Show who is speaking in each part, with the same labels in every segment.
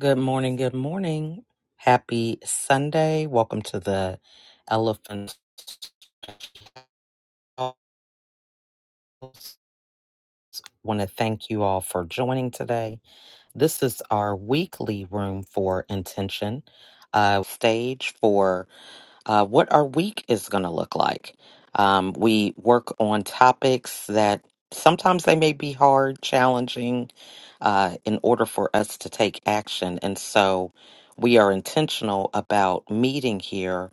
Speaker 1: Good morning. Good morning. Happy Sunday. Welcome to the Elephant House. Want to thank you all for joining today. This is our weekly room for intention uh, stage for uh, what our week is going to look like. Um, we work on topics that sometimes they may be hard, challenging, uh, in order for us to take action, and so we are intentional about meeting here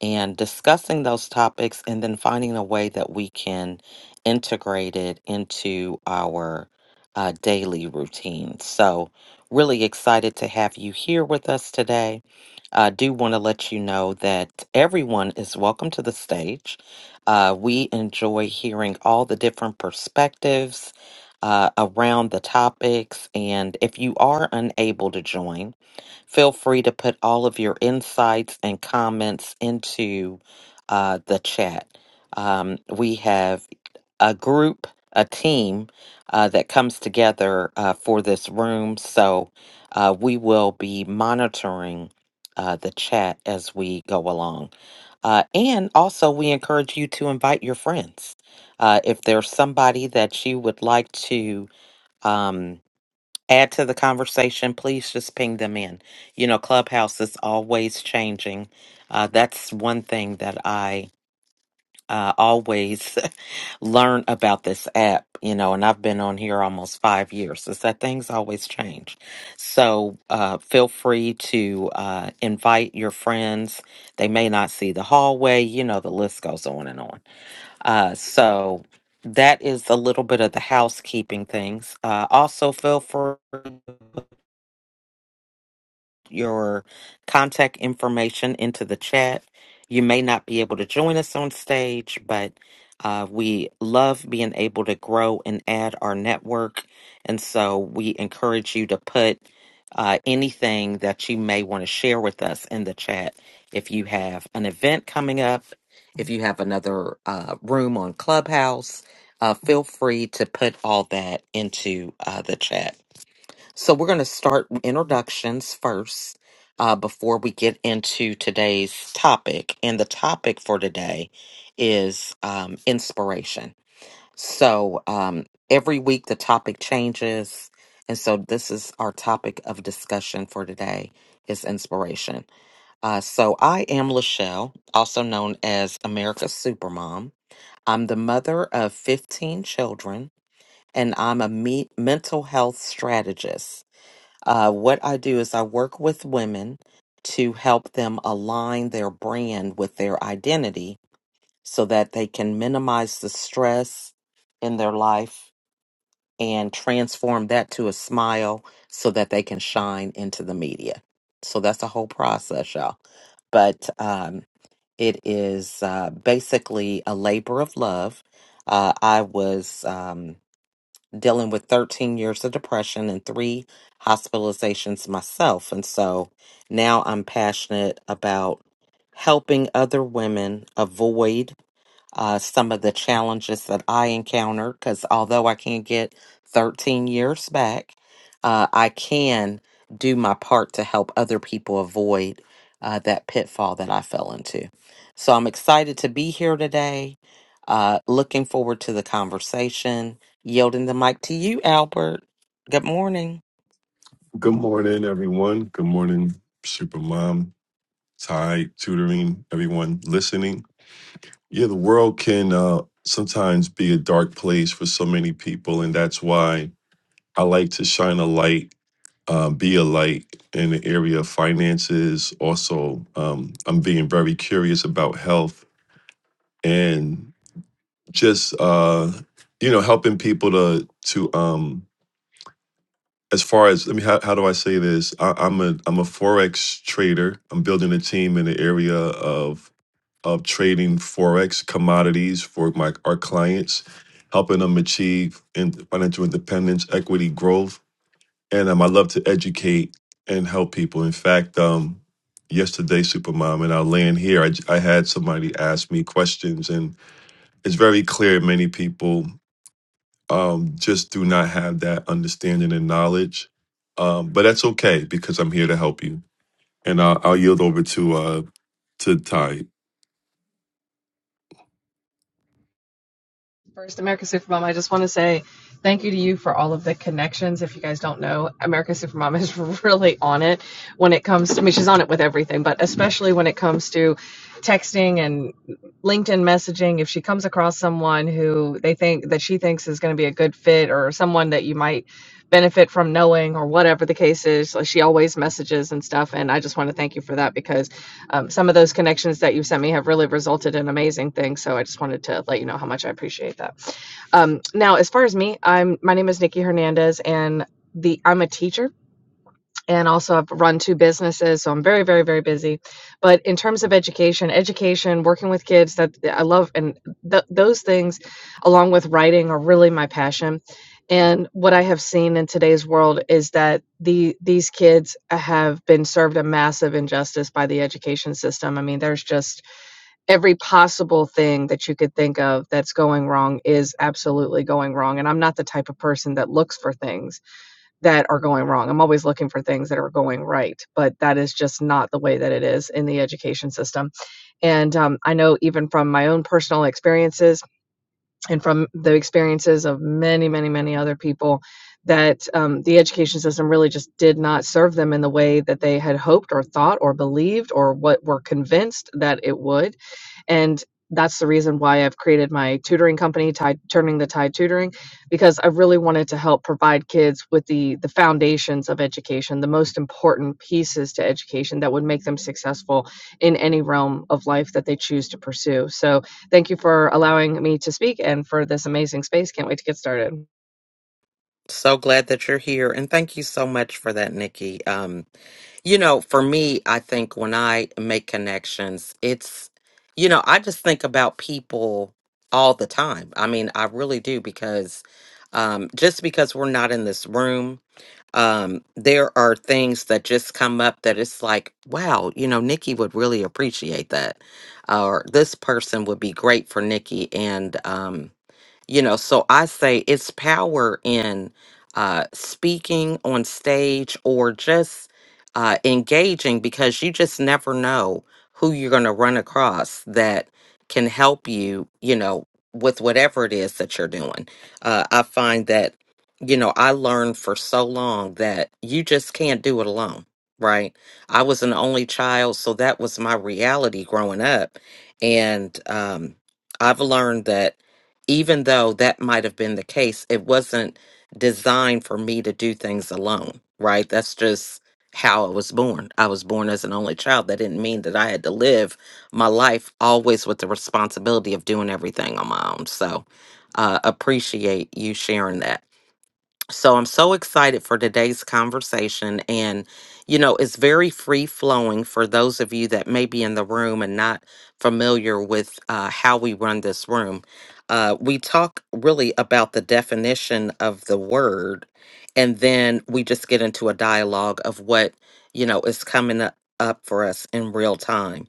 Speaker 1: and discussing those topics and then finding a way that we can integrate it into our uh, daily routine. So, really excited to have you here with us today. I do want to let you know that everyone is welcome to the stage. Uh, we enjoy hearing all the different perspectives uh, around the topics. And if you are unable to join, Feel free to put all of your insights and comments into uh, the chat. Um, we have a group, a team uh, that comes together uh, for this room. So uh, we will be monitoring uh, the chat as we go along. Uh, and also, we encourage you to invite your friends. Uh, if there's somebody that you would like to, um, add to the conversation, please just ping them in. You know, Clubhouse is always changing. Uh, that's one thing that I uh, always learn about this app, you know, and I've been on here almost five years, is that things always change. So uh, feel free to uh, invite your friends. They may not see the hallway, you know, the list goes on and on. Uh, so that is a little bit of the housekeeping things. Uh, also, feel free your contact information into the chat. You may not be able to join us on stage, but uh, we love being able to grow and add our network. And so we encourage you to put uh, anything that you may want to share with us in the chat. If you have an event coming up, if you have another uh, room on Clubhouse, uh, feel free to put all that into uh, the chat. So we're going to start with introductions first uh, before we get into today's topic. And the topic for today is um, inspiration. So um, every week the topic changes. And so this is our topic of discussion for today is inspiration. Uh, so I am Lachelle, also known as America's Supermom. I'm the mother of 15 children and I'm a me- mental health strategist uh, what I do is I work with women to help them align their brand with their identity so that they can minimize the stress in their life and transform that to a smile so that they can shine into the media. So that's a whole process, y'all. But um, it is uh, basically a labor of love. Uh, I was. Um, dealing with 13 years of depression and three hospitalizations myself. And so now I'm passionate about helping other women avoid uh, some of the challenges that I encountered. Because although I can't get 13 years back, uh, I can do my part to help other people avoid uh, that pitfall that I fell into. So I'm excited to be here today. Uh, looking forward to the conversation. Yielding the mic to you, Albert. Good morning.
Speaker 2: Good morning, everyone. Good morning, Supermom, Ty, tutoring, everyone listening. Yeah, the world can uh, sometimes be a dark place for so many people, and that's why I like to shine a light, uh, be a light in the area of finances. Also, um, I'm being very curious about health and just uh, you know helping people to to um, as far as let me how, how do I say this? I, I'm a I'm a forex trader. I'm building a team in the area of of trading forex commodities for my our clients, helping them achieve in financial independence, equity growth, and um, I love to educate and help people. In fact, um, yesterday, Supermom, and i land here. I, j- I had somebody ask me questions, and it's very clear many people um, just do not have that understanding and knowledge. Um, but that's okay because I'm here to help you. And I'll, I'll yield over to uh, to Ty.
Speaker 3: First, America Supermom, I just want to say thank you to you for all of the connections. If you guys don't know, America Supermom is really on it when it comes to, I mean, she's on it with everything, but especially when it comes to texting and LinkedIn messaging. If she comes across someone who they think that she thinks is going to be a good fit or someone that you might benefit from knowing or whatever the case is, like she always messages and stuff. And I just want to thank you for that because um, some of those connections that you sent me have really resulted in amazing things. So I just wanted to let you know how much I appreciate that. Um, now, as far as me, I'm my name is Nikki Hernandez, and the I'm a teacher and also I've run two businesses, so I'm very, very, very busy. But in terms of education, education, working with kids, that I love, and th- those things, along with writing, are really my passion. And what I have seen in today's world is that the these kids have been served a massive injustice by the education system. I mean, there's just every possible thing that you could think of that's going wrong is absolutely going wrong. And I'm not the type of person that looks for things that are going wrong. I'm always looking for things that are going right, but that is just not the way that it is in the education system. And um, I know even from my own personal experiences and from the experiences of many, many, many other people that um, the education system really just did not serve them in the way that they had hoped or thought or believed or what were convinced that it would and that's the reason why I've created my tutoring company, Tide, Turning the Tide Tutoring, because I really wanted to help provide kids with the the foundations of education, the most important pieces to education that would make them successful in any realm of life that they choose to pursue. So, thank you for allowing me to speak and for this amazing space. Can't wait to get started.
Speaker 1: So glad that you're here. And thank you so much for that, Nikki. Um, You know, for me, I think when I make connections, it's, you know, I just think about people all the time. I mean, I really do because um, just because we're not in this room, um, there are things that just come up that it's like, wow, you know, Nikki would really appreciate that. Or this person would be great for Nikki. And, um, you know so i say it's power in uh speaking on stage or just uh engaging because you just never know who you're going to run across that can help you you know with whatever it is that you're doing uh i find that you know i learned for so long that you just can't do it alone right i was an only child so that was my reality growing up and um i've learned that even though that might have been the case, it wasn't designed for me to do things alone, right? That's just how I was born. I was born as an only child. That didn't mean that I had to live my life always with the responsibility of doing everything on my own. So, uh, appreciate you sharing that. So I'm so excited for today's conversation. And, you know, it's very free flowing for those of you that may be in the room and not familiar with uh, how we run this room. Uh, we talk really about the definition of the word, and then we just get into a dialogue of what, you know, is coming u- up for us in real time.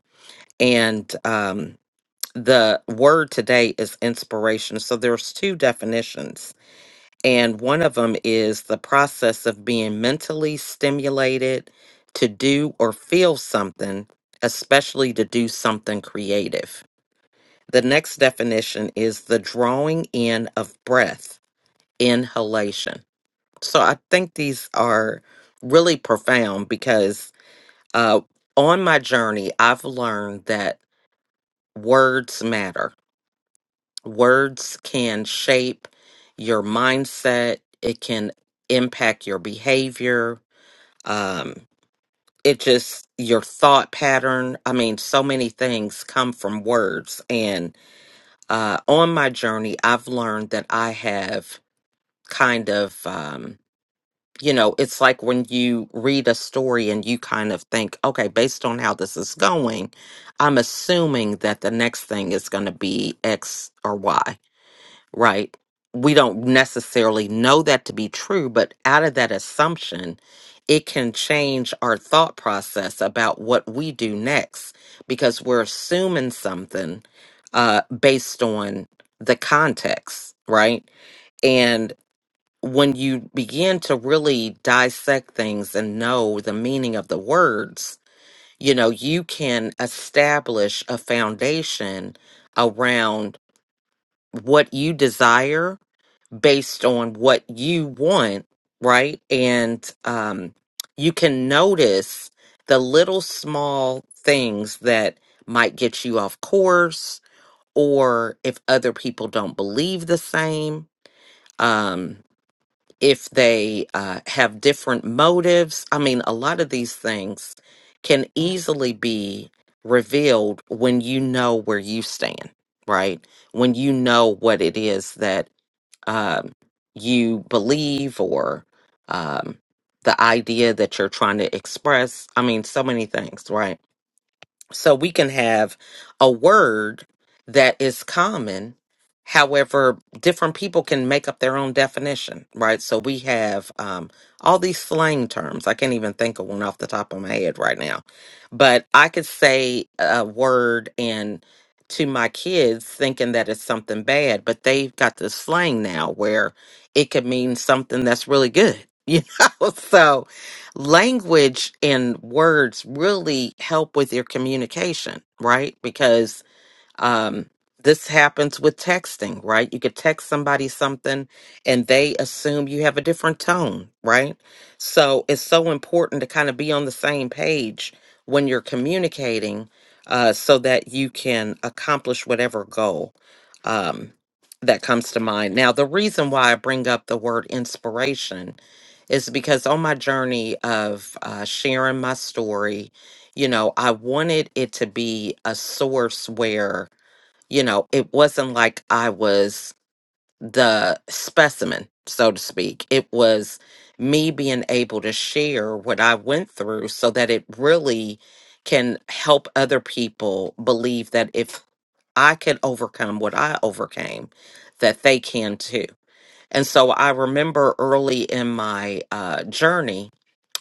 Speaker 1: And um, the word today is inspiration. So there's two definitions and one of them is the process of being mentally stimulated to do or feel something, especially to do something creative. The next definition is the drawing in of breath, inhalation. So I think these are really profound because uh, on my journey, I've learned that words matter Words can shape your mindset, it can impact your behavior. Um, it just, your thought pattern. I mean, so many things come from words. And uh, on my journey, I've learned that I have kind of, um, you know, it's like when you read a story and you kind of think, okay, based on how this is going, I'm assuming that the next thing is going to be X or Y right? We don't necessarily know that to be true, but out of that assumption, it can change our thought process about what we do next because we're assuming something uh, based on the context, right? And when you begin to really dissect things and know the meaning of the words, you know, you can establish a foundation around what you desire based on what you want, right? And um, you can notice the little small things that might get you off course, or if other people don't believe the same, um, if they uh, have different motives. I mean, a lot of these things can easily be revealed when you know where you stand, right? When you know what it is that um, you believe or um, the idea that you're trying to express. I mean, so many things, right? So we can have a word that is common. However, different people can make up their own definition, right? So we have um, all these slang terms. I can't even think of one off the top of my head right now. But I could say a word and to my kids thinking that it's something bad, but they've got this slang now where it could mean something that's really good, you know? So language and words really help with your communication, right? Because um, this happens with texting, right? You could text somebody something and they assume you have a different tone, right? So it's so important to kind of be on the same page when you're communicating uh, so that you can accomplish whatever goal um, that comes to mind. Now, the reason why I bring up the word inspiration is because on my journey of uh, sharing my story, you know, I wanted it to be a source where you know, it wasn't like I was the specimen, so to speak. It was me being able to share what I went through so that it really can help other people believe that if I could overcome what I overcame, that they can too. And so I remember early in my uh, journey,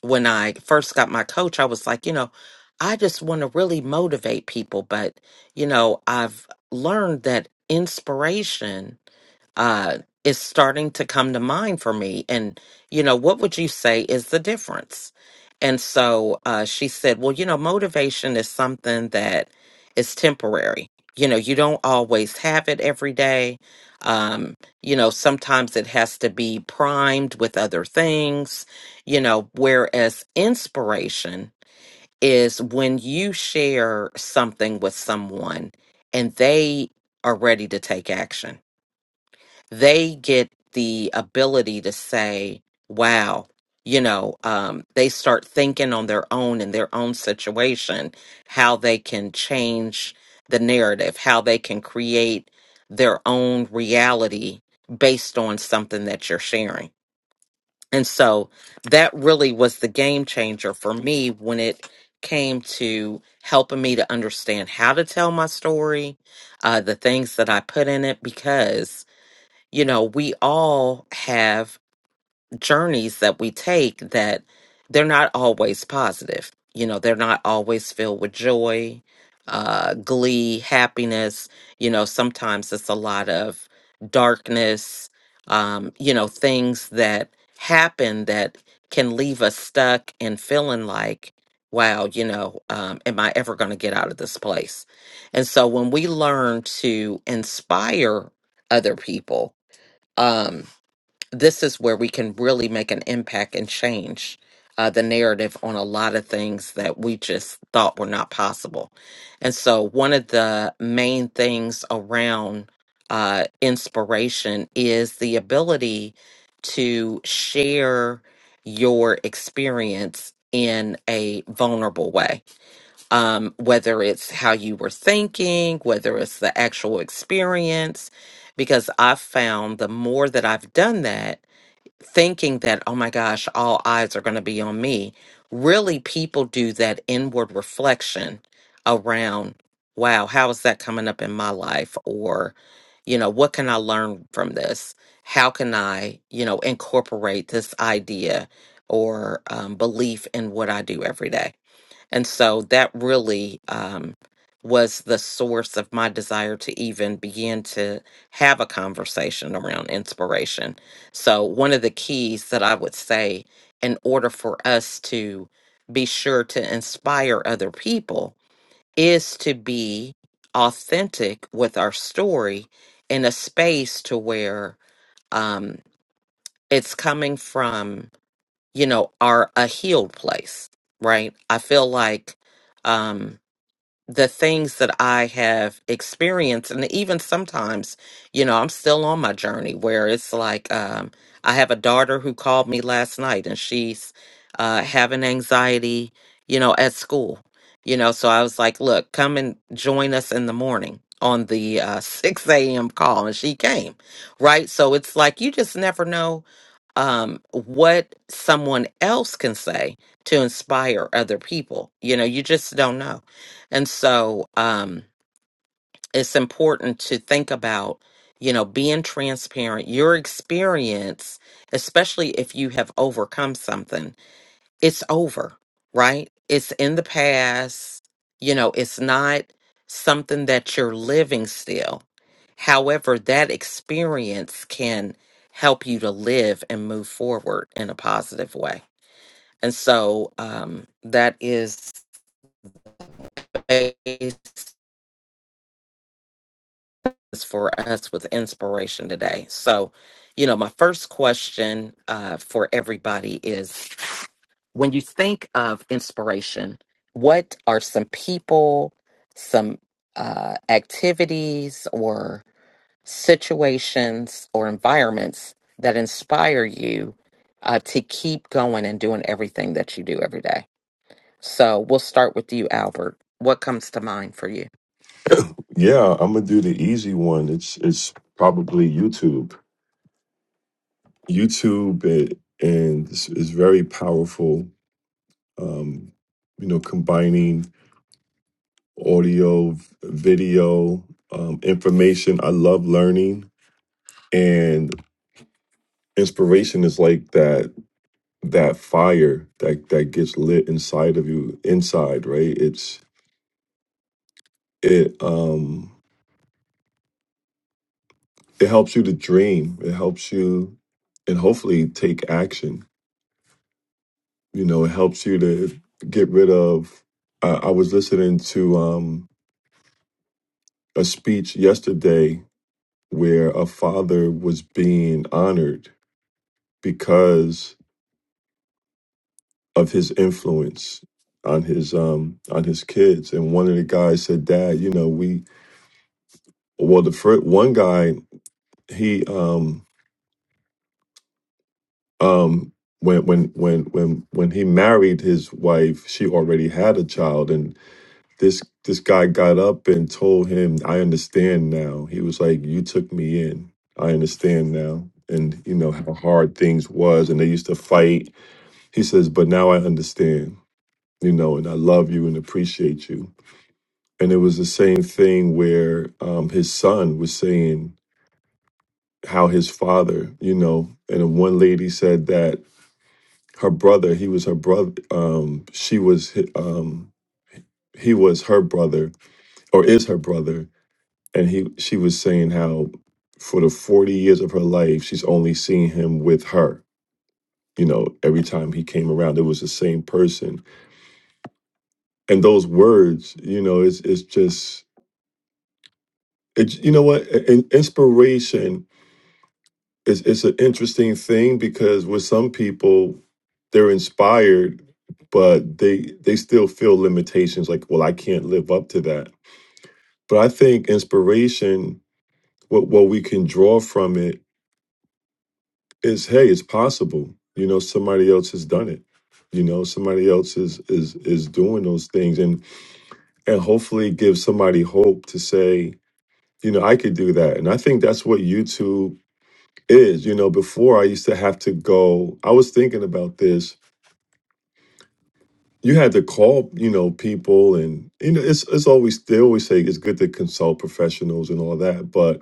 Speaker 1: when I first got my coach, I was like, you know, I just want to really motivate people. But, you know, I've learned that inspiration uh, is starting to come to mind for me. And, you know, what would you say is the difference? And so uh, she said, well, you know, motivation is something that is temporary. You know, you don't always have it every day. Um, you know, sometimes it has to be primed with other things, you know, whereas inspiration is when you share something with someone and they are ready to take action they get the ability to say, wow, you know, um, they start thinking on their own in their own situation, how they can change the narrative, how they can create their own reality based on something that you're sharing. And so that really was the game changer for me when it came to helping me to understand how to tell my story, uh, the things that I put in it, because you know, we all have journeys that we take that they're not always positive. You know, they're not always filled with joy, uh, glee, happiness. You know, sometimes it's a lot of darkness, um, you know, things that happen that can leave us stuck and feeling like, wow, you know, um, am I ever going to get out of this place? And so when we learn to inspire other people, um, this is where we can really make an impact and change uh, the narrative on a lot of things that we just thought were not possible. And so, one of the main things around uh, inspiration is the ability to share your experience in a vulnerable way um, whether it's how you were thinking, whether it's the actual experience. Because I've found the more that I've done that, thinking that, oh my gosh, all eyes are going to be on me, really people do that inward reflection around, wow, how is that coming up in my life? Or, you know, what can I learn from this? How can I, you know, incorporate this idea or um, belief in what I do every day? And so that really um, was the source of my desire to even begin to have a conversation around inspiration. So, one of the keys that I would say in order for us to be sure to inspire other people is to be authentic with our story in a space to where um, it's coming from, you know, our a healed place, right? I feel like. Um, the things that I have experienced, and even sometimes, you know, I'm still on my journey where it's like um, I have a daughter who called me last night and she's uh, having anxiety, you know, at school, you know, so I was like, look, come and join us in the morning on the uh, 6 a.m. call, and she came, right? So it's like you just never know um, what someone else can say to inspire other people. You know, you just don't know. And so um, it's important to think about, you know, being transparent. Your experience, especially if you have overcome something, it's over, right? It's in the past. You know, it's not something that you're living still. However, that experience can help you to live and move forward in a positive way. And so um, that is for us with inspiration today. So, you know, my first question uh, for everybody is when you think of inspiration, what are some people, some uh, activities, or situations or environments that inspire you uh, to keep going and doing everything that you do every day? So we'll start with you, Albert. What comes to mind for you?
Speaker 2: Yeah, I'm gonna do the easy one. It's it's probably YouTube. YouTube it, and is is very powerful. Um, you know, combining audio, v- video, um, information. I love learning and inspiration is like that that fire that that gets lit inside of you inside right it's it um it helps you to dream it helps you and hopefully take action you know it helps you to get rid of i, I was listening to um a speech yesterday where a father was being honored because of his influence on his um on his kids and one of the guys said dad you know we well the first one guy he um um when when when when when he married his wife she already had a child and this this guy got up and told him i understand now he was like you took me in i understand now and you know how hard things was and they used to fight he says but now i understand you know and i love you and appreciate you and it was the same thing where um his son was saying how his father you know and one lady said that her brother he was her brother um she was hi- um he was her brother or is her brother and he she was saying how for the 40 years of her life she's only seen him with her you know every time he came around it was the same person and those words you know it's it's just it, you know what I- inspiration it's it's an interesting thing because with some people they're inspired but they they still feel limitations like well I can't live up to that but I think inspiration what what we can draw from it is hey it's possible you know somebody else has done it you know somebody else is is is doing those things and and hopefully give somebody hope to say you know I could do that and I think that's what YouTube is you know before I used to have to go I was thinking about this you had to call, you know, people and you know, it's it's always they always say it's good to consult professionals and all that, but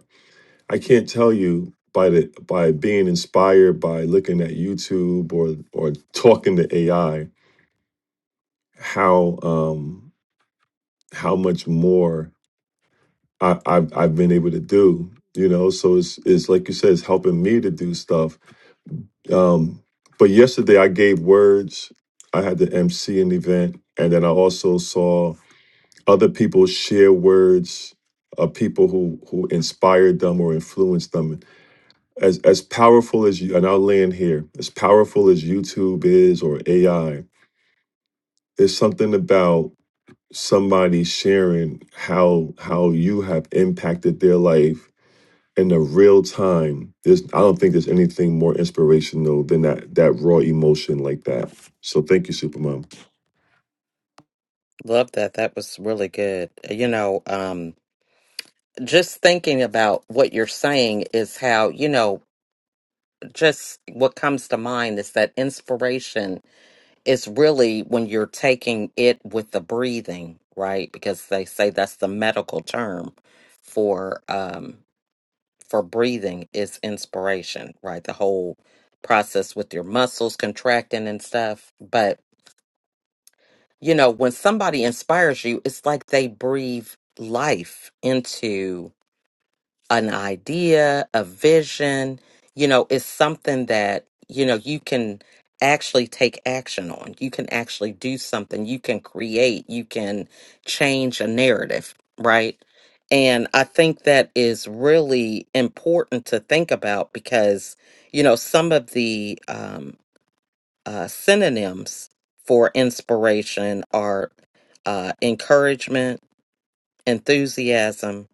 Speaker 2: I can't tell you by the by being inspired by looking at YouTube or or talking to AI how um how much more I, I've I've been able to do, you know. So it's it's like you said, it's helping me to do stuff. Um but yesterday I gave words, I had to MC an event, and then I also saw other people share words of people who who inspired them or influenced them as as powerful as you and i'll land here as powerful as youtube is or ai there's something about somebody sharing how how you have impacted their life in the real time there's i don't think there's anything more inspirational than that that raw emotion like that so thank you supermom
Speaker 1: Love that. That was really good. You know, um, just thinking about what you're saying is how, you know, just what comes to mind is that inspiration is really when you're taking it with the breathing, right? Because they say that's the medical term for um for breathing is inspiration, right? The whole process with your muscles contracting and stuff. But, you know, when somebody inspires you, it's like they breathe life into an idea, a vision, you know, it's something that, you know, you can actually take action on. You can actually do something. You can create, you can change a narrative, right? And I think that is really important to think about because, you know, some of the um, uh, synonyms for inspiration are uh, encouragement, enthusiasm,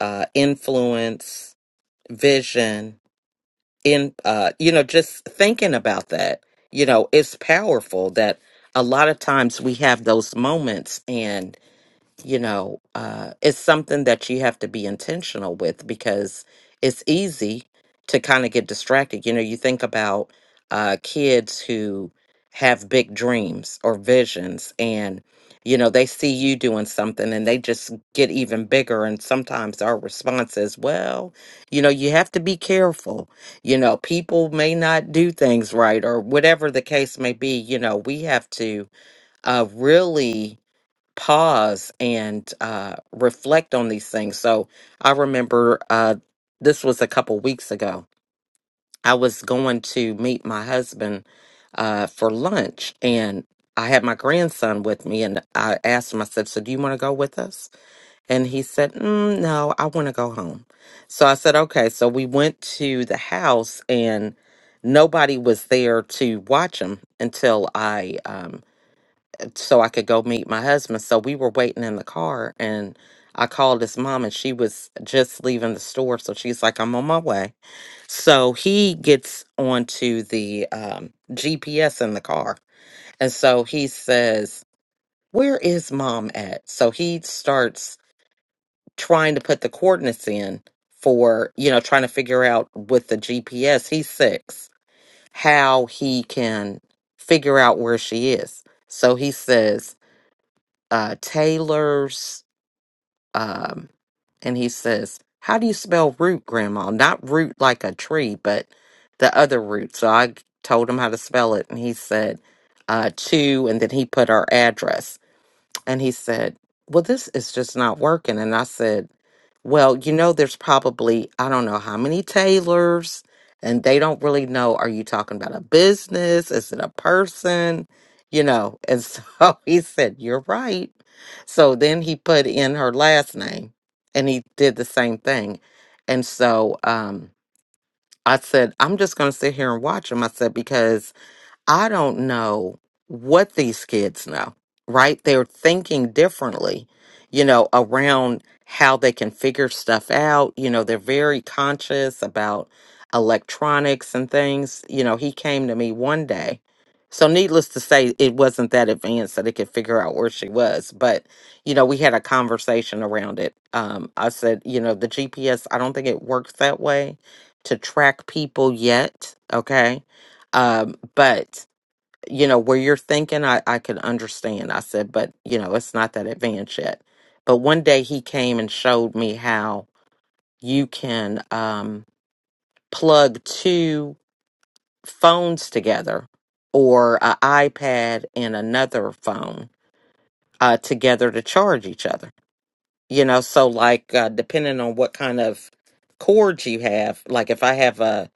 Speaker 1: uh, influence, vision in uh you know just thinking about that you know it's powerful that a lot of times we have those moments and you know, uh, it's something that you have to be intentional with because it's easy to kind of get distracted. You know, you think about uh, kids who have big dreams or visions, and, you know, they see you doing something and they just get even bigger. And sometimes our response is, well, you know, you have to be careful. You know, people may not do things right or whatever the case may be. You know, we have to uh, really pause and uh, reflect on these things. So I remember uh, this was a couple weeks ago. I was going to meet my husband uh, for lunch, and I had my grandson with me. And I asked him, I said, "So do you want to go with us?" And he said, mm, "No, I want to go home." So I said, "Okay." So we went to the house, and nobody was there to watch him until I. Um, so I could go meet my husband. So we were waiting in the car and I called his mom and she was just leaving the store. So she's like, I'm on my way. So he gets onto the um, GPS in the car. And so he says, Where is mom at? So he starts trying to put the coordinates in for, you know, trying to figure out with the GPS. He's six, how he can figure out where she is. So he says, uh, Taylor's, um, and he says, "How do you spell root, Grandma? Not root like a tree, but the other root." So I told him how to spell it, and he said, uh, "Two," and then he put our address. And he said, Well, this is just not working. And I said, Well, you know, there's probably, I don't know how many tailors, and they don't really know. Are you talking about a business? Is it a person? You know, and so he said, You're right. So then he put in her last name and he did the same thing. And so um, I said, I'm just going to sit here and watch him. I said, Because I don't know what these kids know, right? They're thinking differently, you know, around how they can figure stuff out. You know, they're very conscious about electronics and things. You know, he came to me one day. So, needless to say, it wasn't that advanced that it could figure out where she was. But, you know, we had a conversation around it. Um, I said, you know, the GPS, I don't think it works that way to track people yet. Okay. Um, but you know, where you're thinking, I, I could understand. I said, but, you know, it's not that advanced yet. But one day he came and showed me how you can um, plug two phones together or an iPad and another phone uh, together to charge each other you know so like uh, depending on what kind of cords you have like if i have a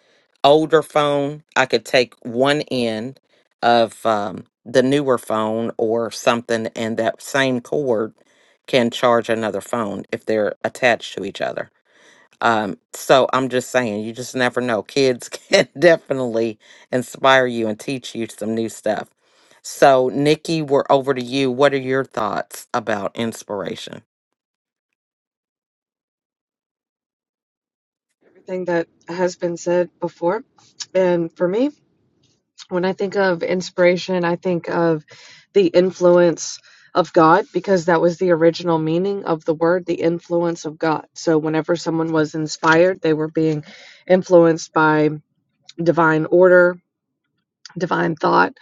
Speaker 1: older phone i could take one end of um, the newer phone or something and that same cord can charge another phone if they're attached to each other um, so i'm just saying you just never know kids can definitely inspire you and teach you some new stuff so nikki we're over to you what are your thoughts about inspiration
Speaker 3: Everything that has been said before, and for me. when I think of inspiration, I think of the influence of God because that was the original meaning of the word, the influence of God. So whenever someone was inspired, they were being influenced by divine order, divine thought.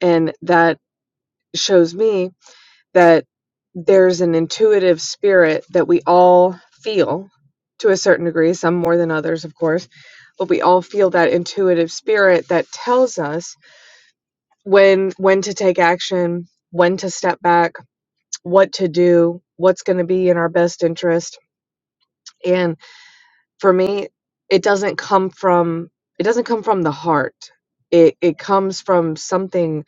Speaker 3: And that shows me that there's an intuitive spirit that we all feel to a certain degree, some more than others, of course, but we all feel that intuitive spirit that tells us. when when to take action, when to step back, what to do, what's going to be in our best interest. And for me, it doesn't come from it doesn't come from the heart. It it comes from something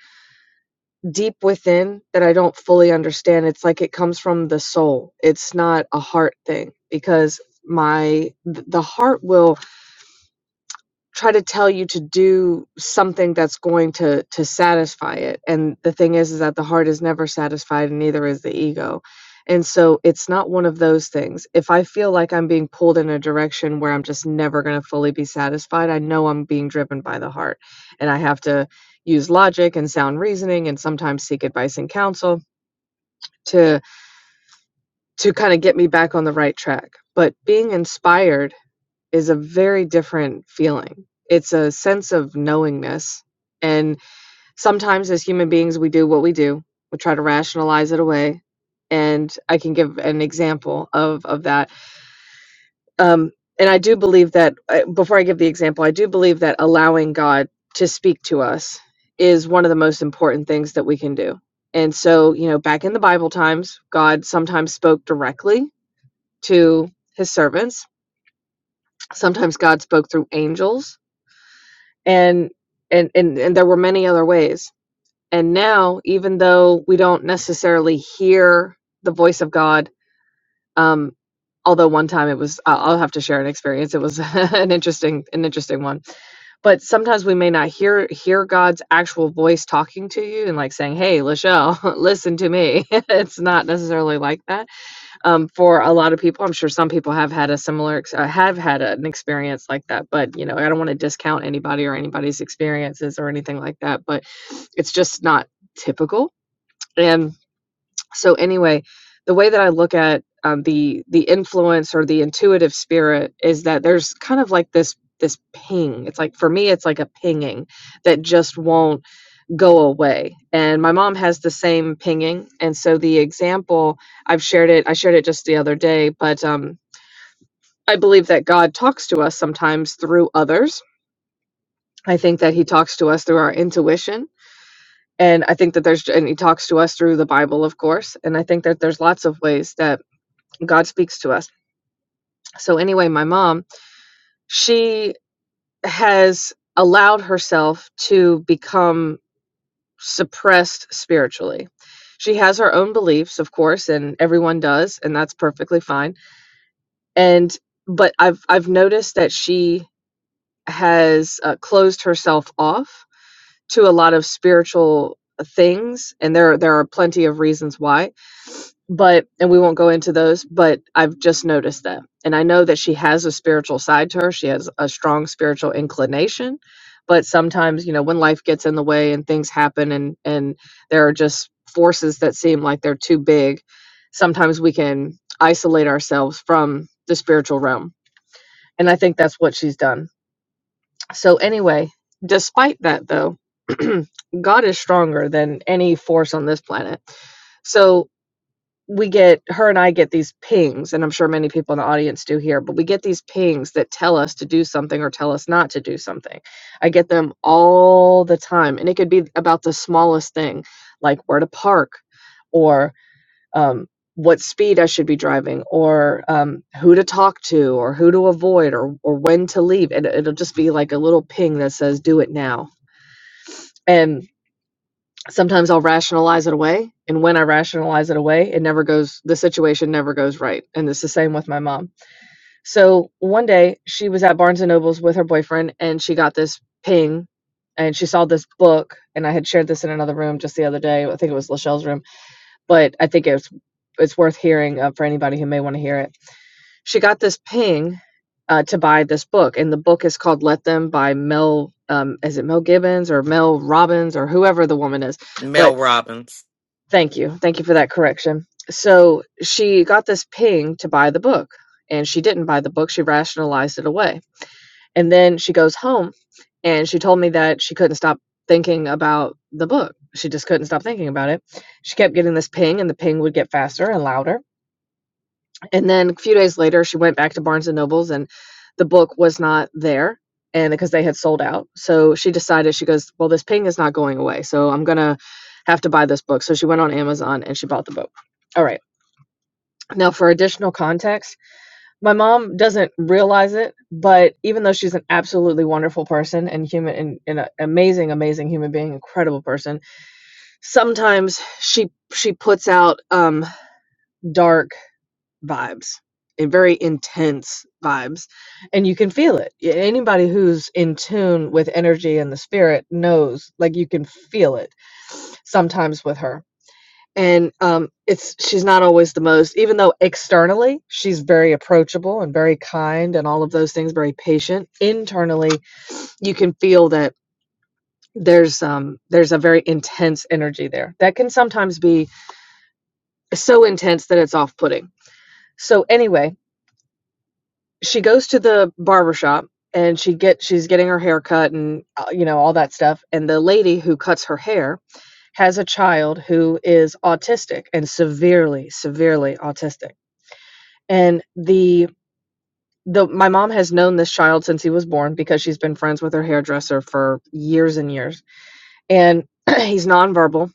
Speaker 3: deep within that I don't fully understand. It's like it comes from the soul. It's not a heart thing because my th- the heart will try to tell you to do something that's going to to satisfy it and the thing is is that the heart is never satisfied and neither is the ego and so it's not one of those things if i feel like i'm being pulled in a direction where i'm just never going to fully be satisfied i know i'm being driven by the heart and i have to use logic and sound reasoning and sometimes seek advice and counsel to to kind of get me back on the right track but being inspired is a very different feeling. It's a sense of knowingness. And sometimes as human beings, we do what we do, we try to rationalize it away. And I can give an example of, of that. Um, and I do believe that, uh, before I give the example, I do believe that allowing God to speak to us is one of the most important things that we can do. And so, you know, back in the Bible times, God sometimes spoke directly to his servants. Sometimes God spoke through angels and and and, and there were many other ways and now even though we don't necessarily hear the voice of god um although one time it was i'll I'll have to share an experience it was an interesting an interesting one but sometimes we may not hear hear god's actual voice talking to you and like saying hey lachelle listen to me it's not necessarily like that um, for a lot of people. I'm sure some people have had a similar, ex- uh, have had an experience like that. But you know, I don't want to discount anybody or anybody's experiences or anything like that. But it's just not typical. And so, anyway, the way that I look at um, the the influence or the intuitive spirit is that there's kind of like this this ping. It's like for me, it's like a pinging that just won't go away. And my mom has the same pinging. And so the example I've shared it, I shared it just the other day, but um, I believe that God talks to us sometimes through others. I think that he talks to us through our intuition. And I think that there's, and he talks to us through the Bible, of course. And I think that there's lots of ways that God speaks to us. So, anyway, my mom, she has allowed herself to become suppressed spiritually. She has her own beliefs, of course, and everyone does, and that's perfectly fine. And but I've I've noticed that she has uh, closed herself off to a lot of spiritual uh, things, and there there are plenty of reasons why but and we won't go into those but i've just noticed that and i know that she has a spiritual side to her she has a strong spiritual inclination but sometimes you know when life gets in the way and things happen and and there are just forces that seem like they're too big sometimes we can isolate ourselves from the spiritual realm and i think that's what she's done so anyway despite that though god is stronger than any force on this planet so we get her and I get these pings, and I'm sure many people in the audience do here, but we get these pings that tell us to do something or tell us not to do something. I get them all the time, and it could be about the smallest thing, like where to park, or um, what speed I should be driving, or um, who to talk to, or who to avoid, or or when to leave. And it'll just be like a little ping that says, "Do it now." And sometimes I'll rationalize it away. And when I rationalize it away, it never goes, the situation never goes right. And it's the same with my mom. So one day she was at Barnes and Noble's with her boyfriend and she got this ping and she saw this book. And I had shared this in another room just the other day. I think it was Lachelle's room, but I think it's, it's worth hearing uh, for anybody who may want to hear it. She got this ping uh, to buy this book. And the book is called Let Them by Mel, um, is it Mel Gibbons or Mel Robbins or whoever the woman is? but.
Speaker 1: Mel Robbins.
Speaker 3: Thank you. Thank you for that correction. So she got this ping to buy the book, and she didn't buy the book. She rationalized it away. And then she goes home and she told me that she couldn't stop thinking about the book. She just couldn't stop thinking about it. She kept getting this ping, and the ping would get faster and louder. And then a few days later, she went back to Barnes and Nobles, and the book was not there, and because they had sold out. So she decided she goes, well, this ping is not going away, so I'm gonna have to buy this book. So she went on Amazon and she bought the book. All right. Now, for additional context, my mom doesn't realize it, but even though she's an absolutely wonderful person and human and, and an amazing, amazing human being, incredible person, sometimes she she puts out um, dark vibes and very intense vibes and you can feel it anybody who's in tune with energy and the spirit knows like you can feel it sometimes with her and um it's she's not always the most even though externally she's very approachable and very kind and all of those things very patient internally you can feel that there's um there's a very intense energy there that can sometimes be so intense that it's off-putting so anyway she goes to the barber shop and she get she's getting her hair cut and uh, you know all that stuff and the lady who cuts her hair has a child who is autistic and severely severely autistic and the the my mom has known this child since he was born because she's been friends with her hairdresser for years and years and he's nonverbal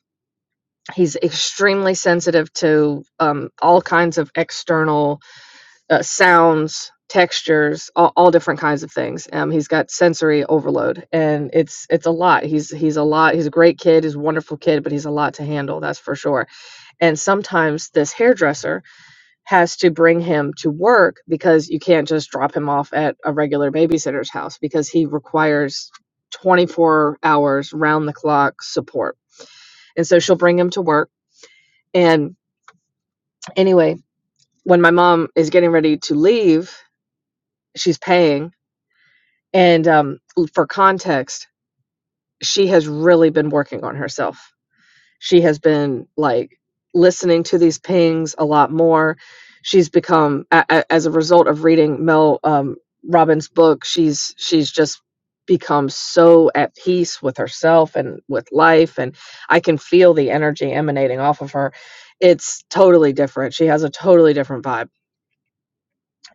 Speaker 3: he's extremely sensitive to um, all kinds of external uh, sounds, textures, all, all different kinds of things. Um, he's got sensory overload, and it's it's a lot. He's he's a lot. He's a great kid. He's a wonderful kid, but he's a lot to handle. That's for sure. And sometimes this hairdresser has to bring him to work because you can't just drop him off at a regular babysitter's house because he requires 24 hours round the clock support. And so she'll bring him to work. And anyway, when my mom is getting ready to leave, she's paying And um, for context, she has really been working on herself. She has been like listening to these pings a lot more. She's become, a- a- as a result of reading Mel um, Robbins' book, she's she's just become so at peace with herself and with life. And I can feel the energy emanating off of her. It's totally different. She has a totally different vibe,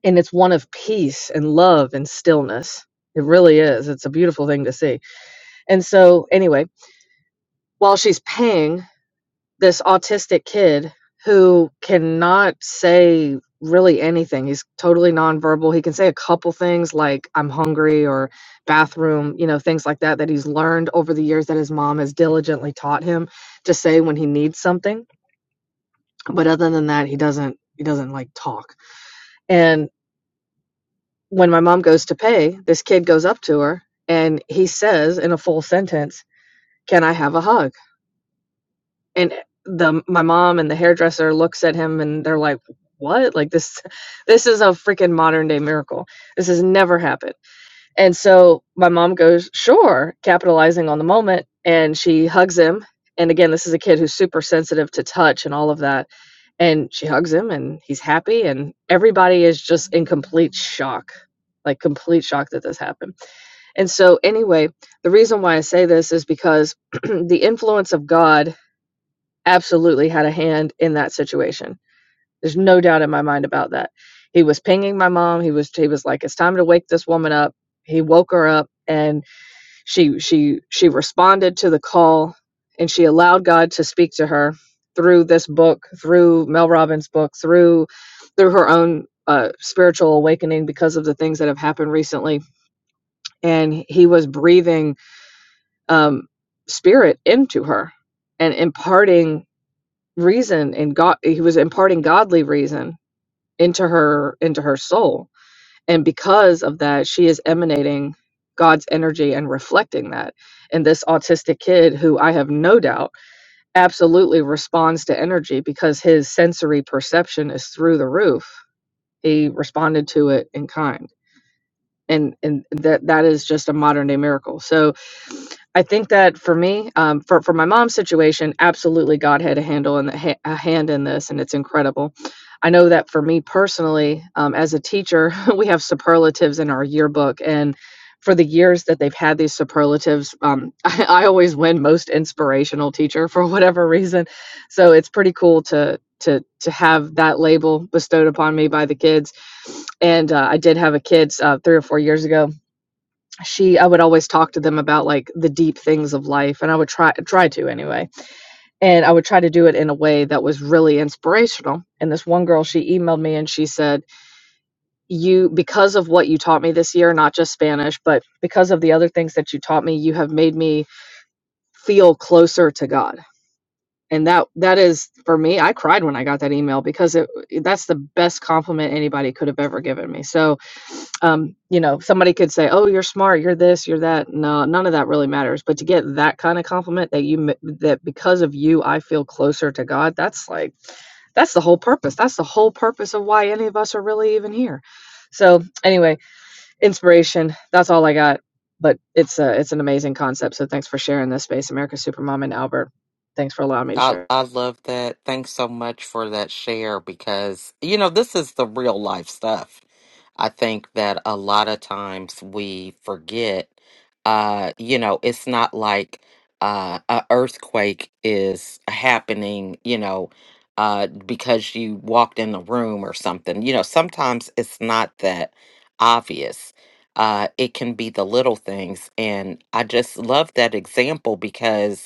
Speaker 3: and it's one of peace and love and stillness. It really is. It's a beautiful thing to see. And so, anyway, while she's paying this autistic kid who cannot say really anything, he's totally nonverbal. He can say a couple things like, I'm hungry or bathroom, you know, things like that, that he's learned over the years that his mom has diligently taught him to say when he needs something. But other than that, he doesn't, he doesn't like talk. And when my mom goes to pay, this kid goes up to her and he says in a full sentence, Can I have a hug? and the my mom and the hairdresser looks at him and they're like what like this this is a freaking modern day miracle this has never happened and so my mom goes sure capitalizing on the moment and she hugs him and again this is a kid who's super sensitive to touch and all of that and she hugs him and he's happy and everybody is just in complete shock like complete shock that this happened and so anyway the reason why i say this is because the influence of god absolutely had a hand in that situation. There's no doubt in my mind about that. He was pinging my mom. He was he was like, "It's time to wake this woman up." He woke her up, and she she she responded to the call, and she allowed God to speak to her through this book, through Mel Robbins' book, through through her own uh, spiritual awakening because of the things that have happened recently. And he was breathing um, spirit into her and imparting reason and God he was imparting godly reason into her into her soul. And because of that, she is emanating God's energy and reflecting that. And this autistic kid who I have no doubt absolutely responds to energy because his sensory perception is through the roof. He responded to it in kind and and that that is just a modern day miracle. So I think that for me, um, for for my mom's situation, absolutely God had a handle and ha- a hand in this, and it's incredible. I know that for me personally, um, as a teacher, we have superlatives in our yearbook, and for the years that they've had these superlatives, um, I, I always win most inspirational teacher for whatever reason. So it's pretty cool to to to have that label bestowed upon me by the kids and uh, I did have a kid uh, three or four years ago. She, I would always talk to them about like the deep things of life, and I would try try to anyway, and I would try to do it in a way that was really inspirational. And this one girl, she emailed me and she said, "You, because of what you taught me this year, not just Spanish, but because of the other things that you taught me, you have made me." feel closer to God. and that that is for me i cried when i got that email because it that's the best compliment anybody could have ever given me so um you know somebody could say oh you're smart you're this you're that no none of that really matters but to get that kind of compliment that you m- that because of you i feel closer to god that's like that's the whole purpose that's the whole purpose of why any of us are really even here so anyway inspiration that's all i got but it's a it's an amazing concept so thanks for sharing this space america supermom and albert thanks for allowing me to
Speaker 1: I
Speaker 3: share
Speaker 1: I love that. Thanks so much for that share because you know this is the real life stuff. I think that a lot of times we forget. Uh, you know, it's not like uh, a earthquake is happening. You know, uh, because you walked in the room or something. You know, sometimes it's not that obvious. Uh, it can be the little things, and I just love that example because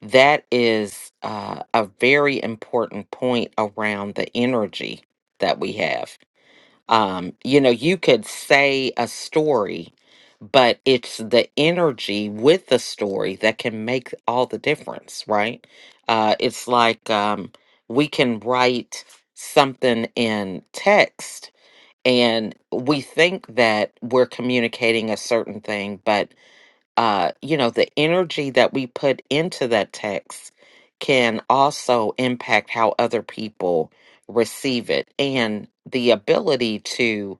Speaker 1: that is uh, a very important point around the energy that we have. Um, you know, you could say a story, but it's the energy with the story that can make all the difference, right? Uh, it's like um, we can write something in text and we think that we're communicating a certain thing, but uh, you know, the energy that we put into that text can also impact how other people receive it and the ability to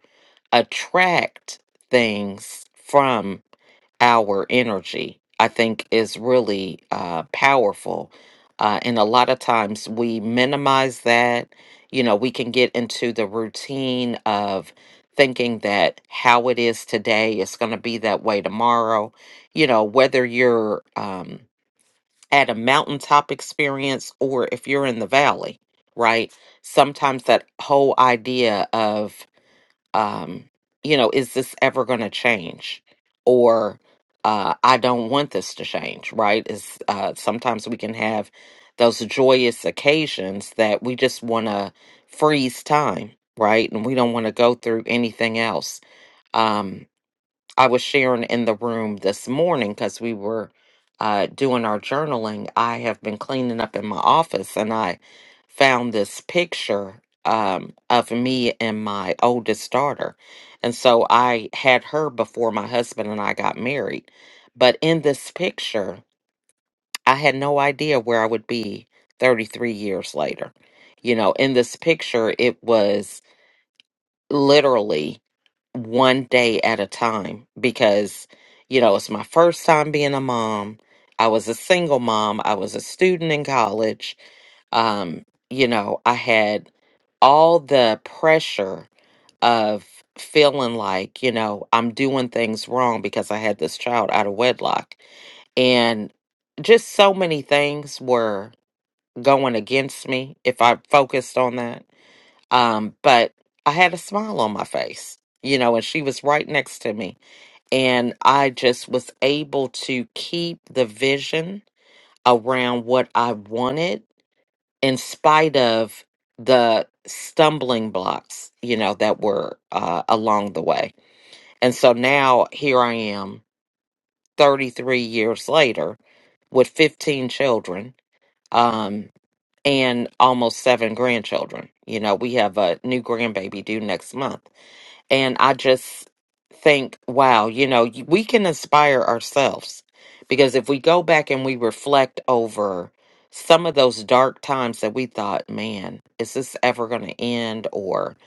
Speaker 1: attract things from our energy, I think is really uh, powerful. Uh, and a lot of times we minimize that. You know, we can get into the routine of thinking that how it is today is going to be that way tomorrow. You know, whether you're um, at a mountaintop experience or if you're in the valley, right? Sometimes that whole idea of um, you know, is this ever going to change? Or uh, I don't want this to change, right? Is uh, sometimes we can have those joyous occasions that we just want to freeze time, right? And we don't want to go through anything else. Um, I was sharing in the room this morning because we were uh, doing our journaling. I have been cleaning up in my office and I found this picture um, of me and my oldest daughter. And so I had her before my husband and I got married. But in this picture, I had no idea where I would be 33 years later. You know, in this picture, it was literally one day at a time because you know it's my first time being a mom i was a single mom i was a student in college um you know i had all the pressure of feeling like you know i'm doing things wrong because i had this child out of wedlock and just so many things were going against me if i focused on that um, but I had a smile on my face, you know, and she was right next to me. And I just was able to keep the vision around what I wanted in spite of the stumbling blocks, you know, that were uh, along the way. And so now here I am, 33 years later, with 15 children. Um, and almost seven grandchildren. You know, we have a new grandbaby due next month And I just think, wow, you know, y- we can inspire ourselves because if we go back and we reflect over some of those dark times that we thought, man, is this ever going to end? Or,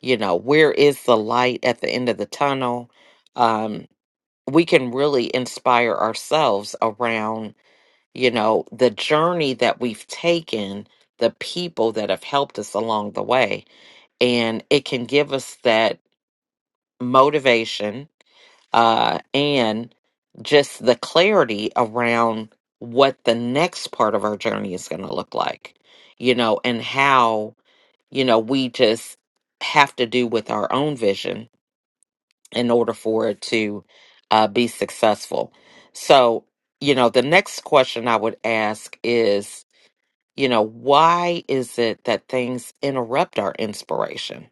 Speaker 1: you know, where is the light at the end of the tunnel? Um, we can really inspire ourselves around, you know, the journey that we've taken, the people that have helped us along the way. And it can give us that motivation uh, and just the clarity around what the next part of our journey is going to look like, you know, and how, you know, we just have to do with our own vision in order for it to uh, be successful. So, you know, the next question I would ask is, you know, why is it that things interrupt our inspiration?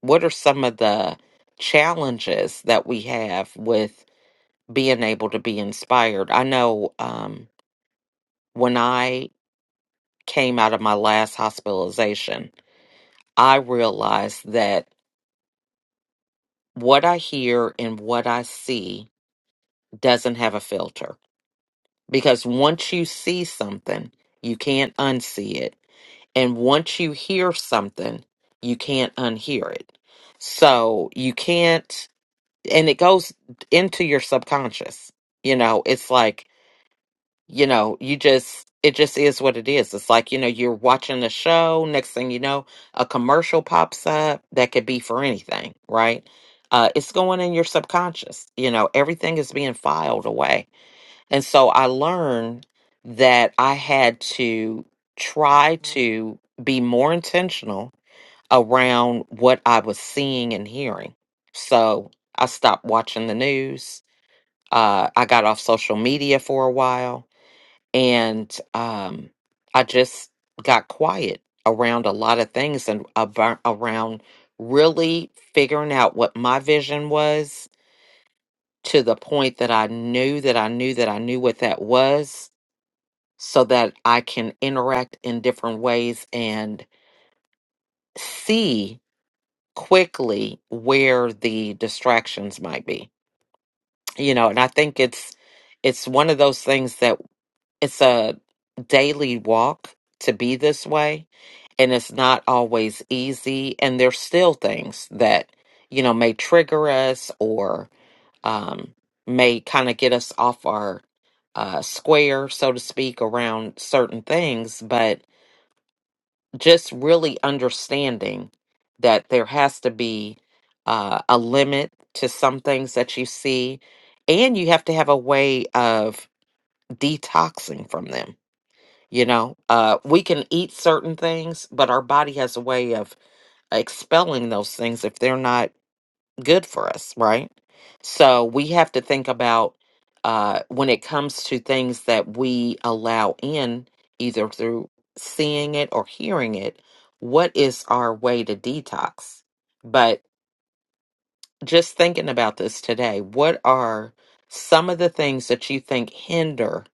Speaker 1: what are some of the challenges that we have with being able to be inspired? I know um, when I came out of my last hospitalization, I realized that what I hear and what I see doesn't have a filter because once you see something, you can't unsee it. And once you hear something, you can't unhear it. So you can't and it goes into your subconscious. You know, it's like, you know, you just, it just is what it is. It's like, you know, you're watching a show. Next thing you know, a commercial pops up that could be for anything, right? Uh, it's going in your subconscious. You know, everything is being filed away. And so I learned that I had to try to be more intentional around what I was seeing and hearing. So I stopped watching the news. Uh, I got off social media for a while and um, I just got quiet around a lot of things and about, around really figuring out what my vision was to the point that I knew that I knew that I knew what that was so that I can interact in different ways and see quickly where the distractions might be you know and i think it's it's one of those things that it's a daily walk to be this way and it's not always easy and there's still things that you know may trigger us or um, may kind of get us off our uh, square so to speak around certain things but just really understanding that there has to be uh, a limit to some things that you see, and you have to have a way of detoxing from them. You know, uh, we can eat certain things, but our body has a way of expelling those things if they're not good for us, right? So we have to think about uh, when it comes to things that we allow in, either through seeing it or hearing it, what is our way to detox? But just thinking about this today, what are some of the things that you think hinder?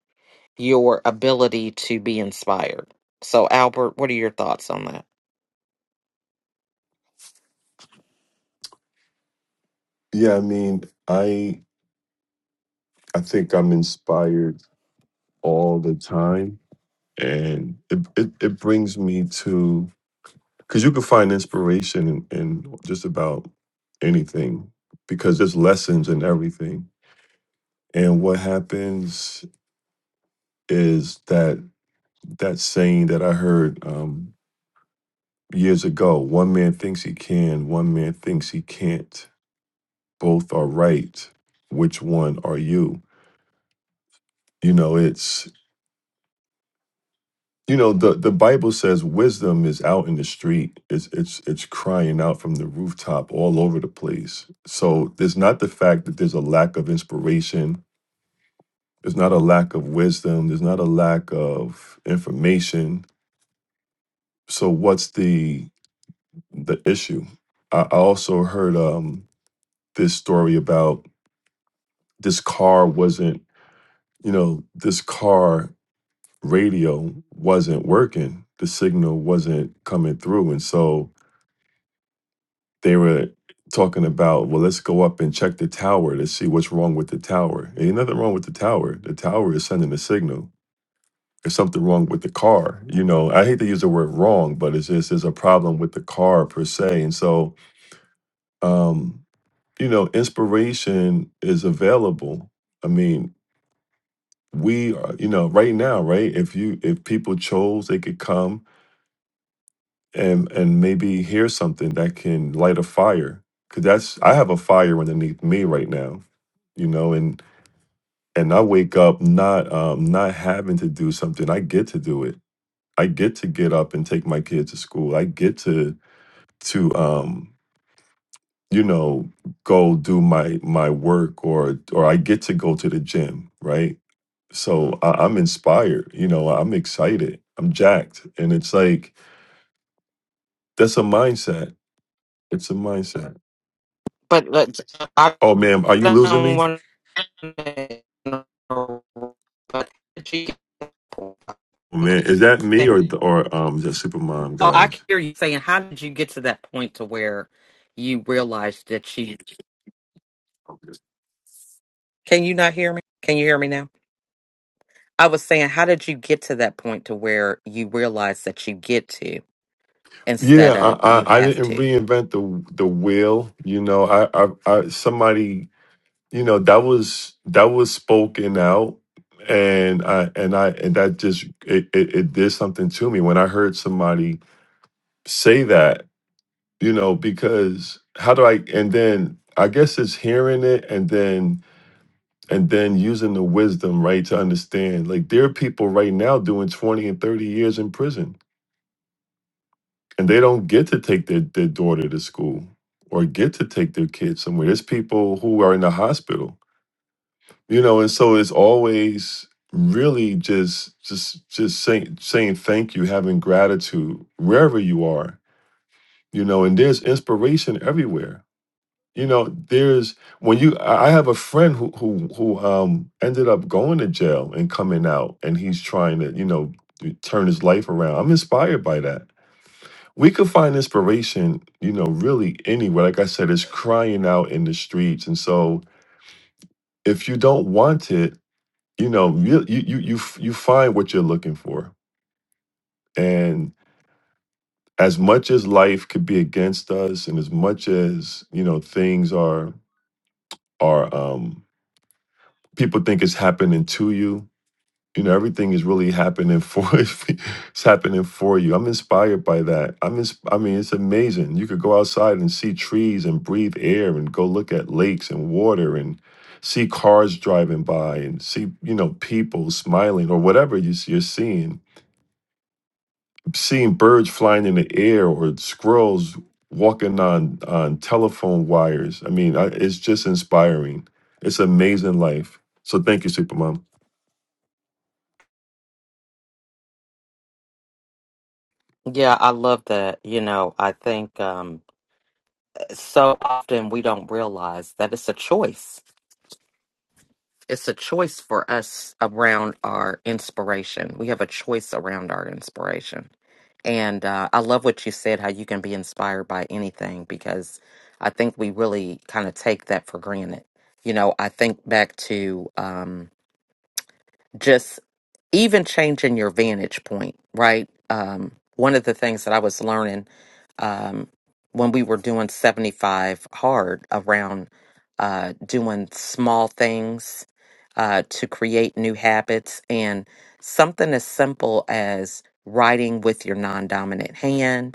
Speaker 1: your ability to be inspired. So, Albert, what are your thoughts on that?
Speaker 2: yeah i mean i i think i'm inspired all the time and it, it, it brings me to because you can find inspiration in, in just about anything because there's lessons in everything and what happens is that that saying that i heard um, years ago one man thinks he can one man thinks he can't both are right which one are you you know it's you know the the bible says wisdom is out in the street it's it's it's crying out from the rooftop all over the place so there's not the fact that there's a lack of inspiration there's not a lack of wisdom there's not a lack of information so what's the the issue i, I also heard um this story about this car wasn't you know this car radio wasn't working the signal wasn't coming through and so they were talking about, well, let's go up and check the tower to see what's wrong with the tower. Ain't nothing wrong with the tower. The tower is sending a signal. There's something wrong with the car. You know, I hate to use the word wrong, but it's just there's a problem with the car per se. And so, um, you know, inspiration is available. I mean, we are, you know, right now, right? If you if people chose, they could come and and maybe hear something that can light a fire because that's i have a fire underneath me right now you know and and i wake up not um not having to do something i get to do it i get to get up and take my kids to school i get to to um you know go do my my work or or i get to go to the gym right so I, i'm inspired you know i'm excited i'm jacked and it's like that's a mindset it's a mindset
Speaker 1: But let's, I
Speaker 2: Oh man, are you losing
Speaker 1: don't
Speaker 2: me?
Speaker 1: want to, interrupt, but how did you get to that point? I
Speaker 2: Oh,
Speaker 1: think-
Speaker 2: man, is that me
Speaker 1: think-
Speaker 2: or or um the Supermom
Speaker 1: Oh, I
Speaker 2: guys?
Speaker 1: hear you saying, how did you get to that point to where you realized that you Can you not hear me? Can you hear me now? I was saying, how did you get to that point to where you realize that you get to
Speaker 2: Yeah,
Speaker 1: instead
Speaker 2: I,
Speaker 1: of you
Speaker 2: I I
Speaker 1: have
Speaker 2: didn't
Speaker 1: to?
Speaker 2: reinvent the the wheel. You know, I, I I somebody you know that was that was spoken out, and I and I and that just it, it it did something to me when I heard somebody say that. You know, because how do I? And then I guess it's hearing it, and then and then using the wisdom right to understand like there are people right now doing 20 and 30 years in prison and they don't get to take their, their daughter to school or get to take their kids somewhere there's people who are in the hospital you know and so it's always really just just just saying saying thank you having gratitude wherever you are you know and there's inspiration everywhere you know there's when you i I have a friend who who who um ended up going to jail and coming out and he's trying to you know t- turn his life around i'm inspired by that we could find inspiration you know really anywhere like i said it's crying out in the streets and so if you don't want it you know you you you you, f- you find what you're looking for and as much as life could be against us and as much as you know things are are um people think it's happening to you. You know, everything is really happening for it's happening for you. I'm inspired by that. I'm ins- I mean, it's amazing. You could go outside and see trees and breathe air and go look at lakes and water and see cars driving by and see, you know, people smiling or whatever you see, you're seeing. Seeing birds flying in the air or squirrels walking on on telephone wires. I mean, I, it's just inspiring. It's amazing life. So thank you, Supermom.
Speaker 1: Yeah, I love that. You know, I think um, so often we don't realize that it's a choice. It's a choice for us around our inspiration. We have a choice around our inspiration. And uh, I love what you said, how you can be inspired by anything, because I think we really kind of take that for granted. You know, I think back to um, just even changing your vantage point, right? Um, one of the things that I was learning um, when we were doing 75 hard around uh, doing small things uh, to create new habits and something as simple as writing with your non dominant hand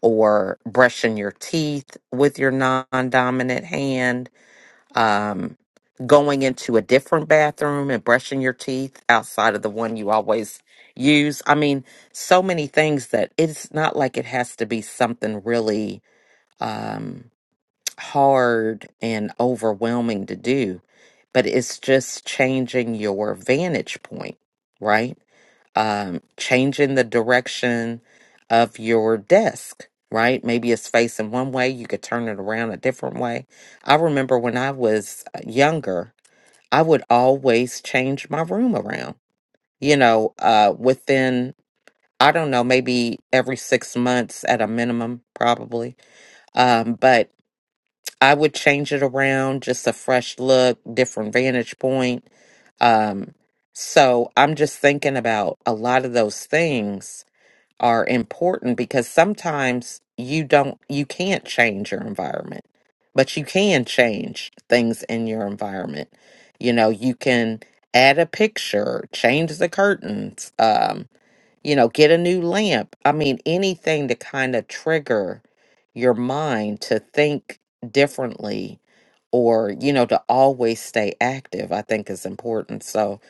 Speaker 1: or brushing your teeth with your non-dominant hand, um, going into a different bathroom and brushing your teeth outside of the one you always use. I mean, so many things that it's not like it has to be something really. Um, hard and overwhelming to do, but it's just changing your vantage point, right? Um, changing the direction of your desk, right? Maybe it's facing one way, you could turn it around a different way. I remember when I was uh, younger, I would always change my room around, you know, uh, within, I don't know, maybe every six months at a minimum, probably. Um, but I would change it around, just a fresh look, different vantage point. Um, so I'm just thinking about a lot of those things are important because sometimes you don't, you can't change your environment, but you can change things in your environment. You know, you can add a picture, change the curtains. Um, you know, get a new lamp. I mean, anything to kind of trigger your mind to think differently or, you know, to always stay active, I think is important. So,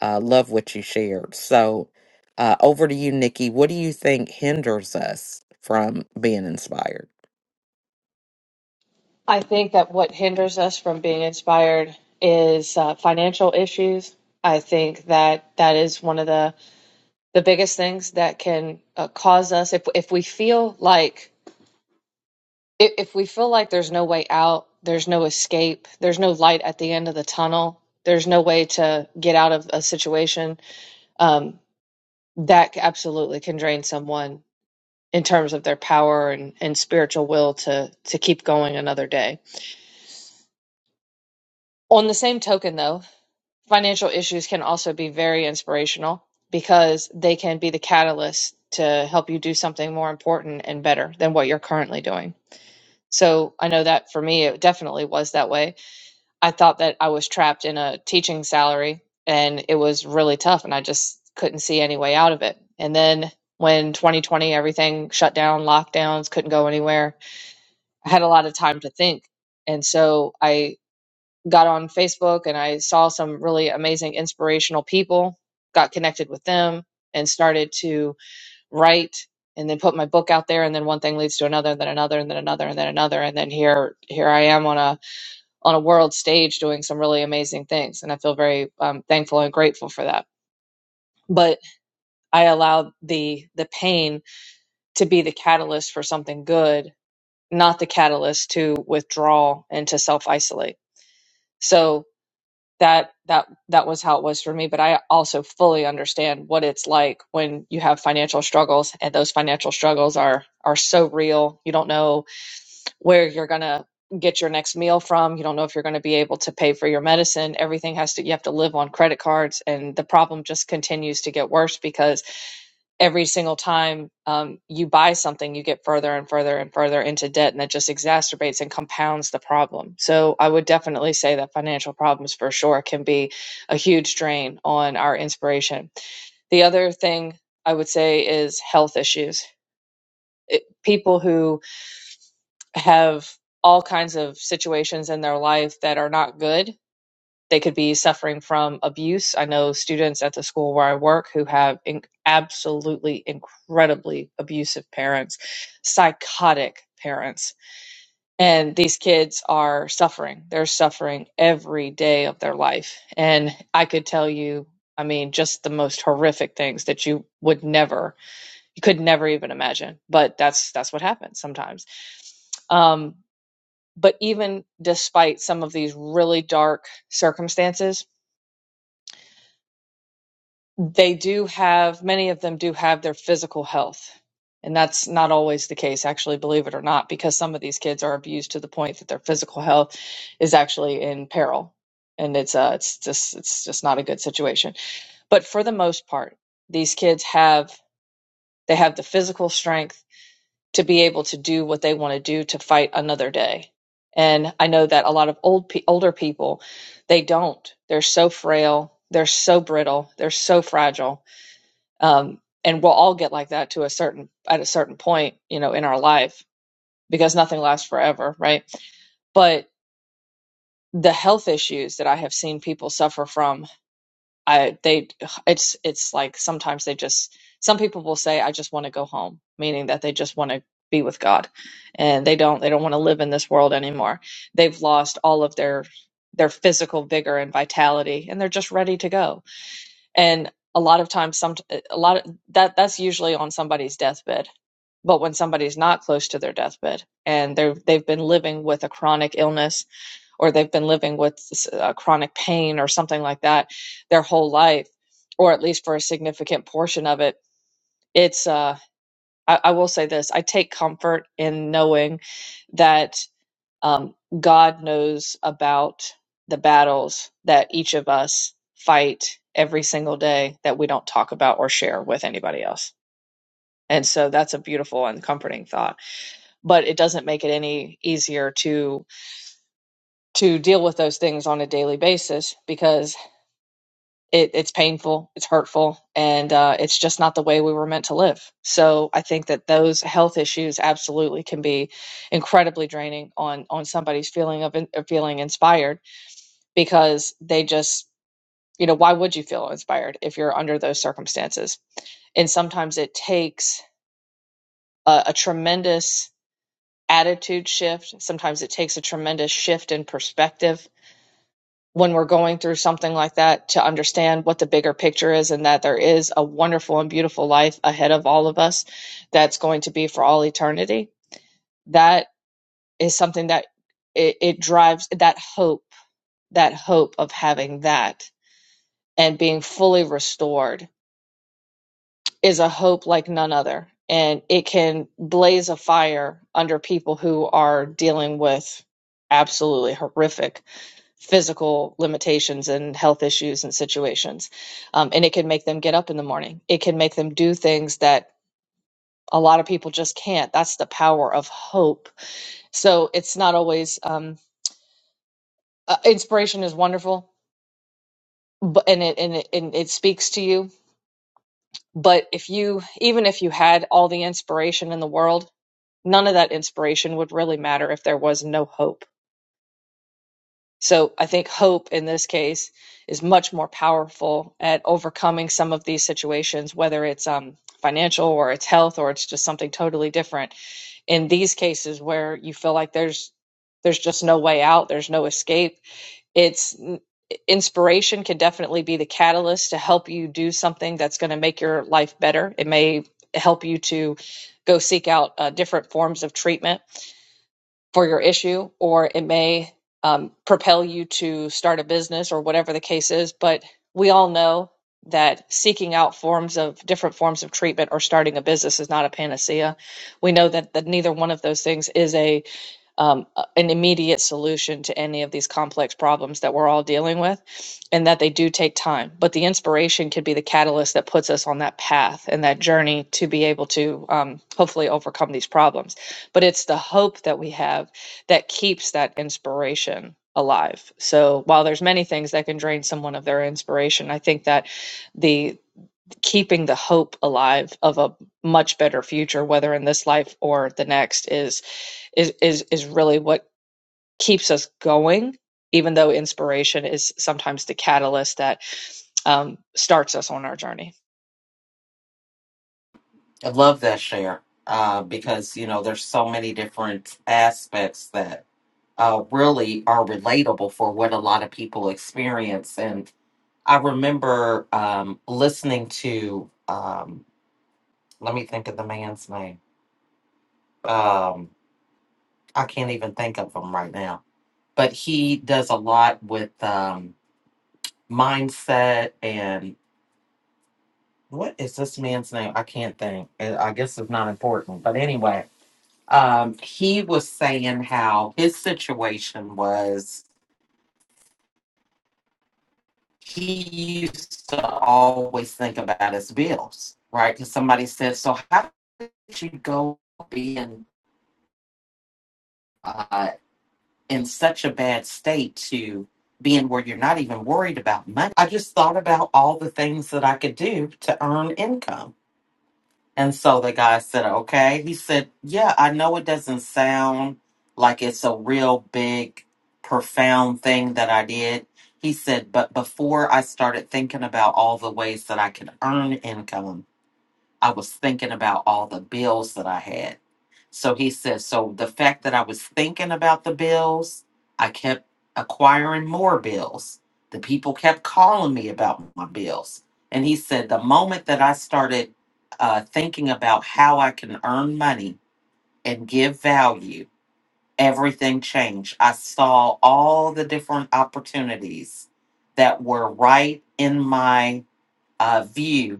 Speaker 1: uh, love what you shared. So, uh, over to you, Nikki. What do you think hinders us from being inspired?
Speaker 3: I think that what hinders us from being inspired is uh, financial issues. I think that that is one of the the biggest things that can uh, cause us if if we feel like if, if we feel like there's no way out, there's no escape, there's no light at the end of the tunnel, there's no way to get out of a situation. Um, that absolutely can drain someone in terms of their power and, and spiritual will to to keep going another day. On the same token, though. financial issues can also be very inspirational because they can be the catalyst to help you do something more important and better than what you're currently doing. So I know that for me, it definitely was that way. I thought that I was trapped in a teaching salary and it was really tough and I just couldn't see any way out of it. And then when 2020, everything shut down, lockdowns, couldn't go anywhere, I had a lot of time to think. And so I got on Facebook and I saw some really amazing inspirational people, got connected with them and started to write and then put my book out there and then one thing leads to another and then another and then another and then another and then here here I am on a on a world stage doing some really amazing things and I feel very um, thankful and grateful for that. But I allowed the the pain to be the catalyst for something good, not the catalyst to withdraw and to self isolate. So that that that was how it was for me but i also fully understand what it's like when you have financial struggles and those financial struggles are are so real you don't know where you're going to get your next meal from you don't know if you're going to be able to pay for your medicine everything has to you have to live on credit cards and the problem just continues to get worse because every single time um, you buy something, you get further and further and further into debt, and that just exacerbates and compounds the problem. So, I would definitely say that financial problems for sure can be a huge drain on our inspiration. The other thing I would say is health issues. People who have all kinds of situations in their life that are not good they could be suffering from abuse. I know students at the school where I work who have in- absolutely incredibly abusive parents, psychotic parents. And these kids are suffering. They're suffering every day of their life. And I could tell you, I mean, just the most horrific things that you would never you could never even imagine but that's that's what happens sometimes um but even despite some of these really dark circumstances they do have many of them do have their physical health and that's not always the case actually believe it or not because some of these kids are abused to the point that their physical health is actually in peril and it's uh it's just it's just not a good situation but for the most part these kids have they have the physical strength to be able to do what they want to do to fight another day and i know that a lot of old pe- older people they don't they're so frail they're so brittle they're so fragile um, and we'll all get like that to a certain at a certain point you know in our life because nothing lasts forever right but the health issues that i have seen people suffer from i they it's it's like sometimes they just some people will say i just want to go home meaning that they just want to be with god and they don't they don't want to live in this world anymore they've lost all of their their physical vigor and vitality and they're just ready to go and a lot of times some a lot of that that's usually on somebody's deathbed But when somebody's not close to their deathbed and they have they've been living with a chronic illness or they've been living with s- uh, chronic pain or something like that their whole life, or at least for a significant portion of it, it's uh, I, I will say this: I take comfort in knowing that um, God knows about the battles that each of us fight every single day that we don't talk about or share with anybody else. And so that's a beautiful and comforting thought. but it doesn't make it any easier to to deal with those things on a daily basis because it, it's painful it's hurtful and uh, it's just not the way we were meant to live so i think that those health issues absolutely can be incredibly draining on on somebody's feeling of, in, of feeling inspired because they just you know why would you feel inspired if you're under those circumstances and sometimes it takes a, a tremendous attitude shift sometimes it takes a tremendous shift in perspective when we're going through something like that to understand what the bigger picture is and that there is a wonderful and beautiful life ahead of all of us that's going to be for all eternity that is something that it, it drives that hope that hope of having that and being fully restored is a hope like none other and it can blaze a fire under people who are dealing with absolutely horrific physical limitations and health issues and situations. Um, and it can make them get up in the morning. It can make them do things that a lot of people just can't. That's the power of hope. So it's not always um, uh, inspiration is wonderful, but and it and it and it speaks to you. But if you even if you had all the inspiration in the world, none of that inspiration would really matter if there was no hope So I think hope in this case is much more powerful at overcoming some of these situations, whether it's um, financial or it's health or it's just something totally different. In these cases where you feel like there's there's just no way out, there's no escape. It's inspiration can definitely be the catalyst to help you do something that's going to make your life better. It may help you to go seek out uh, different forms of treatment for your issue, or it may um, propel you to start a business or whatever the case is. But we all know that seeking out forms of different forms of treatment or starting a business is not a panacea. We know that, that neither one of those things is a um, a- an immediate solution to any of these complex problems that we're all dealing with, and that they do take time. But the inspiration could be the catalyst that puts us on that path and that journey to be able to um, hopefully overcome these problems. But it's the hope that we have that keeps that inspiration alive. So while there's many things that can drain someone of their inspiration, I think that the keeping the hope alive of a much better future whether in this life or the next is is is is really what keeps us going, even though inspiration is sometimes the catalyst that um, starts us on our journey.
Speaker 1: I love that share uh, because you know there's so many different aspects that uh, really are relatable for what a lot of people experience, and. I remember um, listening to, um, let me think of the man's name. Um, I can't even think of him right now, but he does a lot with um, mindset and what is this man's name? I can't think. I I guess it's not important. But anyway, um, he was saying how his situation was he used to always think about his bills, right? Because somebody said, So how did you go being uh, in such a bad state to being where you're not even worried about money. I just thought about all the things that I could do to earn income. And so the guy said, okay. He said, yeah, I know it doesn't sound like it's a real big, profound thing that I did. He said, but before I started thinking about all the ways that I could earn income, I was thinking about all the bills that I had. So he says, so the fact that I was thinking about the bills, I kept acquiring more bills. The people kept calling me about my bills. And he said, the moment that I started uh, thinking about how I can earn money and give value, everything changed. I saw all the different opportunities that were right in my uh, view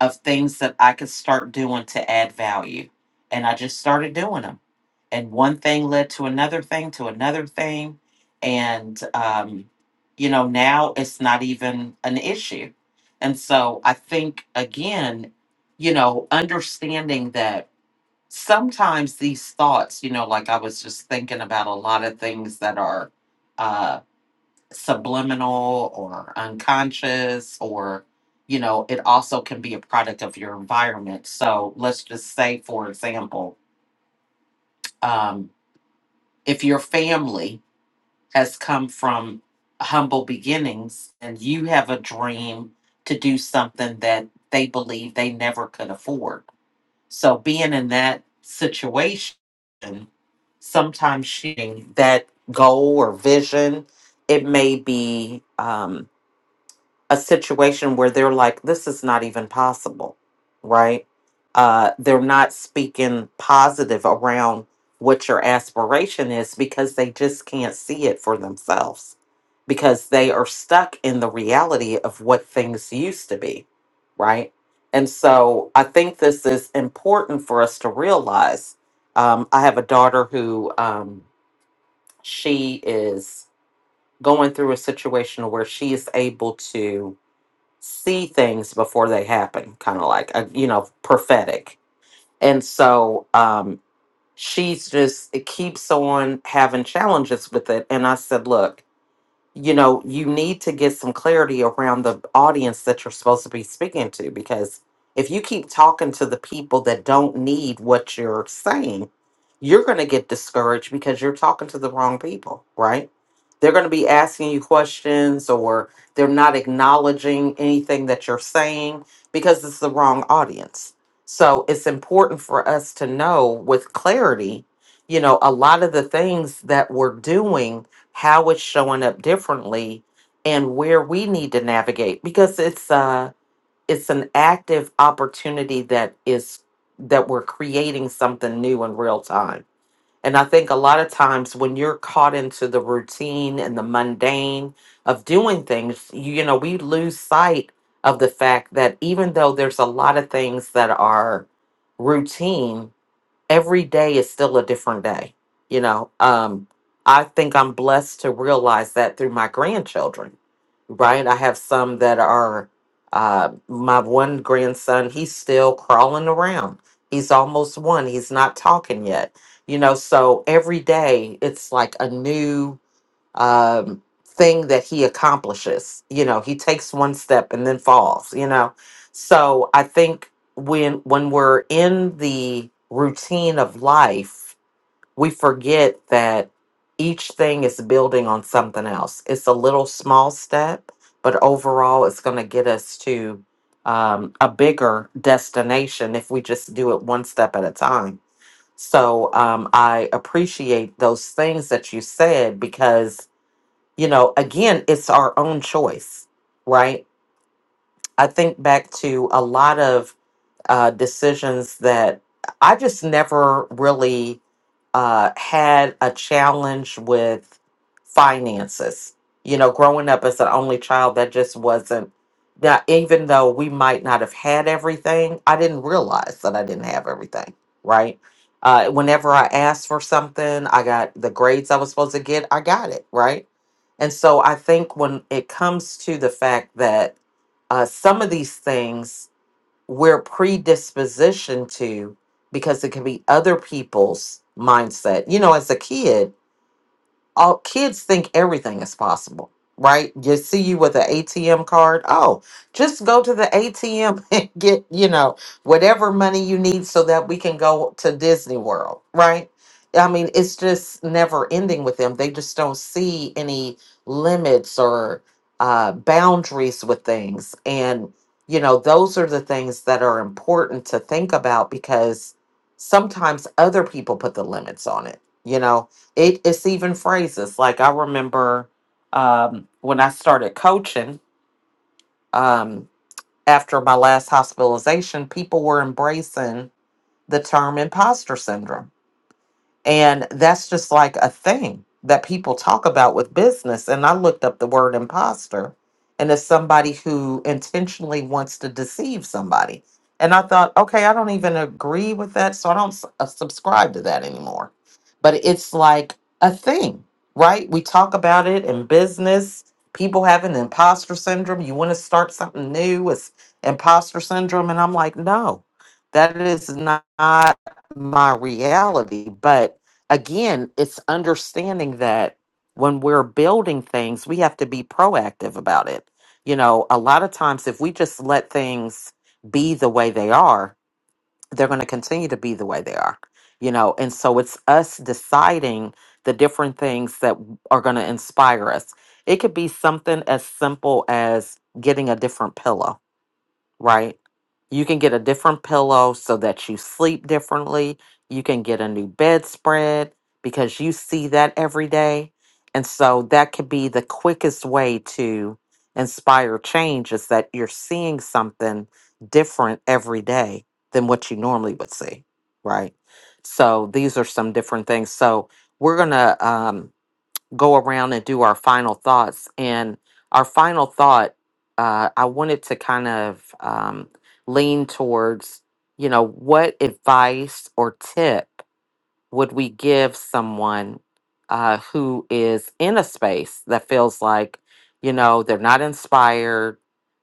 Speaker 1: of things that I could start doing to add value. And I just started doing them. And one thing led to another thing, to another thing. And, um, you know, now it's not even an issue. And so I think, again, you know, understanding that sometimes these thoughts, you know, like I was just thinking about a lot of things that are uh, subliminal or unconscious or you know it also can be a product of your environment so let's just say for example um, if your family has come from humble beginnings and you have a dream to do something that they believe they never could afford so being in that situation sometimes shooting that goal or vision it may be um, a situation where they're like, this is not even possible, right? Uh, they're not speaking positive around what your aspiration is because they just can't see it for themselves because they are stuck in the reality of what things used to be, right? And so I think this is important for us to realize. Um, I have a daughter who um, she is going through a situation where she is able to see things before they happen, kind of like a, you know prophetic. And so um, she's just it keeps on having challenges with it. And I said, look you know, you need to get some clarity around the audience that you're supposed to be speaking to because if you keep talking to the people that don't need what you're saying, you're going to get discouraged because you're talking to the wrong people, right? They're going to be asking you questions or they're not acknowledging anything that you're saying because it's the wrong audience. So it's important for us to know with clarity, you know, a lot of the things that we're doing how it's showing up differently and where we need to navigate because it's uh it's an active opportunity that is that we're creating something new in real time and i think a lot of times when you're caught into the routine and the mundane of doing things you, you know we lose sight of the fact that even though there's a lot of things that are routine every day is still a different day you know um i think i'm blessed to realize that through my grandchildren right i have some that are uh my one grandson he's still crawling around he's almost one he's not talking yet you know so every day it's like a new um, thing that he accomplishes. You know, he takes one step and then falls. You know, so I think when when we're in the routine of life, we forget that each thing is building on something else. It's a little small step, but overall, it's going to get us to um, a bigger destination if we just do it one step at a time. So um, I appreciate those things that you said because you know, again, it's our own choice, right? I think back to a lot of uh, decisions that I just never really uh, had a challenge with finances. You know, growing up as an only child, that just wasn't that. Even though we might not have had everything, I didn't realize that I didn't have everything. Right. Uh, whenever I asked for something, I got the grades I was supposed to get. I got it. Right. And so I think when it comes to the fact that uh, some of these things we're predispositioned to because it can be other people's mindset. You know, as a kid, all kids think everything is possible, right? You see you with an ATM card. Oh, just go to the ATM and get, you know, whatever money you need so that we can go to Disney World, right? I mean, it's just never ending with them. They just don't see any limits or uh, boundaries with things. And, you know, those are the things that are important to think about because sometimes other people put the limits on it, you know? It, it's even phrases like I remember um, when I started coaching um, after my last hospitalization, people were embracing the term imposter syndrome and that's just like a thing that people talk about with business. And I looked up the word imposter, and it's somebody who intentionally wants to deceive somebody. And I thought, okay, I don't even agree with that. So I don't s- uh, subscribe to that anymore. But it's like a thing, right? We talk about it in business. People have an imposter syndrome. You want to start something new, it's imposter syndrome. And I'm like, no, that is not my reality. But again, it's understanding that when we're building things, we have to be proactive about it. You know, a lot of times if we just let things be the way they are, they're going to continue to be the way they are. You know, and so it's us deciding the different things that are going to inspire us. It could be something as simple as getting a different pillow right? You can get a different pillow so that you sleep differently. You can get a new bedspread because you see that every day. And so that could be the quickest way to inspire change is that you're seeing something different every day than what you normally would see, right? So these are some different things. So we're going to um go around and do our final thoughts. And our final thought, uh, I wanted to kind of um, lean towards, you know, what advice or tip would we give someone uh, who is in a space that feels like, you know, they're not inspired?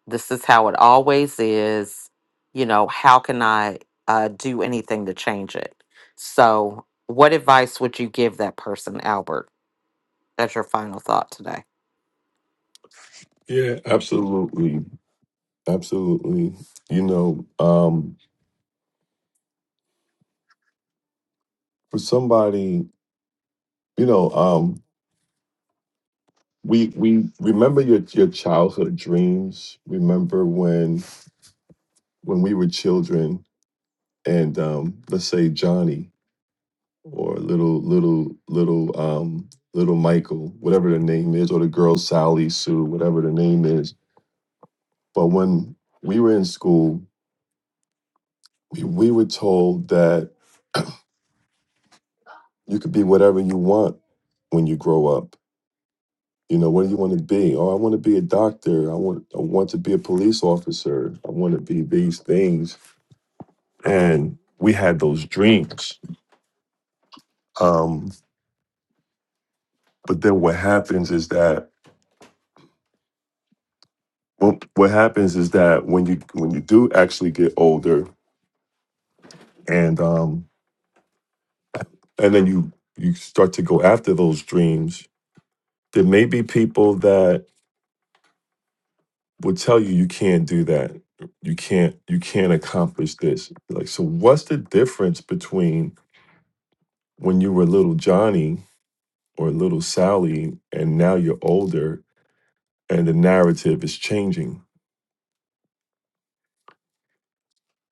Speaker 1: This is how it always is. You know, how can I uh, do anything to change it? So, what advice would you give that person, Albert? That's your final thought today.
Speaker 2: Yeah, absolutely. Absolutely. You know, um for somebody, you know, um we we remember your your childhood dreams. Remember when when we were children and um let's say Johnny or little little little um little Michael, whatever the name is, or the girl Sally Sue, whatever the name is. But when we were in school, we, we were told that you could be whatever you want when you grow up You know, what do you want to be? Oh, I want to be a doctor. I want I want to be a police officer. I want to be these things. And we had those dreams. Um, but then what happens is that what what happens is that when you when you do actually get older and um and then you you start to go after those dreams, there may be people that would tell you you can't do that. You can't you can't accomplish this. Like so what's the difference between when you were little Johnny or little Sally, and now you're older and the narrative is changing.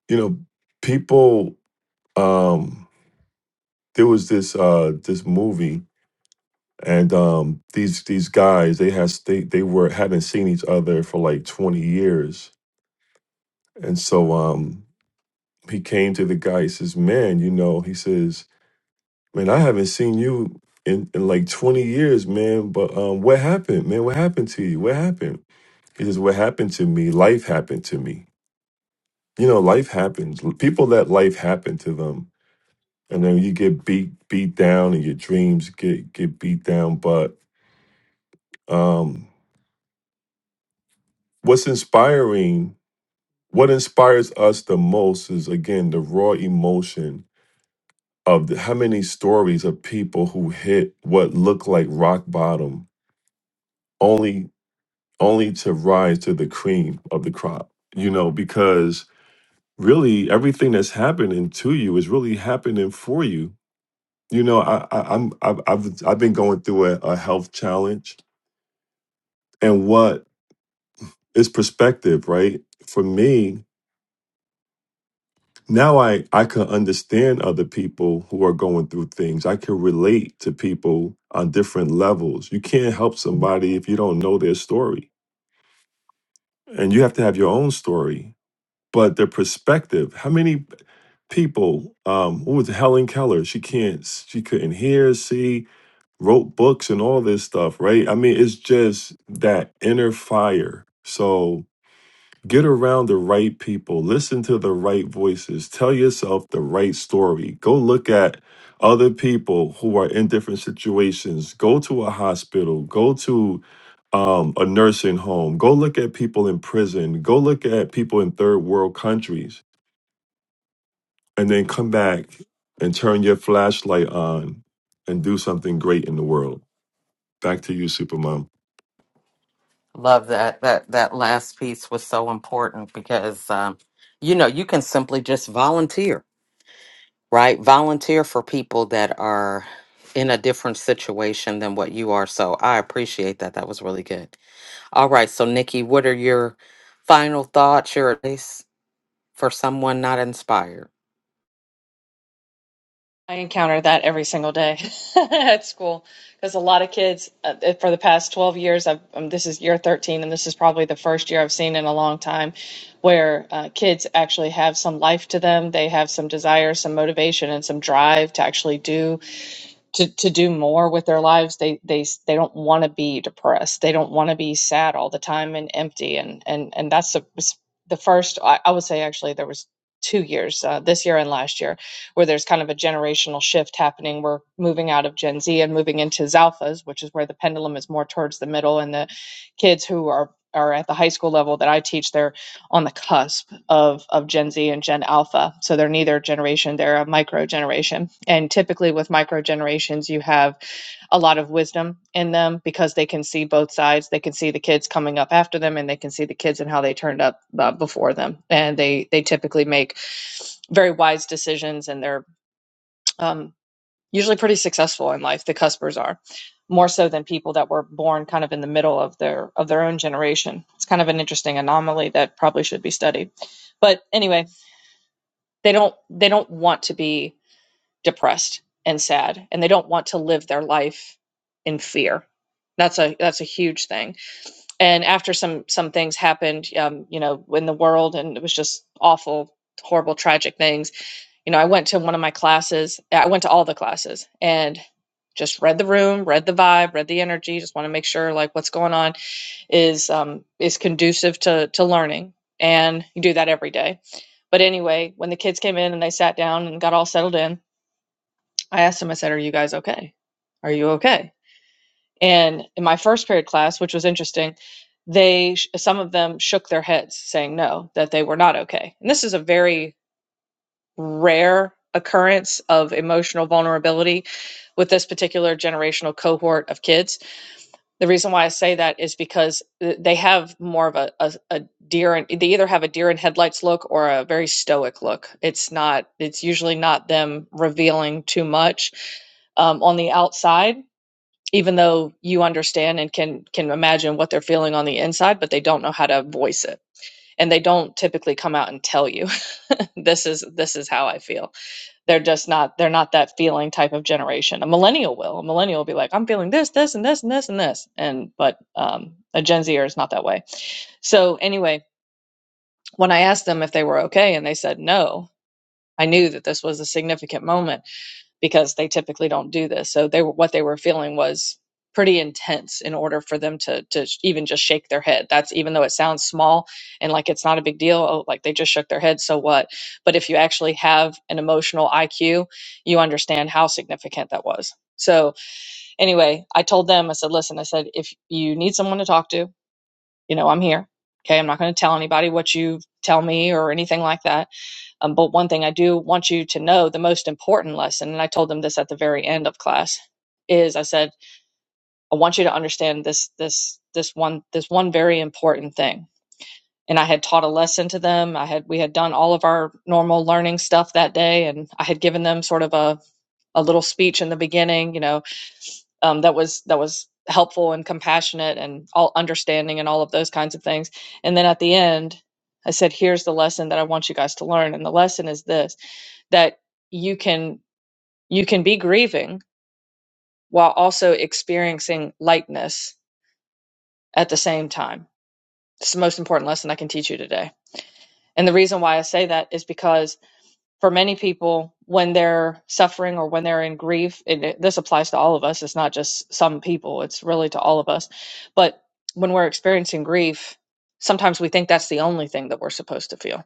Speaker 2: You know, people um there was this uh this movie and um these these guys they has they they were hadn't seen each other for like 20 years. And so um he came to the guy, he says, Man, you know, he says, Man, I haven't seen you in, in like 20 years, man. But um what happened, man? What happened to you? What happened? He says, What happened to me? Life happened to me. You know, life happens. People let life happen to them. And then you get beat beat down and your dreams get get beat down. But um what's inspiring, what inspires us the most is again the raw emotion of the, how many stories of people who hit what looked like rock bottom only only to rise to the cream of the crop. You know, because really everything that's happening to you is really happening for you. You know, I, I, I'm I've, I've I've been going through a, a health challenge, and what is perspective, right? For me now, I I can understand other people who are going through things. I can relate to people on different levels. You can't help somebody if you don't know their story, and you have to have your own story. but their perspective. How many people? Um, what was it, Helen Keller? She can't. s- She couldn't hear, see, wrote books and all this stuff, right? I mean, it's just that inner fire. So get around the right people. Listen to the right voices. Tell yourself the right story. Go look at other people who are in different situations. Go to a hospital. Go to um, a nursing home. Go look at people in prison. Go look at people in third world countries and then come back and turn your flashlight on and do something great in the world. Back to you, Supermom.
Speaker 1: Love that. That that last piece was so important because um, you know you can simply just volunteer, right? Volunteer for people that are in a different situation than what you are. So I appreciate that. That was really good. All right. So Nikki, what are your final thoughts? Your advice for someone not inspired.
Speaker 3: I encounter that every single day at school because a lot of kids uh, for the past 12 years, I've, um, this is year 13, and this is probably the first year I've seen in a long time where uh, kids actually have some life to them. They have some desire, some motivation, and some drive to actually do to to do more with their lives they they they don't want to be depressed they don't want to be sad all the time and empty and and and that's the the first I, I would say actually there was two years uh, this year and last year where there's kind of a generational shift happening we're moving out of gen z and moving into zalphas which is where the pendulum is more towards the middle and the kids who are are at the high school level that i teach they're on the cusp of of Gen Z and Gen Alpha. So they're neither generation, they're a micro generation. And typically with micro generations, you have a lot of wisdom in them because they can see both sides. They can see the kids coming up after them and they can see the kids and how they turned up uh, before them. And they they typically make very wise decisions and they're um, usually pretty successful in life the cuspers are more so than people that were born kind of in the middle of their of their own generation it's kind of an interesting anomaly that probably should be studied but anyway they don't they don't want to be depressed and sad and they don't want to live their life in fear that's a that's a huge thing and after some some things happened um you know in the world and it was just awful horrible tragic things you know, I went to one of my classes. eh, I went to all the classes and just read the room, read the vibe, read the energy. Just want to make sure like what's going on is um, is conducive to to learning. And you do that every day. But anyway, when the kids came in and they sat down and got all settled in, I asked them. I said, "Are you guys okay? Are you okay?" And in my first period class, which was interesting, they some of them shook their heads, saying no, that they were not okay. And this is a very rare occurrence of emotional vulnerability with this particular generational cohort of kids. The reason why I say that is because they have more of a, a, a deer and they either have a deer in headlights look or a very stoic look. It's not, it's usually not them revealing too much um, on the outside, even though you understand and can can imagine what they're feeling on the inside, but they don't know how to voice it. And they don't typically come out and tell you this is this is how I feel they're just not they're not that feeling type of generation a millennial will a millennial will be like i'm feeling this this and this and this and this and but um, a gen zer is not that way so anyway when i asked them if they were okay and they said no i knew that this was a significant moment because they typically don't do this. So they were, what they were feeling was pretty intense in order for them to to even just shake their head. That's even though it sounds small and like it's not a big deal, oh, like they just shook their head, so what? But if you actually have an emotional IQ, you understand how significant that was. So anyway, I told them, I said, listen, I said, if you need someone to talk to, you know, I'm here. Okay, I'm not going to tell anybody what you tell me or anything like that um, but one thing I do want you to know the most important lesson, and I told them this at the very end of class, is I said, I want you to understand this, this, this one, this one very important thing. And I had taught a lesson to them. I had, we had done all of our normal learning stuff that day. And I had given them sort of a, a little speech in the beginning, you know, um, that was, that was helpful and compassionate and all understanding and all of those kinds of things. And then at the end, I said, here's the lesson that I want you guys to learn. And the lesson is this that you can you can be grieving while also experiencing lightness at the same time. It's the most important lesson I can teach you today. And the reason why I say that is because for many people, when they're suffering or when they're in grief, and it, this applies to all of us, it's not just some people, it's really to all of us. But when we're experiencing grief, sometimes we think that's the only thing that we're supposed to feel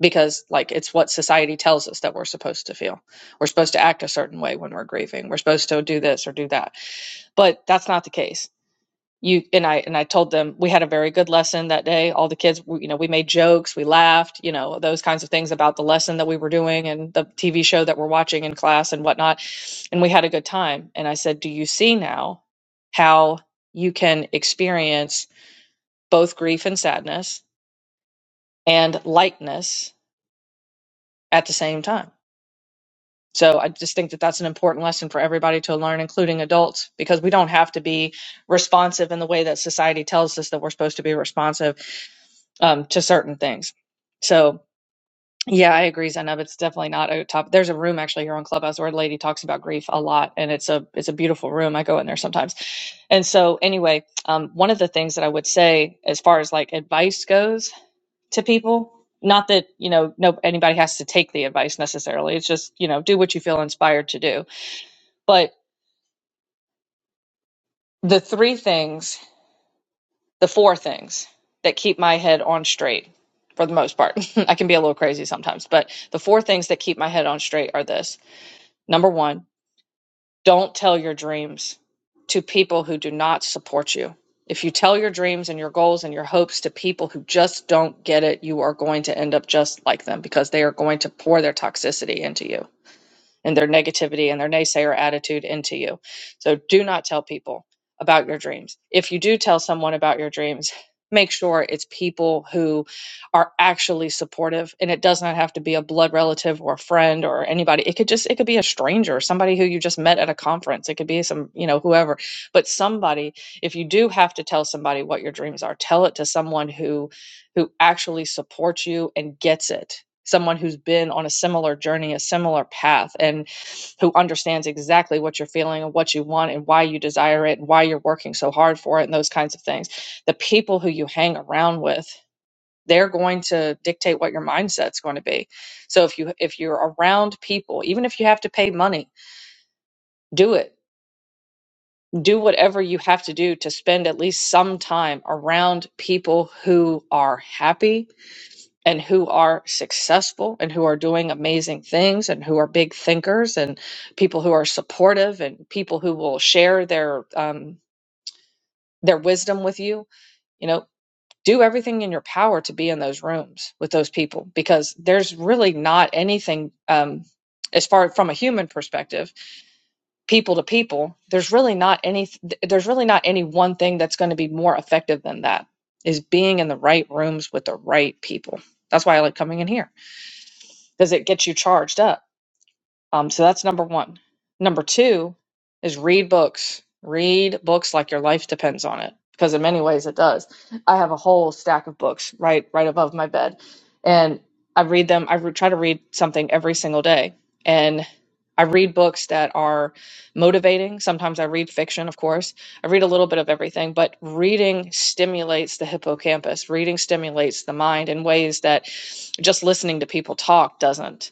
Speaker 3: because like it's what society tells us that we're supposed to feel. We're supposed to act a certain way when we're grieving. We're supposed to do this or do that. But that's not the case. You and I and I told them we had a very good lesson that day. All the kids, you know, we made jokes, we laughed, you know, those kinds of things about the lesson that we were doing and the TV show that we're watching in class and whatnot. And we had a good time. And I said, "Do you see now how you can experience both grief and sadness and lightness at the same time?" So I just think that that's an important lesson for everybody to learn, including adults, because we don't have to be responsive in the way that society tells us that we're supposed to be responsive um, to certain things. So yeah, I agree, Zainab. It's definitely not a top. There's a room actually here on Clubhouse where a lady talks about grief a lot, and it's a it's a beautiful room. I go in there sometimes. And so anyway, um, one of the things that I would say as far as like advice goes to people. Not that you know, no anybody has to take the advice necessarily. It's just you know, do what you feel inspired to do but the three things, the four things that keep my head on straight for the most part, I can be a little crazy sometimes, but the four things that keep my head on straight are this. Number one, don't tell your dreams to people who do not support you. If you tell your dreams and your goals and your hopes to people who just don't get it, you are going to end up just like them because they are going to pour their toxicity into you and their negativity and their naysayer attitude into you. So do not tell people about your dreams. If you do tell someone about your dreams, make sure it's people who are actually supportive and it does not have to be a blood relative or a friend or anybody. It could just it could be a stranger, somebody who you just met at a conference. It could be some, you know, whoever. But somebody, if you do have to tell somebody what your dreams are, tell it to someone who who actually supports you and gets it. Someone who's been on a similar journey, a similar path, and who understands exactly what you're feeling and what you want and why you desire it and why you're working so hard for it and those kinds of things. The people who you hang around with, they're going to dictate what your mindset's going to be. So if you if you're around people, even if you have to pay money, do it. Do whatever you have to do to spend at least some time around people who are happy, and who are successful and who are doing amazing things and who are big thinkers and people who are supportive and people who will share their um, their wisdom with you you know do everything in your power to be in those rooms with those people because there's really not anything um, as far from a human perspective people to people there's really not any there's really not any one thing that's going to be more effective than that is being in the right rooms with the right people that's why i like coming in here because it gets you charged up. Um, so that's number one. Number two is read books. Read books like your life depends on it, because in many ways it does. I have a whole stack of books right right above my bed, and I read them. I re- try to read something every single day, and I read books that are motivating. Sometimes I read fiction, of course. I read a little bit of everything, but reading stimulates the hippocampus. Reading stimulates the mind in ways that just listening to people talk doesn't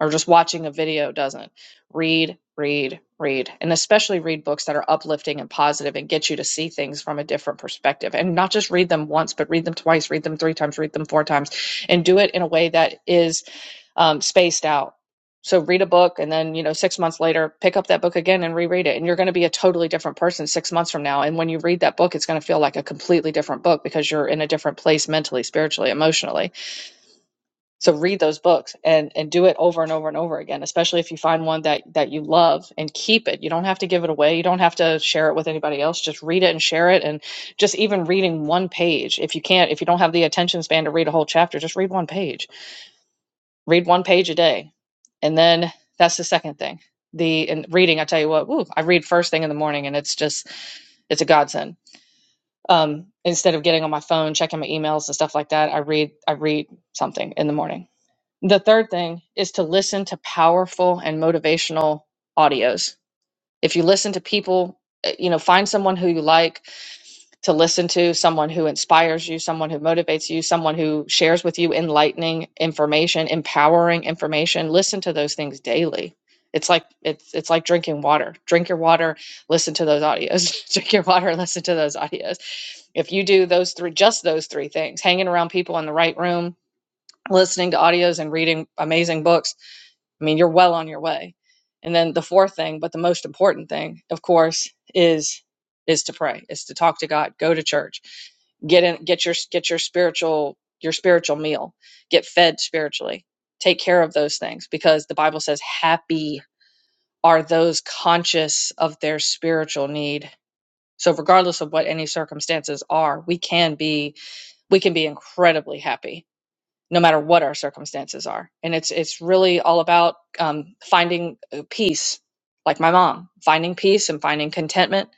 Speaker 3: or just watching a video doesn't. Read, read, read, and especially read books that are uplifting and positive and get you to see things from a different perspective. And not just read them once, but read them twice, read them three times, read them four times, and do it in a way that is um, spaced out. So read a book and then, you know, six months later, pick up that book again and reread it. And you're going to be a totally different person six months from now. And when you read that book, it's going to feel like a completely different book because you're in a different place mentally, spiritually, emotionally so read those books and and do it over and over and over again, especially if you find one that that you love and keep it. You don't have to give it away. You don't have to share it with anybody else. Just read it and share it and just even reading one page. If you can't if you don't have the attention span to read a whole chapter, just read one page. Read one page a day. And then that's the second thing. The and reading, I tell you what, Ooh, I read first thing in the morning and it's just it's a godsend. Um, instead of getting on my phone, checking my emails and stuff like that, I read I read something in the morning the third thing is to listen to powerful and motivational audios. If you listen to people, uh, you know, find someone who you like to listen to, someone who inspires you, someone who motivates you, someone who shares with you enlightening information, empowering information. Listen to those things daily. It's like it's it's like drinking water. Drink your water, listen to those audios. Drink your water, listen to those audios. If you do those three just those three things, hanging around people in the right room, listening to audios and reading amazing books, I mean, you're well on your way. And then the fourth thing, but the most important thing, of course, is is to pray, is to talk to God, go to church, get in, get your get your spiritual your spiritual meal, get fed spiritually, take care of those things because the Bible says, "Happy are those conscious of their spiritual need." So, regardless of what any circumstances are, we can be we can be incredibly happy no matter what our circumstances are. And it's it's really all about um, finding uh, peace, like my mom, finding peace and finding contentment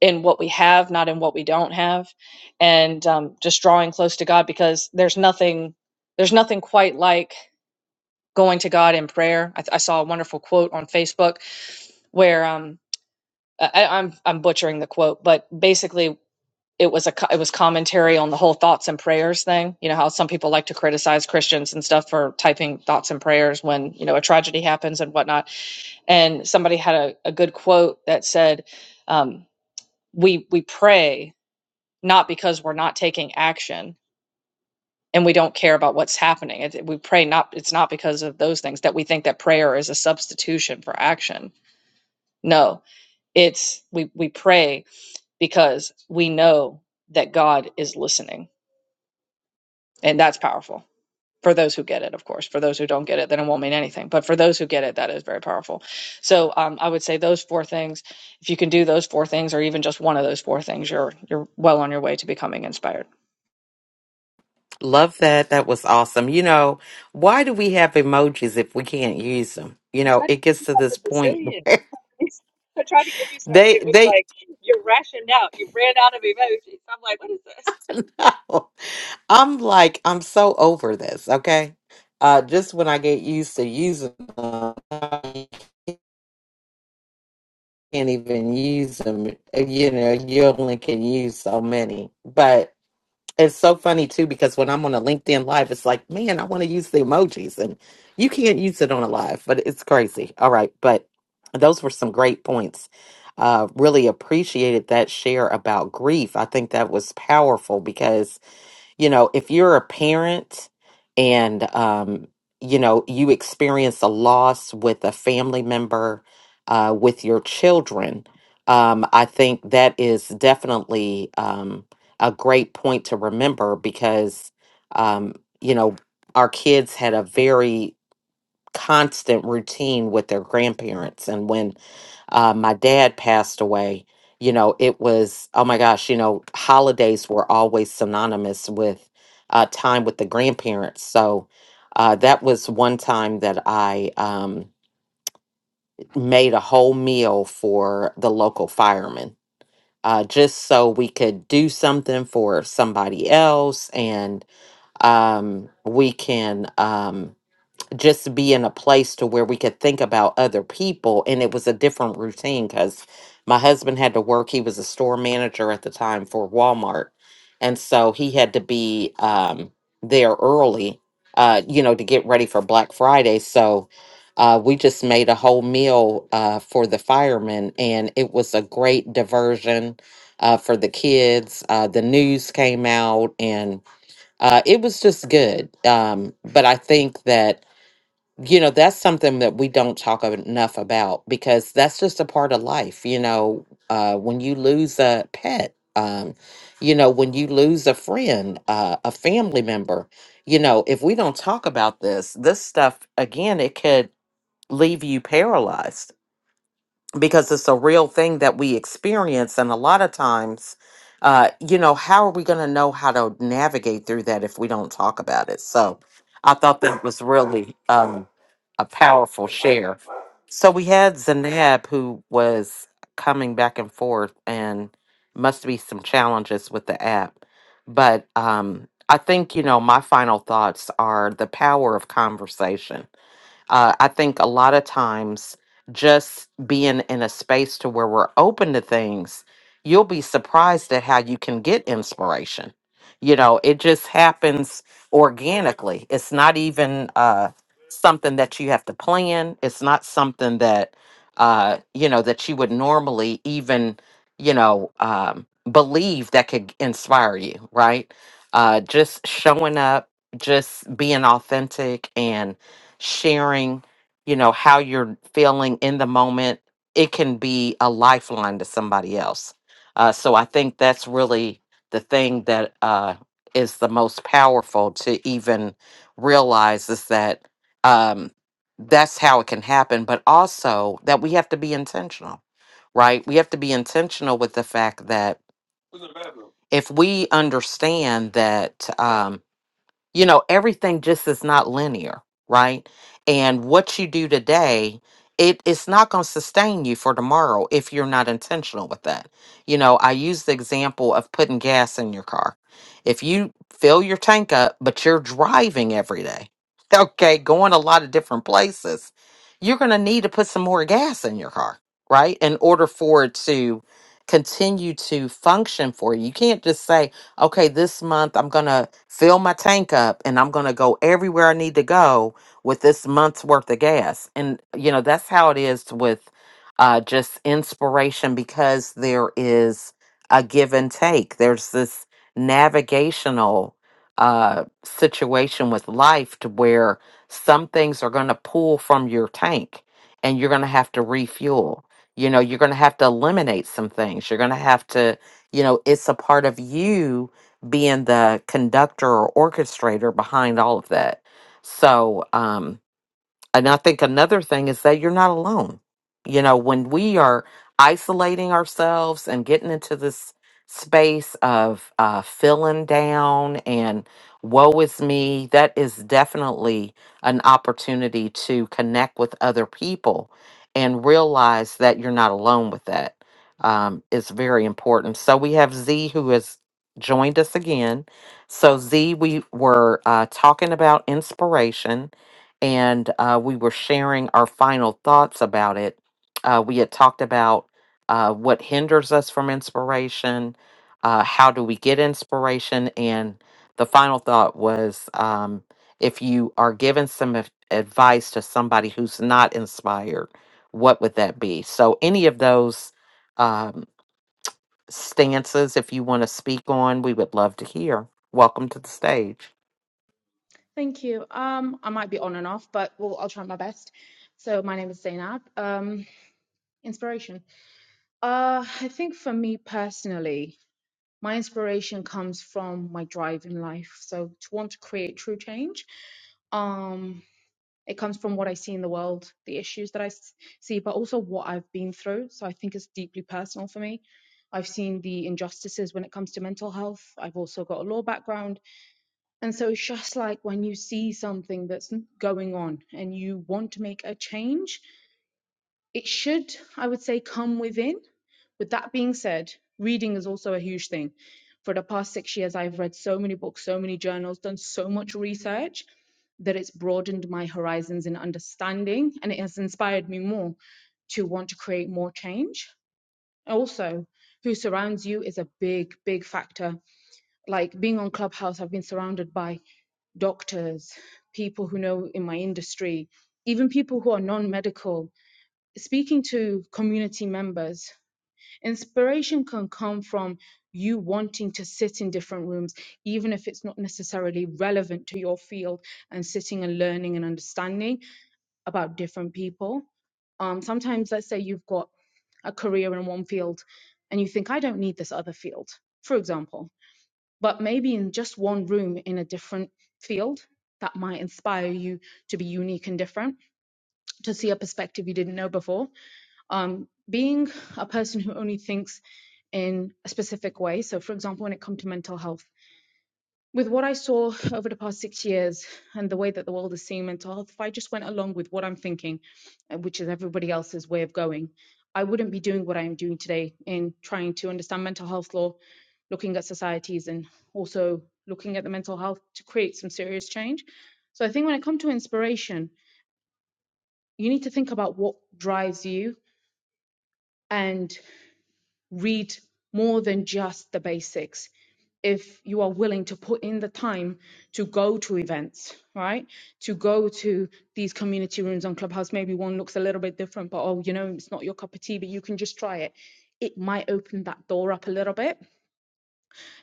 Speaker 3: in what we have, not in what we don't have, and um, just drawing close to God because there's nothing there's nothing quite like going to God in prayer. I, th- I saw a wonderful quote on Facebook where um, I- I'm I'm butchering the quote, but basically it was a it was commentary on the whole thoughts and prayers thing. You know how some people like to criticize Christians and stuff for typing thoughts and prayers when you know a tragedy happens and whatnot. And somebody had a, a good quote that said, um, "We we pray not because we're not taking action and we don't care about what's happening. It, we pray not it's not because of those things that we think that prayer is a substitution for action. No, it's we we pray because we know that God is listening, and that's powerful." for those who get it, of course. For those who don't get it, then it won't mean anything. But for those who get it, that is very powerful. So um, I would say those four things. If you can do those four things, or even just one of those four things, you're you're well on your way to becoming inspired.
Speaker 1: Love that. That was awesome. You know, why do we have emojis if we can't use them? You know, it gets to this point they they I'm like, I'm so over this, okay? Uh, just when I get used to using them, I can't even use them. You know, you only can use so many. But it's so funny too because when I'm on a LinkedIn live, it's like, man, I want to use the emojis, and you can't use it on a live, but it's crazy. All right, but those were some great points. Uh, really appreciated that share about grief. I think that was powerful because you know, if you're a parent and, um, you know, you experience a loss with a family member, uh, with your children, um, I think that is definitely um, a great point to remember because, um, you know, our kids had a very constant routine with their grandparents. And when uh, my dad passed away, you know, it was, oh my gosh, you know, holidays were always synonymous with uh, time with the grandparents. So uh, that was one time that I um, made a whole meal for the local firemen. Uh, just so we could do something for somebody else and um, we can um just be in a place to where we could think about other people and it was a different routine because my husband had to work he was a store manager at the time for walmart and so he had to be um, there early uh, you know to get ready for black friday so uh, we just made a whole meal uh, for the firemen and it was a great diversion uh, for the kids uh, the news came out and uh, it was just good um, but i think that you know that's something that we don't talk ab- enough about because that's just a part of life you know uh when you lose a pet um you know when you lose a friend uh, a family member you know if we don't talk about this this stuff again it could leave you paralyzed because it's a real thing that we experience and a lot of times uh you know how are we going to know how to navigate through that if we don't talk about it so i thought that was really um a powerful share so we had zanab who was coming back and forth and must be some challenges with the app but um i think you know my final thoughts are the power of conversation uh, I think a lot of times just being in a space to where we're open to things, you'll be surprised at how you can get inspiration. You know, it just happens organically. It's not even uh, something that you have to plan. It's not something that uh, you know that you would normally even you know um, believe that could inspire you, right? Uh, just showing up, just being authentic, and sharing, you know, how you're feeling in the moment, it can be a lifeline to somebody else. Uh, so I think that's really the thing that uh, is the most powerful to even realize is that um, that's how it can happen, but also that we have to be intentional, right? We have to be intentional with the fact that if we understand that. um, you know, everything just is not linear, right? And what you do today, it it's not going to sustain you for tomorrow if you're not intentional with that. You know, I use the example of putting gas in your car. If you fill your tank up, but you're driving every day, okay, going a lot of different places, you're going to need to put some more gas in your car, right? In order for it to continue to function for you. You can't just say, okay, this month I'm going to fill my tank up and I'm going to go everywhere I need to go with this month's worth of gas. And, you know, that's how it is with uh, just inspiration because there is a give and take. There's this navigational uh, situation with life to where some things are going to pull from your tank and you're going to have to refuel. You know, you're going to have to eliminate some things. You're going to have to you know, it's a part of you being the conductor or orchestrator behind all of that. So, um, and I think another thing is that you're not alone. You know, when we are isolating ourselves and getting into this space of uh, feeling down and woe is me, that is definitely an opportunity to connect with other people and realize that you're not alone with that. Um, is very important. So we have Z who has joined us again. So Z, we were uh, talking about inspiration and uh, we were sharing our final thoughts about it. Uh, we had talked about uh, what hinders us from inspiration, uh, how do we get inspiration, and the final thought was um, if you are giving some ad- advice to somebody who's not inspired, what would that be? So, any of those um, stances, if you want to speak on, we would love to hear. Welcome to the stage.
Speaker 4: Thank you. Um, I might be on and off, but well, I'll try my best. So my name is Zainab. Um, inspiration. Uh, I think for me personally, my inspiration comes from my drive in life. So to want to create true change, um, it comes from what I see in the world, the issues that I s- see, but also what I've been through. So I think it's deeply personal for me. I've seen the injustices when it comes to mental health. I've also got a law background. And so it's just like when you see something that's going on and you want to make a change, it should, I would say, come within. With that being said, reading is also a huge thing. For the past six years, I've read so many books, so many journals, done so much research that it's broadened my horizons in understanding and it has inspired me more to want to create more change. Also, who surrounds you is a big, big factor. Like being on Clubhouse, I've been surrounded by doctors, people who know in my industry, even people who are non medical, speaking to community members. Inspiration can come from you wanting to sit in different rooms, even if it's not necessarily relevant to your field, and sitting and learning and understanding about different people. Um, sometimes, let's say you've got a career in one field and you think, I don't need this other field, for example but maybe in just one room in a different field that might inspire you to be unique and different, to see a perspective you didn't know before. Um, being a person who only thinks in a specific way, so for example, when it comes to mental health, with what I saw over the past six years and the way that the world is seeing mental health, if I just went along with what I'm thinking, uh, which is everybody else's way of going, I wouldn't be doing what I am doing today in trying to understand mental health law, looking at societies, and also looking at the mental health to create some serious change. So I think when it comes to inspiration, you need to think about what drives you. And read more than just the basics if you are willing to put in the time to go to events, right? To go to these community rooms on Clubhouse. Maybe one looks a little bit different, but oh, you know, it's not your cup of tea, but you can just try it. It might open that door up a little bit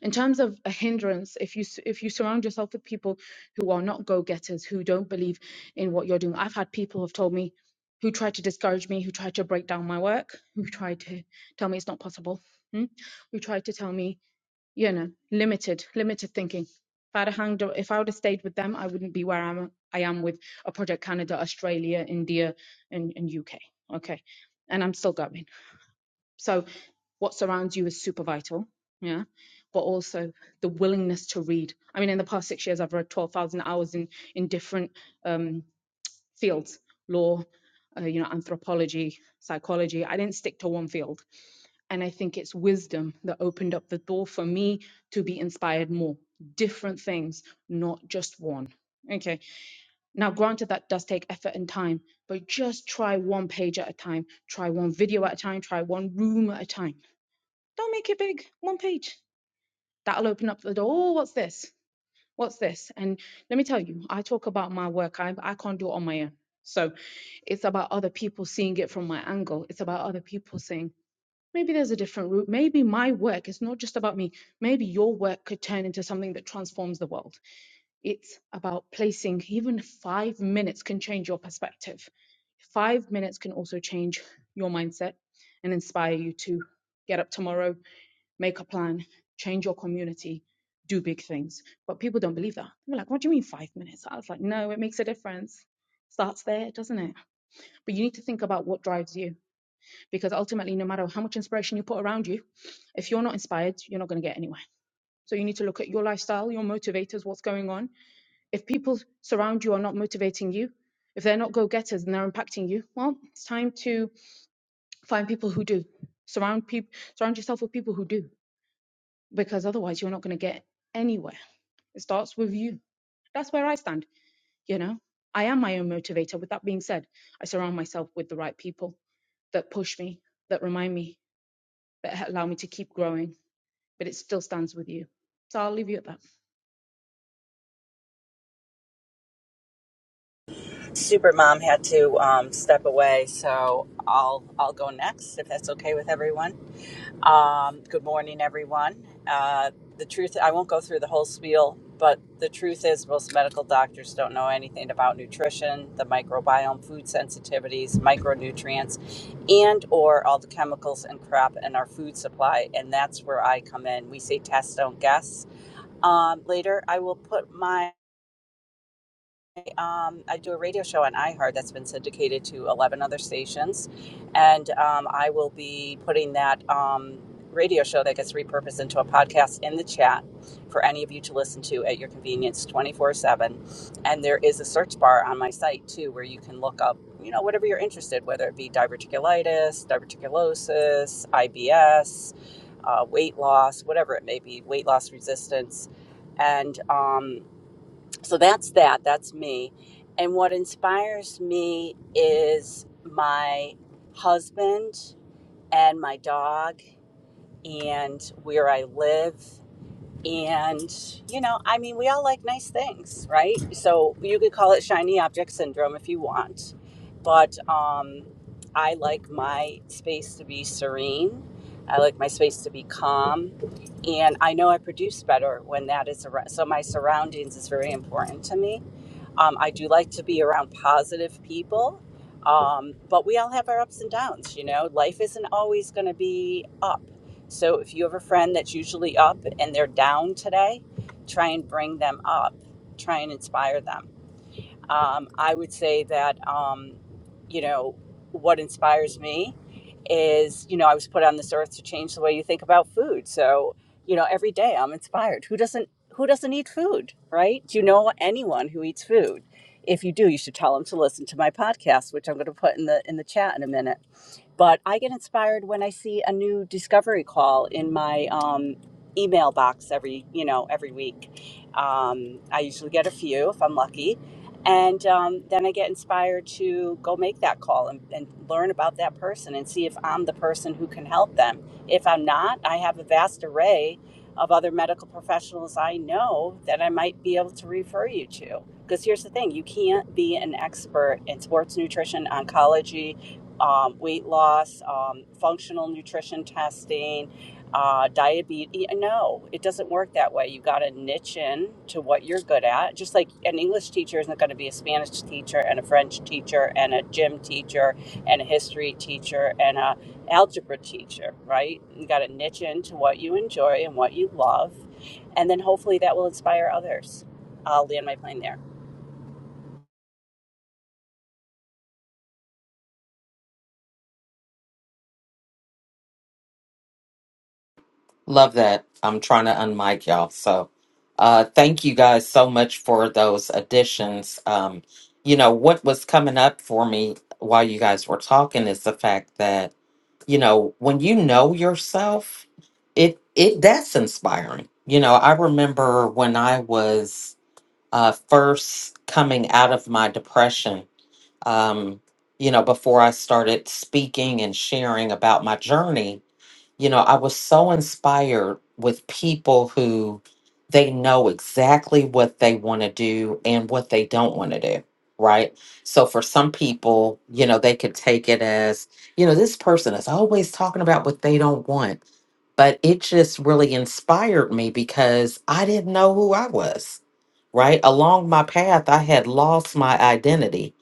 Speaker 4: in terms of a hindrance if you s- if you surround yourself with people who are not go-getters who don't believe in what you're doing i've had people who've told me who tried to discourage me who tried to break down my work who tried to tell me it's not possible hmm, who tried to tell me you know limited limited thinking if i'd have hanged if i would have stayed with them i wouldn't be where i'm i am with a project canada australia india and, and uk okay and i'm still going so what surrounds you is super vital. Yeah. But also the willingness to read. I mean, in the past six years, I've read 12,000 hours in, in different um, fields, law, uh, you know, anthropology, psychology. I didn't stick to one field. And I think it's wisdom that opened up the door for me to be inspired more, different things, not just one. Okay. Now, granted, that does take effort and time, but just try one page at a time, try one video at a time, try one room at a time don't make it big, one page. That'll open up the door. Oh, what's this? What's this? And let me tell you, I talk about my work. I, I can't do it on my own. So it's about other people seeing it from my angle. It's about other people saying, maybe there's a different route. Maybe my work is not just about me. Maybe your work could turn into something that transforms the world. It's about placing, even five minutes can change your perspective. Five minutes can also change your mindset and inspire you to get up tomorrow make a plan, change your community, do big things. But people don't believe that. They're like, what do you mean five minutes? I was like, no, it makes a difference. Starts there, doesn't it? But you need to think about what drives you because ultimately, no matter how much inspiration you put around you, if you're not inspired, you're not going to get anywhere. So you need to look at your lifestyle, your motivators, what's going on. If people surround you are not motivating you, if they're not go-getters and they're impacting you, well, it's time to find people who do. Surround people, surround yourself with people who do because otherwise you're not going to get anywhere. It starts with you. That's where I stand, you know. I am my own motivator. With that being said, I surround myself with the right people that push me, that remind me, that allow me to keep growing, but it still stands with you. So I'll leave you at that.
Speaker 5: Supermom had to um, step away, so I'll I'll go next if that's okay with everyone. Um, good morning, everyone. Uh, the truth, I won't go through the whole spiel, but the truth is, most medical doctors don't know anything about nutrition, the microbiome, food sensitivities, micronutrients, and or all the chemicals and crap in our food supply. And that's where I come in. We say test, don't guess. Um, later, I will put my um, I do a radio show on iHeart that's been syndicated to 11 other stations. And um, I will be putting that um, radio show that gets repurposed into a podcast in the chat for any of you to listen to at your convenience 24 7. And there is a search bar on my site too where you can look up, you know, whatever you're interested, whether it be diverticulitis, diverticulosis, IBS, uh, weight loss, whatever it may be, weight loss resistance. And um, so that's that. That's me. And what inspires me is my husband and my dog and where I live. And, you know, I mean, we all like nice things, right? So you could call it shiny object syndrome if you want. But um, I like my space to be serene. I like my space to be calm. And I know I produce better when that is around. So my surroundings is very important to me um, I do like to be around positive people, um, but we all have our ups and downs. You know, life isn't always going to be up. So if you have a friend that's usually up and they're down today, try and bring them up, try and inspire them. Um, I would say that, um, you know, what inspires me is, you know, I was put on this earth to change the way you think about food. So, you know, every day I'm inspired. Who doesn't who doesn't eat food, right? Do you know anyone who eats food? If you do, you should tell them to listen to my podcast, which I'm going to put in the in the chat in a minute but I get inspired when I see a new discovery call in my um, email box every you know every week. Um, I usually get a few if I'm lucky, and um, then I get inspired to go make that call and, and learn about that person and see if I'm the person who can help them. If I'm not, I have a vast array of other medical professionals I know that I might be able to refer you to. Because here's the thing, you can't be an expert in sports nutrition, oncology, um, weight loss, um, functional nutrition testing, uh, diabetes. No, it doesn't work that way. You got to niche in to what you're good at. Just like an English teacher isn't going to be a Spanish teacher and a French teacher and a gym teacher and a history teacher and a algebra teacher, right? You got to niche into what you enjoy and what you love, and then hopefully that will inspire others. I'll land my plane there.
Speaker 1: Love that. I'm trying to unmic y'all. So, uh, thank you guys so much for those additions. Um, you know, what was coming up for me while you guys were talking is the fact that, you know, when you know yourself, it, it, that's inspiring. You know, I remember when I was, uh, first coming out of my depression, um, you know, before I started speaking and sharing about my journey, you know, I was so inspired with people who they know exactly what they want to do and what they don't want to do. Right. So for some people, you know, they could take it as, you know, this person is always talking about what they don't want. But it just really inspired me because I didn't know who I was right? Along my path, I had lost my identity.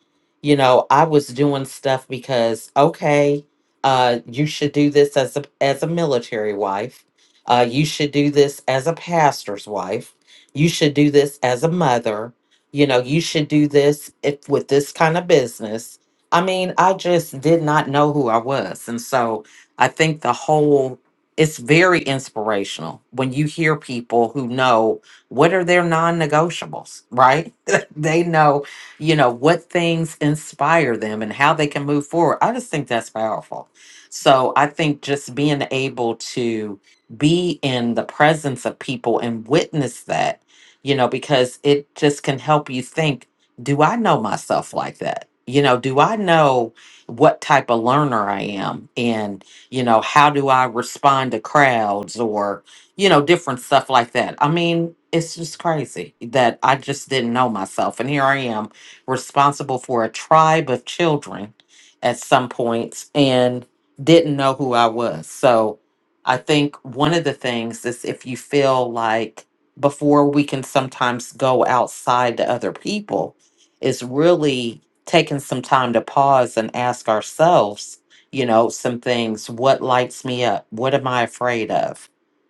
Speaker 1: You know, I was doing stuff because, okay. Uh, you should do this as a as a military wife. Uh, you should do this as a pastor's wife. You should do this as a mother. You know, you should do this if with this kind of business. I mean, I just did not know who I was, and so I think the whole it's very inspirational when you hear people who know what are their non-negotiables, right? they know you know what things inspire them and how they can move forward i just think that's powerful so I think just being able to be in the presence of people and witness that, you know, because it just can help you think, do I know myself like that? You know, do I know what type of learner I am? And, you know, how do I respond to crowds or, you know, different stuff like that? I mean, it's just crazy that I just didn't know myself. And here I am responsible for a tribe of children at some points. And didn't know who I was. So I think one of the things is if you feel like before we can sometimes go outside to other people, is really taking some time to pause and ask ourselves, you know, some things. What lights me up? What am I afraid of?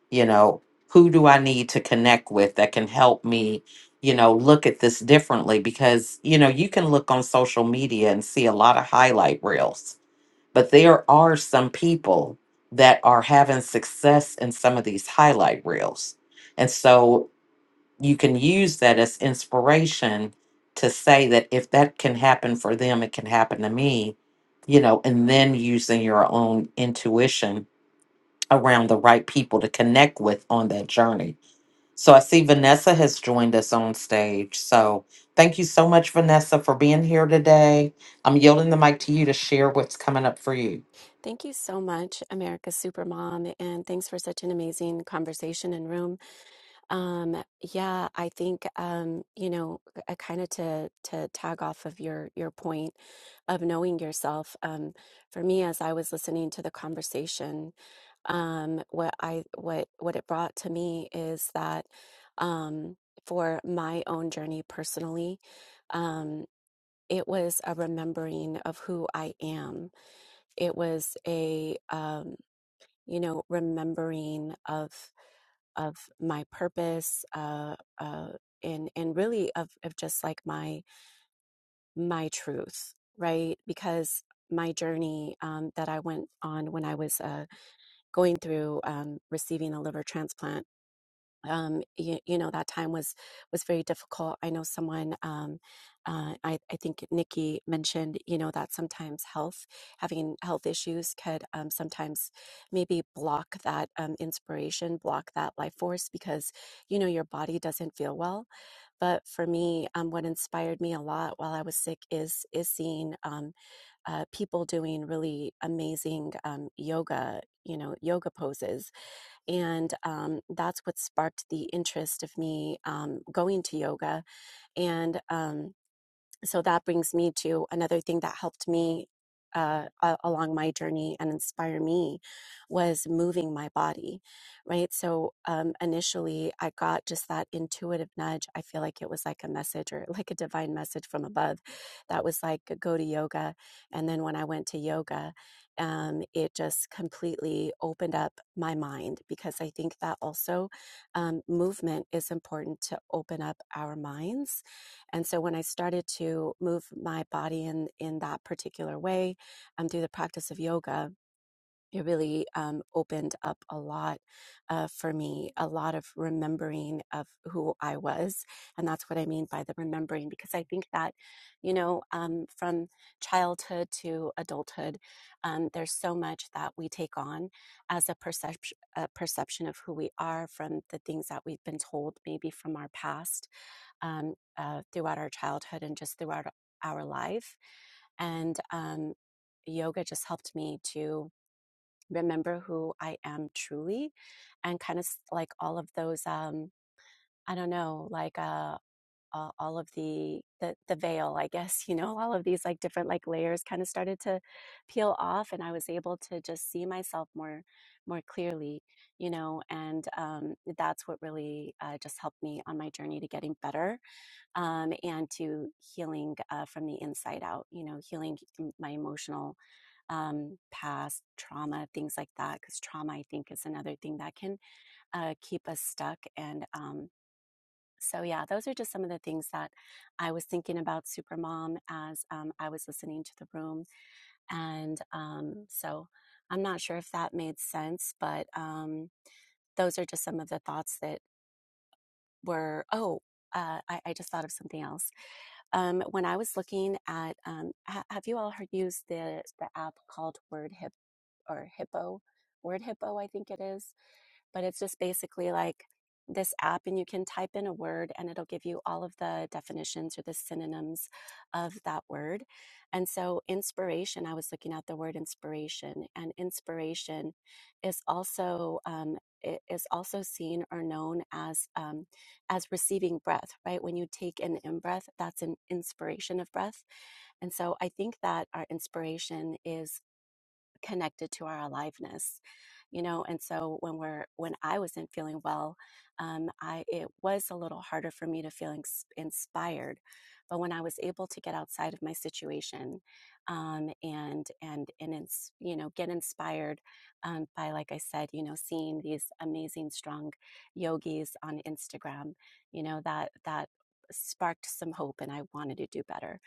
Speaker 1: You know, who do I need to connect with that can help me? You know, look at this differently because, you know, you can look on social media and see a lot of highlight reels but there are some people that are having success in some of these highlight reels. And so you can use that as inspiration to say that if that can happen for them, it can happen to me, you know, and then using your own intuition around the right people to connect with on that journey. So I see Vanessa has joined us on stage. So thank you so much, Vanessa, for being here today. I'm yielding the mic to you to share what's coming up for you.
Speaker 6: Thank you so much, America's Supermom, and thanks for such an amazing conversation and room. Um, yeah, I think um, you know, I kind of to to tag off of your your point of knowing yourself. Um, for me, as I was listening to the conversation, um, what I what what it brought to me is that um, for my own journey personally, um, it was a remembering of who I am. It was a um, you know remembering of of my purpose uh uh and and really of of just like my my truth right because my journey um, that I went on when I was uh, going through um, receiving a liver transplant um, you, you know that time was was very difficult. I know someone, um, uh, I, I think Nikki mentioned, you know that sometimes health, having health issues, could um, sometimes maybe block that um, inspiration, block that life force because you know your body doesn't feel well. But for me, um, what inspired me a lot while I was sick is is seeing um, uh, people doing really amazing um, yoga, you know, yoga poses and um, that's what sparked the interest of me um, going to yoga. And um, so that brings me to another thing that helped me uh, a- along my journey and inspire me was moving my body right so um, initially i got just that intuitive nudge i feel like it was like a message or like a divine message from above that was like go to yoga and then when i went to yoga um, it just completely opened up my mind because i think that also um, movement is important to open up our minds and so when I started to move my body in in that particular way, um, through the practice of yoga, it really um, opened up a lot uh, for me, a lot of remembering of who I was, and that's what I mean by the remembering, because I think that, you know, um, from childhood to adulthood, um, there's so much that we take on as a perception, a perception of who we are from the things that we've been told, maybe from our past um, uh, throughout our childhood and just throughout our life. And um, yoga just helped me to remember who I am truly and kind of like all of those, um, I don't know, like uh, a- all of the, the, the veil, I guess, you know, all of these like different like layers kind of started to peel off and I was able to just see myself more, more clearly, you know, and um, that's what really uh, just helped me on my journey to getting better um, and to healing uh, from the inside out, you know, healing my emotional um, past trauma, things like that. Because trauma, I think, is another thing that can uh, keep us stuck. And um, so, yeah, those are just some of the things that I was thinking about Supermom as um, I was listening to the room. And um, so I'm not sure if that made sense, but um, those are just some of the thoughts that were, oh, uh, I, I just thought of something else Um, when I was looking at, um, ha- have you all heard, used the the app called Word Hip or Hippo? Word Hippo, I think it is but it's just basically like this app and you can type in a word and it'll give you all of the definitions or the synonyms of that word. And so inspiration, I was looking at the word inspiration and inspiration is also, um, i- is also seen or known as um, as receiving breath right when you take an in breath that's an inspiration of breath and so i think that our inspiration is connected to our aliveness you know and so when we're when i wasn't feeling well um, i it was a little harder for me to feel ins- inspired but when i was able to get outside of my situation um, and and and ins- you know get inspired um, by like i said you know seeing these amazing strong yogis on instagram you know that that sparked some hope and i wanted to do better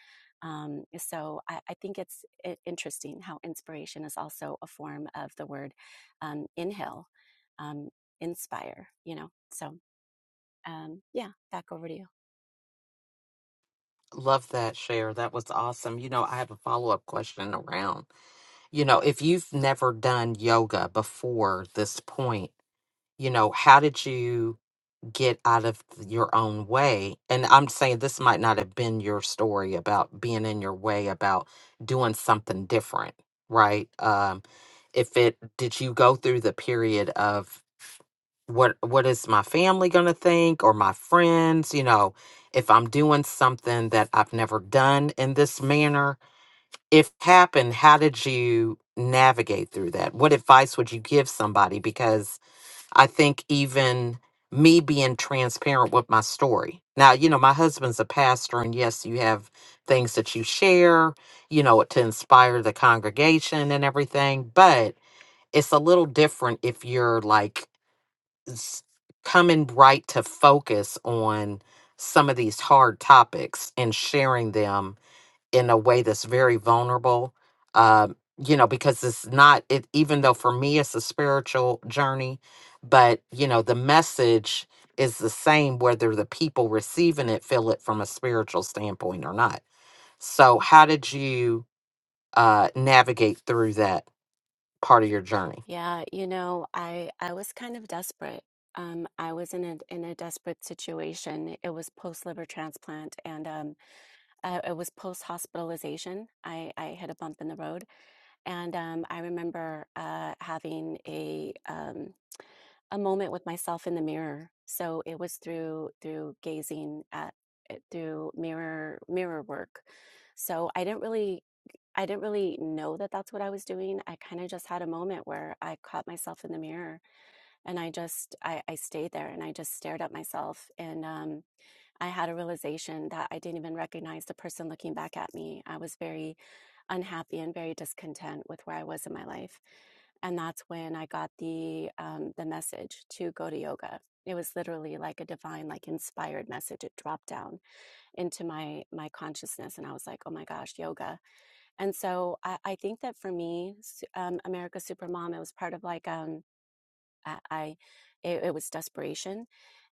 Speaker 6: um, so I, I think it's interesting how inspiration is also a form of the word um, inhale, um, inspire, you know. So um, yeah, back over to you.
Speaker 1: Love that share. That was awesome. You know, I have a follow up question around, you know, if you've never done yoga before this point, you know, how did you? get out of your own way. And I'm saying this might not have been your story about being in your way about doing something different, right? Um, if it did you go through the period of what what is my family going to think or my friends, you know, if I'm doing something that I've never done in this manner, if happened, how did you navigate through that? What advice would you give somebody because I think even me being transparent with my story. Now, you know, my husband's a pastor, and yes, you have things that you share, you know, to inspire the congregation and everything, but it's a little different if you're like s- coming right to focus on some of these hard topics and sharing them in a way that's very vulnerable um you know because it's not it even though for me it's a spiritual journey but you know the message is the same whether the people receiving it feel it from a spiritual standpoint or not so how did you uh navigate through that part of your journey
Speaker 6: Yeah, you know, I I was kind of desperate. Um, I was in a in a desperate situation. It was post liver transplant, and um, uh, it was post hospitalization. I I hit a bump in the road, and um, I remember uh, having a um, a moment with myself in the mirror. So it was through through gazing at it through mirror mirror work. So I didn't really I didn't really know that that's what I was doing. I kind of just had a moment where I caught myself in the mirror and I just I, I stayed there and I just stared at myself. And um, I had a realization that I didn't even recognize the person looking back at me. I was very unhappy and very discontent with where I was in my life. And that's when I got the um, the message to go to yoga. It was literally like a divine, like inspired message. It dropped down into my my consciousness, and I was like, "Oh my gosh, yoga!" And so I, I think that for me, s- um, America Supermom, it was part of like um, I, I it, it was desperation,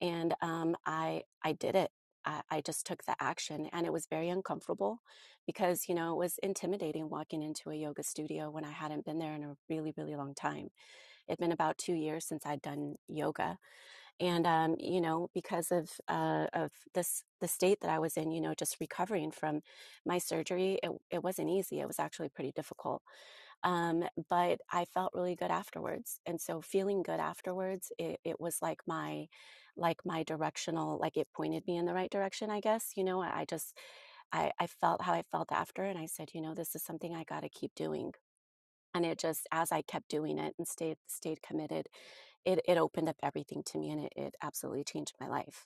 Speaker 6: and um, I I did it. I, I just took the action, and it was very uncomfortable because you know it was intimidating walking into a yoga studio when I hadn't been there in a really really long time. It'd been about two years since I'd done yoga, and um, you know because of uh, of this the state that I was in, you know, just recovering from my surgery, it it wasn't easy. It was actually pretty difficult um, but I felt really good afterwards. And so feeling good afterwards, it, it was like my, like my directional, like it pointed me in the right direction, I guess. You know, I just, I, I felt how I felt after, and I said, you know, this is something I got to keep doing. And it just, as I kept doing it and stayed stayed committed, it it opened up everything to me, and it, it absolutely changed my life.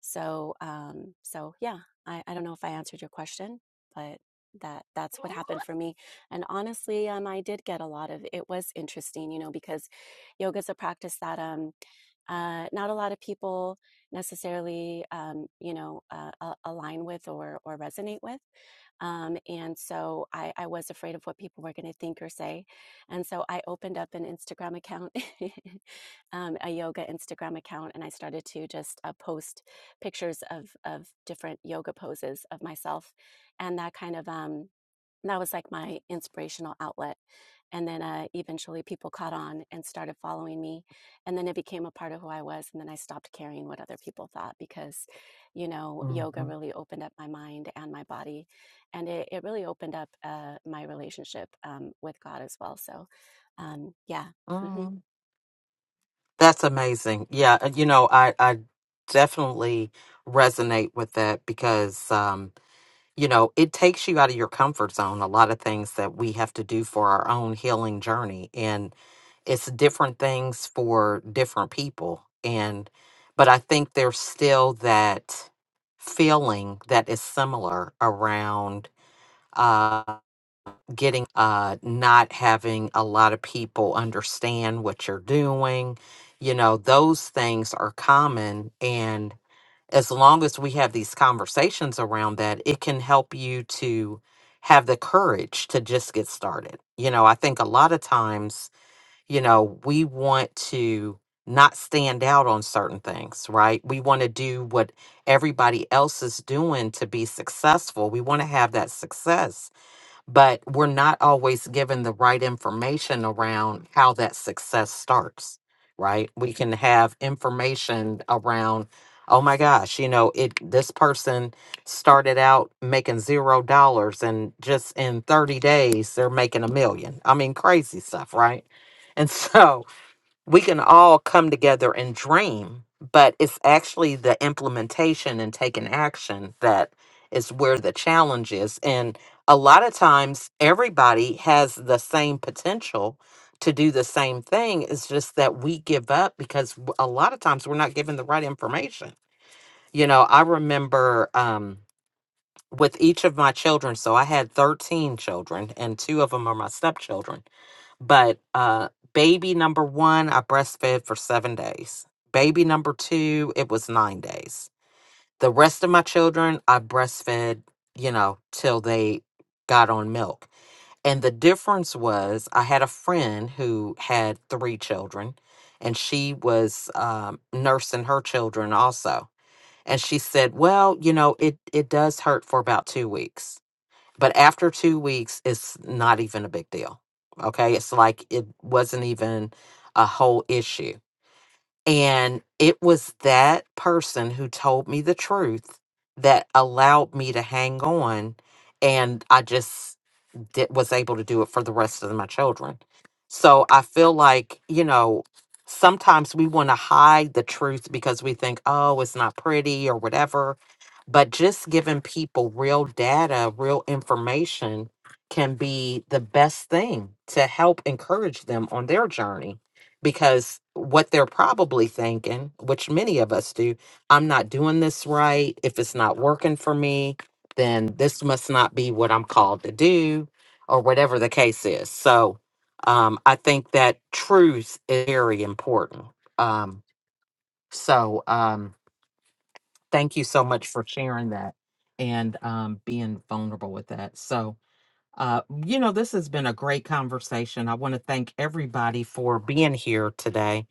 Speaker 6: So, um, so yeah, I, I don't know if I answered your question, but that that's what happened for me. And honestly, um, I did get a lot of. It was interesting, you know, because yoga is a practice that um, uh, not a lot of people necessarily, um, you know, uh, a- align with or or resonate with. Um, and so I, I was afraid of what people were going to think or say. And so I opened up an Instagram account, um, a yoga Instagram account, and I started to just uh, post pictures of of different yoga poses of myself, and that kind of um, that was like my inspirational outlet. And then uh, eventually, people caught on and started following me, and then it became a part of who I was. And then I stopped caring what other people thought because, you know,
Speaker 1: hmm
Speaker 6: yoga really opened up my mind and my body, and it, it really opened up uh, my relationship um, with God as well. So, um, yeah. hmm
Speaker 1: mm that's amazing yeah uh, you know i i definitely resonate with that because um, you know, it takes you out of your comfort zone. A lot of things that we have to do for our own healing journey. And it's different things for different people. And, but I think there's still that feeling that is similar around uh, getting, uh, not having a lot of people understand what you're doing. You know, those things are common. And, as long as we have these conversations around that, it can help you to have the courage to just get started. You know, I think a lot of times, you know, we want to not stand out on certain things, right? We want to do what everybody else is doing to be successful. We want to have that success but we're not always given the right information around how that success starts, right? We can have information around, oh my gosh, you know, it this person started out making zero dollars and just in 30 days they're making a million. I mean, crazy stuff, right? And so we can all come together and dream, but it's actually the implementation and taking action that is where the challenge is. And a lot of times, everybody has the same potential to do the same thing. It's just that we give up because w- a lot of times we're not given the right information. You know, I remember um, with each of my children, so I had 13 children, and two of them are my stepchildren but uh, baby number one, I breastfed for seven days. Baby number two, it was nine days. The rest of my children, I breastfed, you know, till they got on milk. And the difference was I had a friend who had three children and she was um, nursing her children also. And she said, well, you know, it, it does hurt for about two weeks but after two weeks, it's not even a big deal. Okay. It's like it wasn't even a whole issue. And it was that person who told me the truth that allowed me to hang on. And I just did, was able to do it for the rest of my children. So I feel like, you know, sometimes we want to hide the truth because we think, oh, it's not pretty or whatever. But just giving people real data, real information can be the best thing to help encourage them on their journey because what they're probably thinking, which many of us do, I'm not doing this right. If it's not working for me, then this must not be what I'm called to do or whatever the case is. So um, I think that truth is very important. Um, so um, thank you so much for sharing that and um, being vulnerable with that. So uh, you know, this has been a great conversation. I want to thank everybody for being here today.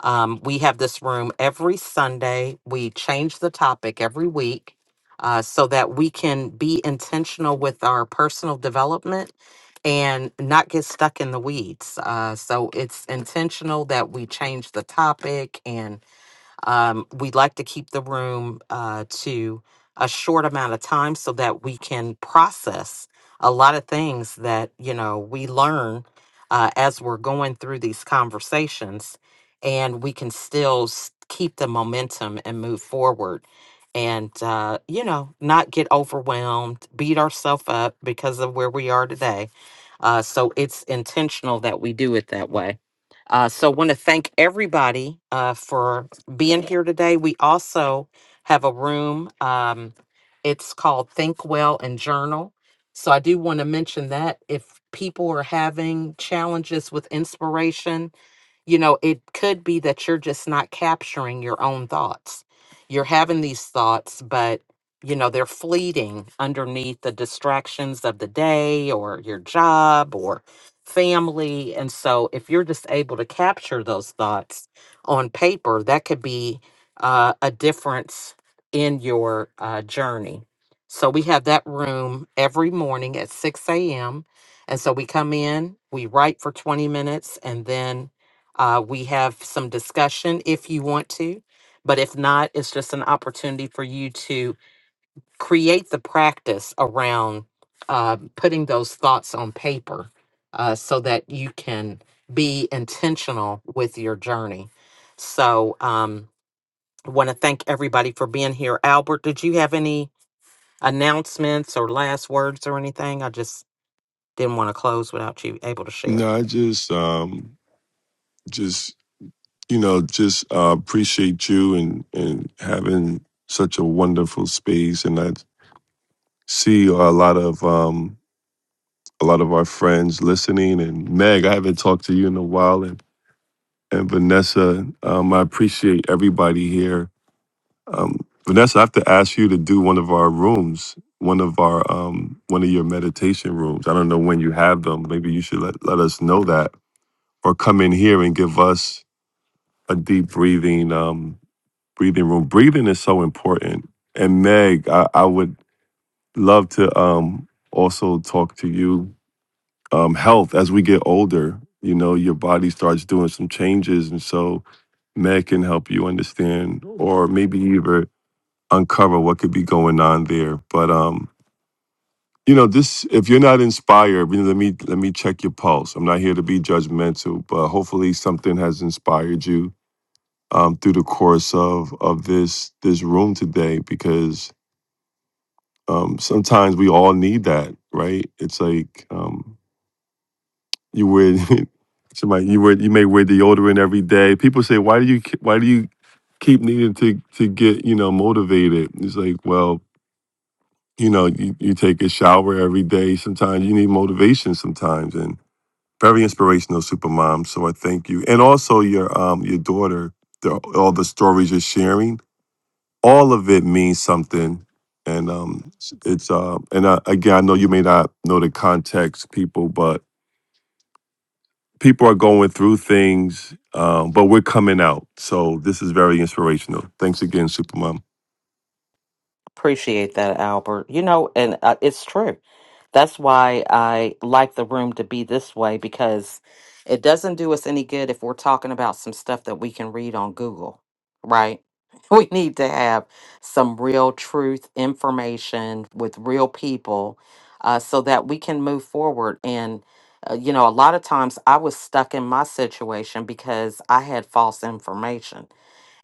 Speaker 1: Um, we have this room every Sunday. We change the topic every week uh, so that we can be intentional with our personal development and not get stuck in the weeds. Uh, so it's intentional that we change the topic and um, we'd like to keep the room uh, to a short amount of time so that we can process a lot of things that you know we learn uh, as we're going through these conversations, and we can still s- keep the momentum and move forward. And uh, you know, not get overwhelmed, beat ourselves up because of where we are today. Uh, so it's intentional that we do it that way. Uh, so, want to thank everybody uh, for being here today. We also have a room. Um, it's called Think Well and Journal. So I do want to mention that if people are having challenges with inspiration, you know, it could be that you're just not capturing your own thoughts. You're having these thoughts, but, you know, they're fleeting underneath the distractions of the day or your job or family. And so if you're just able to capture those thoughts on paper, that could be uh, a difference in your uh, journey. So we have that room every morning at 6 a.m. And so we come in, we write for 20 minutes, and then uh, we have some discussion if you want to, but if not, it's just an opportunity for you to create the practice around uh, putting those thoughts on paper uh, so that you can be intentional with your journey. So, um, I want to thank everybody for being here. Albert, did you have any announcements or last words or anything? I just didn't want to close without you able to share.
Speaker 2: No, I just, um, just you know, just uh, appreciate you and and having such a wonderful space. And I see a lot of um, a lot of our friends listening. And Meg, I haven't talked to you in a while, and and Vanessa, um, I appreciate everybody here Um, Vanessa, I have to ask you to do one of our rooms, one of our um, one of your meditation rooms. I don't know when you have them. Maybe you should let, let us know that, or come in here and give us a deep breathing um, breathing room. Breathing is so important. And Meg, I, I would love to um, also talk to you um, health as we get older. You know, your body starts doing some changes, and so Meg can help you understand, or maybe even uncover what could be going on there. But um, you know, this if you're not inspired, you know, let me let me check your pulse. I'm not here to be judgmental, but hopefully something has inspired you um, through the course of of this this room today because um, sometimes we all need that, right? It's like um, you wear somebody you wear you may wear deodorant every day. People say, why do you ke- why do you keep needing to to get you know motivated? It's like well you know you, you take a shower every day sometimes you need motivation sometimes and very inspirational supermom so i thank you and also your um your daughter the, all the stories you're sharing all of it means something and um it's uh and I, again i know you may not know the context people but people are going through things um but we're coming out so this is very inspirational thanks again supermom
Speaker 1: Appreciate that, Albert. You know, and uh, it's true. That's why I like the room to be this way because it doesn't do us any good if we're talking about some stuff that we can read on Google, right? We need to have some real truth information with real people uh, so that we can move forward. And, uh, you know, a lot of times I was stuck in my situation because I had false information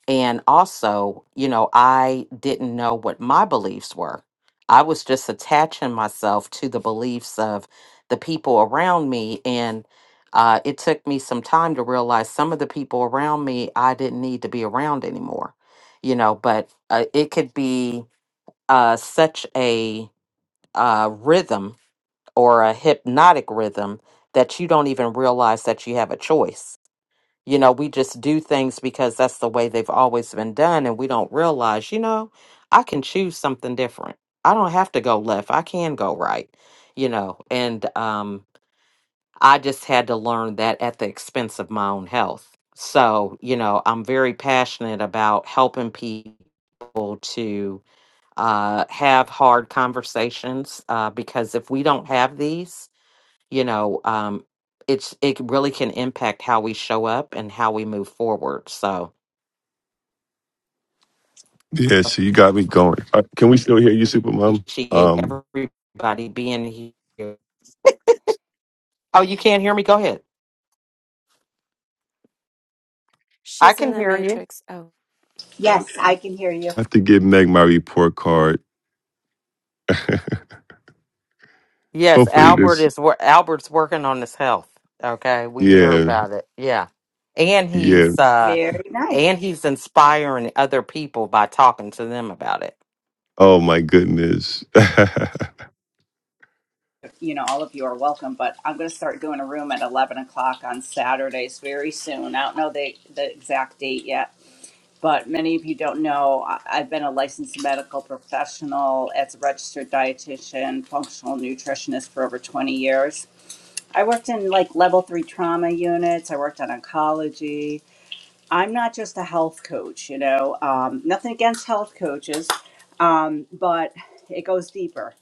Speaker 1: and also, you know, I didn't know what my beliefs were. I was just attaching myself to the beliefs of the people around me. And uh, it took me some time to realize some of the people around me I didn't need to be around anymore, you know, but uh, it could be uh, such a uh, rhythm or a hypnotic rhythm that you don't even realize that you have a choice you know, we just do things because that's the way they've always been done, and we don't realize, you know, I can choose something different. I don't have to go left. I can go right, you know. And um, I just had to learn that at the expense of my own health. So, you know, I'm very passionate about helping people to uh, have hard conversations uh, because if we don't have these, you know um it's it really can impact how we show up and how we move forward so
Speaker 2: yeah so you got me going Uh, can we still hear you supermom
Speaker 1: appreciate
Speaker 2: um
Speaker 1: everybody being here oh you can't hear me go ahead i
Speaker 6: She's in
Speaker 1: can
Speaker 6: the
Speaker 1: hear you
Speaker 6: Matrix. Oh.
Speaker 5: Yes, I can hear you.
Speaker 2: I have to give Meg my report card.
Speaker 1: yes
Speaker 2: Hopefully
Speaker 1: albert
Speaker 2: this
Speaker 1: is wor- albert's working on his health okay we hear
Speaker 2: yeah,
Speaker 1: about it yeah and
Speaker 2: yeah.
Speaker 1: he's uh
Speaker 5: Very nice.
Speaker 1: and he's inspiring other people by talking to them about it
Speaker 2: Oh my goodness.
Speaker 5: you know, all of you are welcome, but I'm going to start doing a room at 11 o'clock on Saturdays very soon. I don't know the, the exact date yet, but many of you don't know I- I've been a licensed medical professional as a registered dietitian, functional nutritionist for over 20 years. I worked in like level three trauma units, I worked on oncology. I'm not just a health coach, you know, um, nothing against health coaches, um, but it goes deeper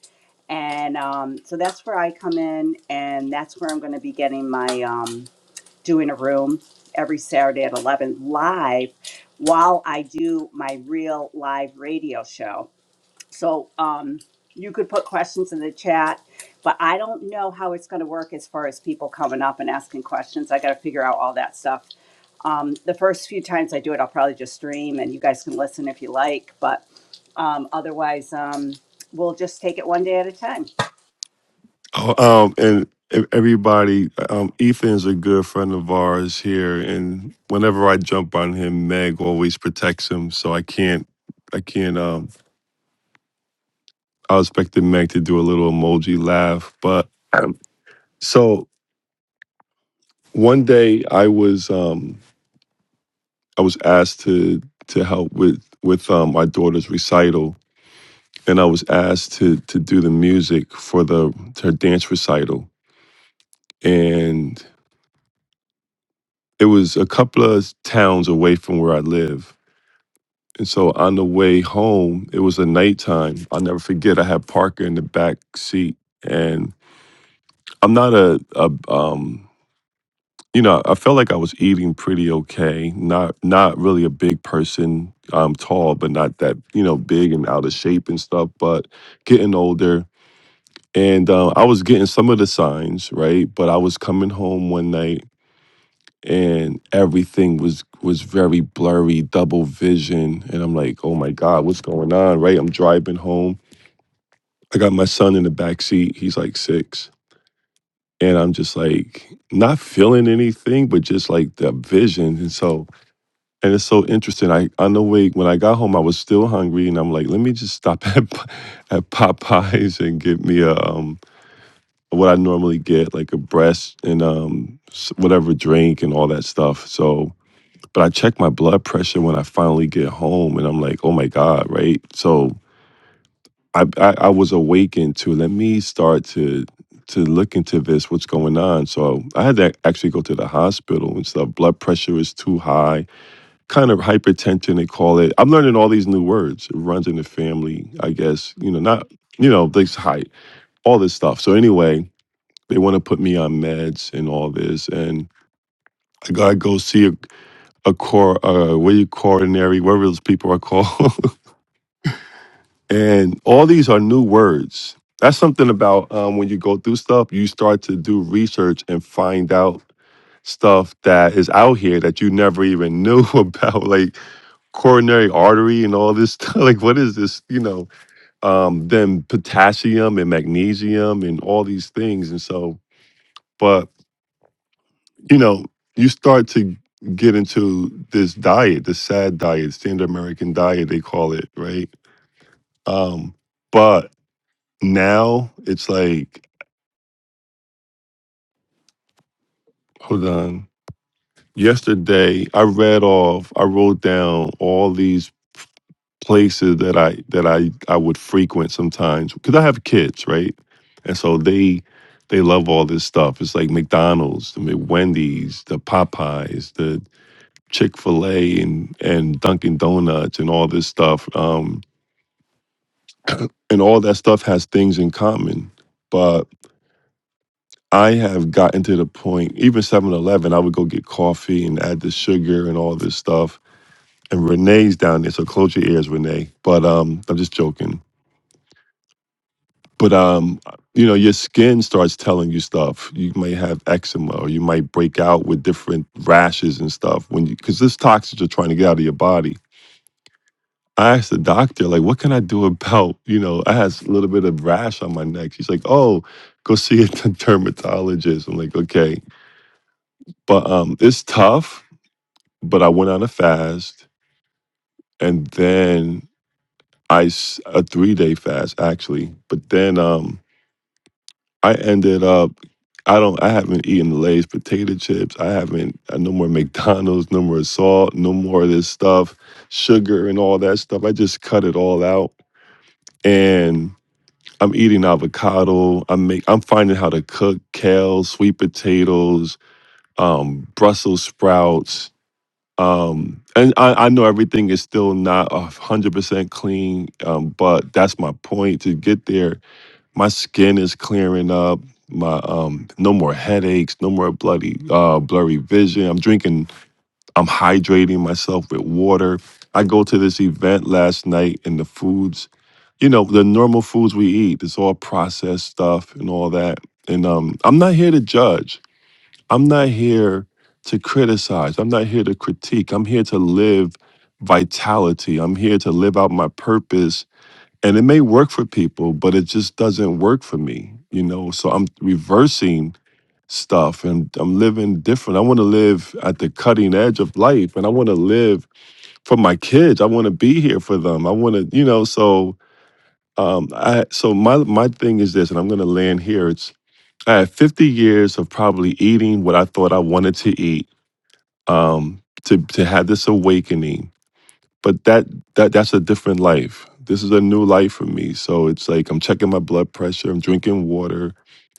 Speaker 5: and um, so that's where I come in, and that's where I'm going to be getting my um, doing a room every Saturday at 11 live while I do my real live radio show. So um, you could put questions in the chat, but I don't know how it's going to work as far as people coming up and asking questions. I got to figure out all that stuff. Um, the first few times I do it, I'll probably just stream, and you guys can listen if you like. But um, otherwise, um, we'll just take it one day at a time.
Speaker 2: oh, um and e- everybody, um Ethan's a good friend of ours here and whenever I jump on him, Meg always protects him, so I can't I can't um I was expecting Meg to do a little emoji laugh, but um, so one day I was um I was asked to to help with with um my daughter's recital and I was asked to to do the music for the her dance recital, and it was a couple of towns away from where I live. And so on the way home, it was a nighttime. I'll never forget. I had Parker in the back seat, and I'm not a, a um, you know, I felt like I was eating pretty okay. Not not really a big person. I'm tall, but not that you know big and out of shape and stuff. But getting older, And uh, I was getting some of the signs, right? But I was coming home one night and everything was was very blurry, double vision. And I'm like, oh my God, what's going on? Right. I'm driving home. I got my son in the back seat. He's like six. And I'm just like not feeling anything, but just like the vision. And so and it's so interesting. I on the way when I got home, I was still hungry and I'm like, let me just stop at at Popeyes and get me a um what I normally get, like a breast and um s- whatever drink and all that stuff. So, but I check my blood pressure when I finally get home, and I'm like, oh my god, right? So I I, I was awakened to let me start to to look into this, what's going on. So I had to actually go to the hospital and stuff. Blood pressure is too high, kind of hypertension they call it. I'm learning all these new words. It runs in the family, I guess. You know, not you know this height, all this stuff. So anyway, they want to put me on meds and all this, and I gotta go see a a cor uh, what do you coronary, whatever those people are called. and all these are new words. That's something about um, when you go through stuff, you start to do research and find out stuff that is out here that you never even knew about, like coronary artery and all this stuff. Like, what is this? You know, um, then potassium and magnesium and all these things. And so, but you know, you start to get into this diet, the sad diet, standard American diet, they call it, right? Um, but now it's like, hold on. Yesterday, I read off, I wrote down all these places that I that I I would frequent sometimes because I have kids, right? And so they they love all this stuff. It's like McDonald's, the Wendy's, the Popeyes, the. Chick Fil A and and Dunkin' Donuts and all this stuff, um, and all that stuff has things in common. But I have gotten to the point, even Seven Eleven, I would go get coffee and add the sugar and all this stuff. And Renee's down there, so close your ears, Renee. But um, I'm just joking. But um, you know, your skin starts telling you stuff. You might have eczema, or you might break out with different rashes and stuff when you because this toxins are trying to get out of your body. I asked the doctor, like, what can I do about, you know, I had a little bit of rash on my neck. She's like, oh, go see a dermatologist. I'm like, okay. But um, it's tough, but I went on a fast and then I, s- a three day fast actually. But then um, I ended up, I don't, I haven't eaten Lay's potato chips. I haven't, uh, no more McDonald's, no more salt, no more of this stuff, sugar and all that stuff. I just cut it all out. And I'm eating avocado. I'm make, I'm finding how to cook kale, sweet potatoes, um, Brussels sprouts. Um, and I, I know everything is still not a hundred percent clean, um, but that's my point. To get there, my skin is clearing up. My um, no more headaches, no more bloody uh, blurry vision. I'm drinking I'm hydrating myself with water. I go to this event last night and the foods, you know, the normal foods we eat, it's all processed stuff and all that. And um, I'm not here to judge. I'm not here to criticize. I'm not here to critique. I'm here to live vitality. I'm here to live out my purpose. And it may work for people, but it just doesn't work for me, you know. So I'm reversing stuff and I'm living different. I want to live at the cutting edge of life and I want to live for my kids. I want to be here for them. I want to, you know, so um I so my my thing is this and I'm going to land here. It's I had 50 years of probably eating what I thought I wanted to eat um to to have this awakening. But that that that's a different life. This is a new life for me. So it's like I'm checking my blood pressure, I'm drinking water,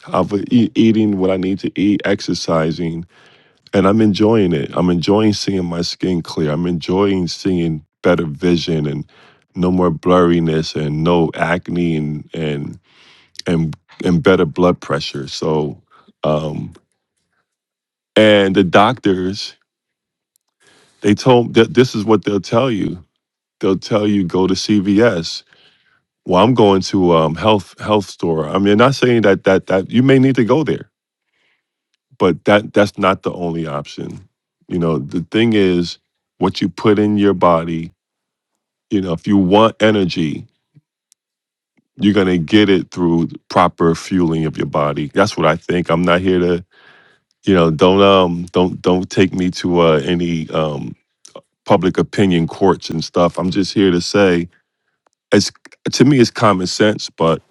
Speaker 2: I'm eating what I need to eat, exercising and I'm enjoying it. I'm enjoying seeing my skin clear. I'm enjoying seeing better vision and no more blurriness and no acne and and and and better blood pressure. So, um, and the doctors they told that this is what they'll tell you. They'll tell you go to CVS. Well, I'm going to um, health health store. I mean, not saying that that that you may need to go there, but that that's not the only option. You know, the thing is what you put in your body you know, if you want energy, you're going to get it through proper fueling of your body. That's what I think. I'm not here to, you know, don't um don't don't take me to uh, any um public opinion courts and stuff. I'm just here to say it's to me it's common sense, but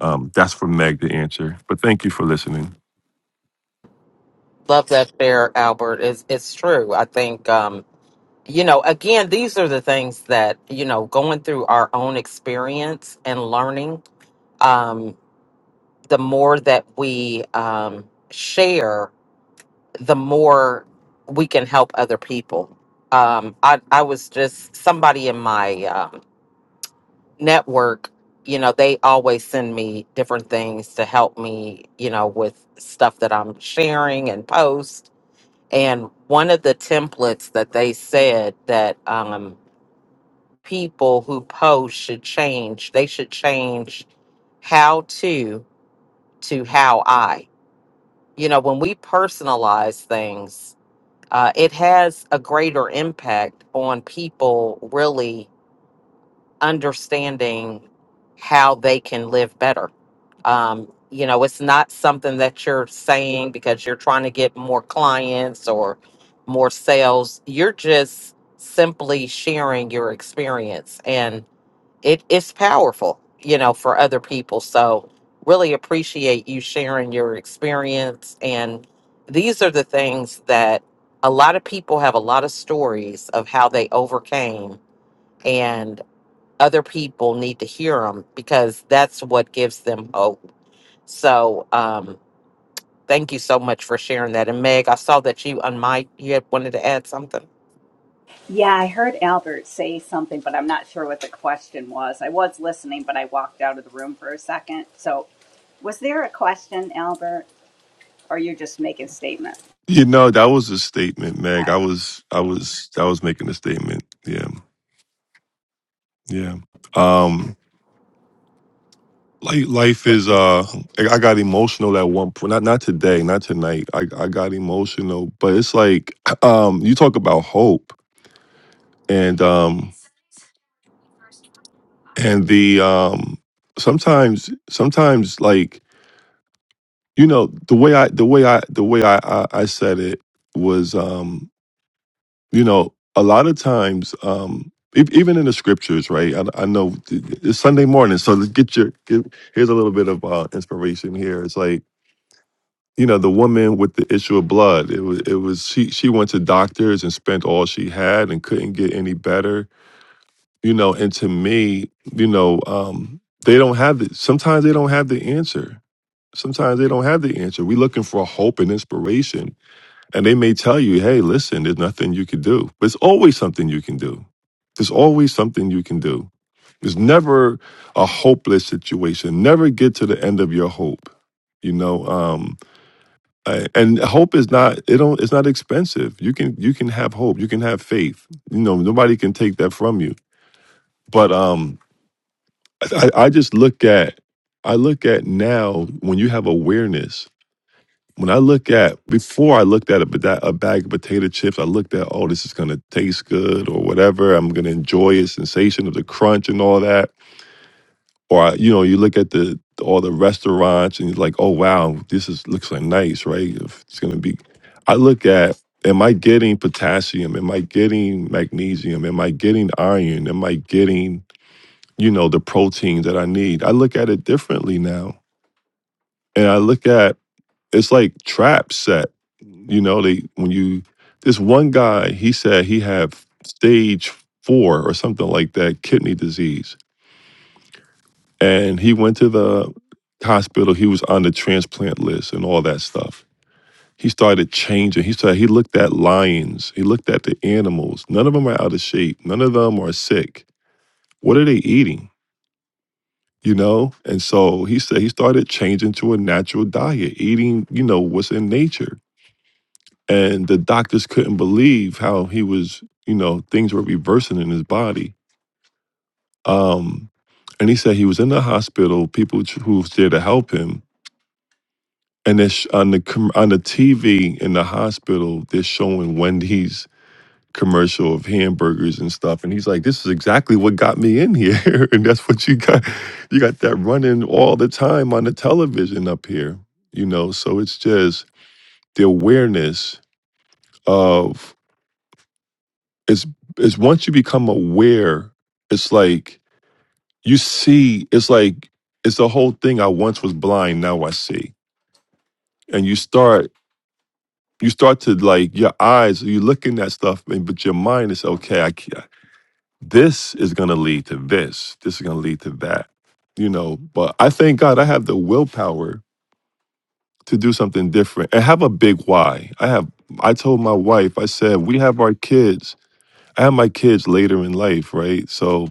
Speaker 2: um that's for Meg to answer. But thank you for listening.
Speaker 1: love that there albert is it's it's true i think um, you know, again, these are the things that, you know, going through our own experience and learning, um, the more that we um, share, the more we can help other people. Um, I, I was just somebody in my um, network, you know, they always send me different things to help me, you know, with stuff that I'm sharing and post. And one of the templates that they said that, um, people who post should change. They should change how to to how I. You know, when we personalize things, uh, it has a greater impact on people really understanding how they can live better. Um, you know, it's not something that you're saying because you're trying to get more clients or more sales. You're just simply sharing your experience. and it's powerful, you know, for other people. So really appreciate you sharing your experience. And these are the things that a lot of people have a lot of stories of how they overcame, and other people need to hear them because that's what gives them hope. So, um, Thank you so much for sharing that. And Meg, I saw that you on mic, you had wanted to add something.
Speaker 5: Yeah, I heard Albert say something, but I'm not sure what the question was. I was listening, but I walked out of the room for a second. So, was there a question, Albert, or you're just making statements?
Speaker 2: You know, that was a statement, Meg.
Speaker 5: Okay.
Speaker 2: I was I was I was making a statement. Yeah. Yeah. Um. Like life is uh I I got emotional at one point. Not not today, not tonight. I, I got emotional. But it's like um you talk about hope and um and the um sometimes sometimes like you know the way I the way I the way I I, I said it was um you know a lot of times um e- even in the scriptures right I, I know it's Sunday morning so let's get your get, here's a little bit of uh, inspiration here it's like you know the woman with the issue of blood it was it was she she went to doctors and spent all she had and couldn't get any better you know and to me you know um they don't have the sometimes they don't have the answer sometimes they don't have the answer we're looking for hope and inspiration and they may tell you hey listen there's nothing you can do but there's always something you can do there's always something you can do there's never a hopeless situation never get to the end of your hope you know um, Right. And hope is not it don't it's not expensive. You can you can have hope. You can have faith. You know nobody can take that from you. But um, I, I just look at I look at now when you have awareness. When I look at before I looked at a, bada- a bag of potato chips, I looked at oh this is gonna taste good or whatever. I'm gonna enjoy a sensation of the crunch and all that. or you know you look at the all the restaurants and you're like oh wow this is looks like nice right If it's going to be i look at am i getting potassium am i getting magnesium am i getting iron am i getting you know the protein that i need i look at it differently now and i look at it's like trap set you know they when you this one guy he said he had stage four or something like that kidney disease and he went to the hospital. He was on the transplant list and all that stuff. He started changing. He started. He looked at lions. He looked at the animals. None of them are out of shape. None of them are sick. What are they eating? You know. And so he said he started changing to a natural diet, eating you know what's in nature. And the doctors couldn't believe how he was. You know things were reversing in his body. Um, and he said he was in the hospital. People who was there to help him and it's on the com- on the TV in the hospital. They're showing Wendy's commercial of hamburgers and stuff, and he's like, "This is exactly what got me in here, and that's what you got. You got that running all the time on the television up here, you know. So it's just the awareness of it's it's once you become aware, it's like you see. It's like it's the whole thing. I once was blind, now I see, and you start you start to like your eyes you're looking at stuff and but your mind is okay i can this is going to lead to this this is going to lead to that you know but i thank god i have the willpower to do something different and have a big why i have i told my wife i said we have our kids i have my kids later in life right so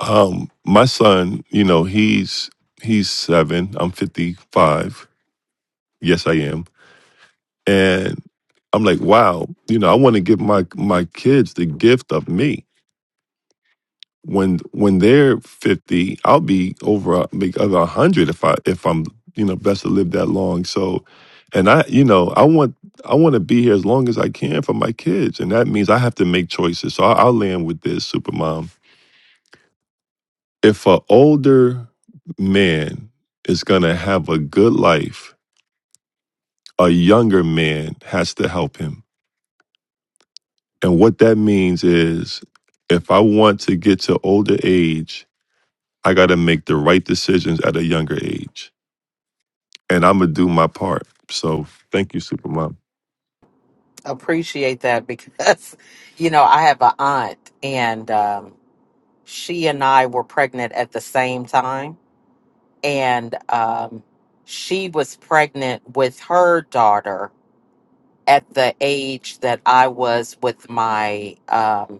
Speaker 2: um my son you know he's he's seven i'm 55 yes i am And I'm like, wow, you know, I want to give my my kids the gift of me. When when they're 50, I'll be over a- make over 100 if I if I'm, you know, blessed to live that long. So and I, you know, I want I want to be here as long as I can for my kids, and that means I have to make choices. So I, I'll land with this, Supermom. If an older man is gonna have a good life, a younger man has to help him And what that means is if I want to get to older age, I got to make the right decisions at a younger age. And I'm going to do my part. So thank you, Supermom.
Speaker 1: Appreciate that because, you know, I have a aunt and um, she and I were pregnant at the same time. And um, she was pregnant with her daughter at the age that I was with my um,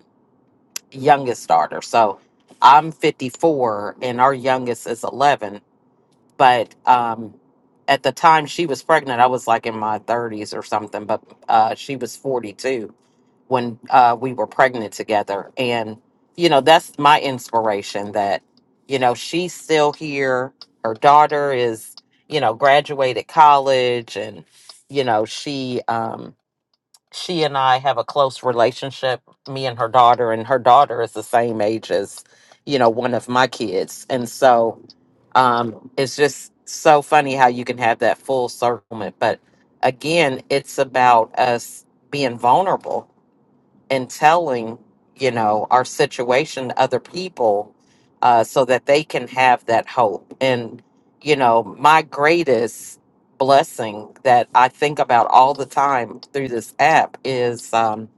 Speaker 1: youngest daughter. So I'm 54 and our youngest is 11. But um, at the time she was pregnant, I was like in my 30s or something, but uh, she was 42 when uh, we were pregnant together. And, you know, that's my inspiration that, you know, she's still here. Her daughter is, you know, graduated college and, you know, she, um, she and I have a close relationship, me and her daughter, and her daughter is the same age as, you know, one of my kids. And so um, it's just so funny how you can have that full circlement. But again, it's about us being vulnerable and telling you know our situation to other people uh, so that they can have that hope and you know my greatest blessing that i think about all the time through this app is um,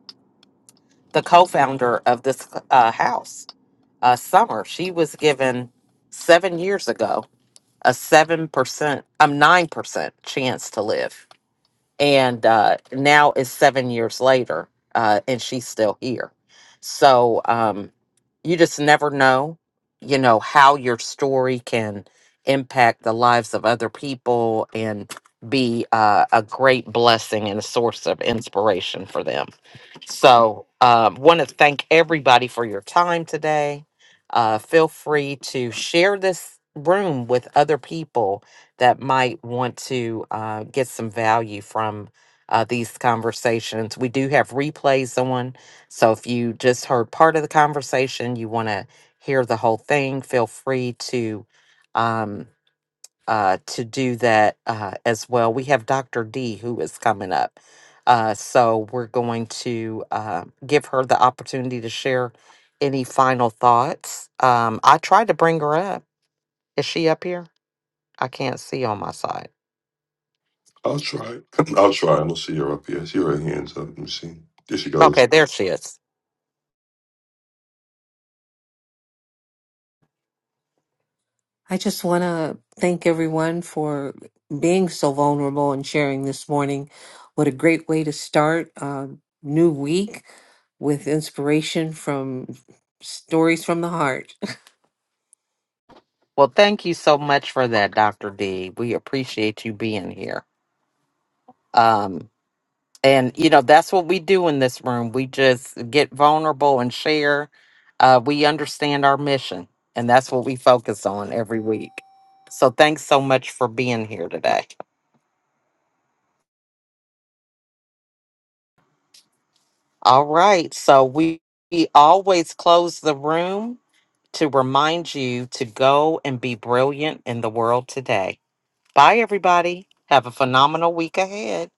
Speaker 1: the co-founder of this uh, house uh, summer she was given seven years ago a 7% um, 9% chance to live and uh, now it's seven years later, uh, and she's still here. So um, you just never know, you know, how your story can impact the lives of other people and be uh, a great blessing and a source of inspiration for them. So, um, want to thank everybody for your time today. Uh, feel free to share this room with other people that might want to uh, get some value from uh, these conversations. We do have replays on. So, if you just heard part of the conversation, you want to hear the whole thing, feel free to. Um, uh, to do that uh, as well. We have Dr. D who is coming up. Uh, so we're going to uh, give her the opportunity to share any final thoughts. Um, I tried to bring her up. Is she up here? I can't see on my side.
Speaker 2: I'll try. I'll try. I don't see her up here. I see her hands up. Let me see. There she goes.
Speaker 1: Okay, there she is.
Speaker 7: I just want to thank everyone for being so vulnerable and sharing this morning. What a great way to start a new week with inspiration from stories from the heart.
Speaker 1: Well, thank you so much for that, Dr. D. We appreciate you being here. Um. and you know that's what we do in this room we just get vulnerable and share uh, we understand our mission and that's what we focus on every week so thanks so much for being here today all right so we, we always close the room to remind you to go and be brilliant in the world today bye everybody have a phenomenal week ahead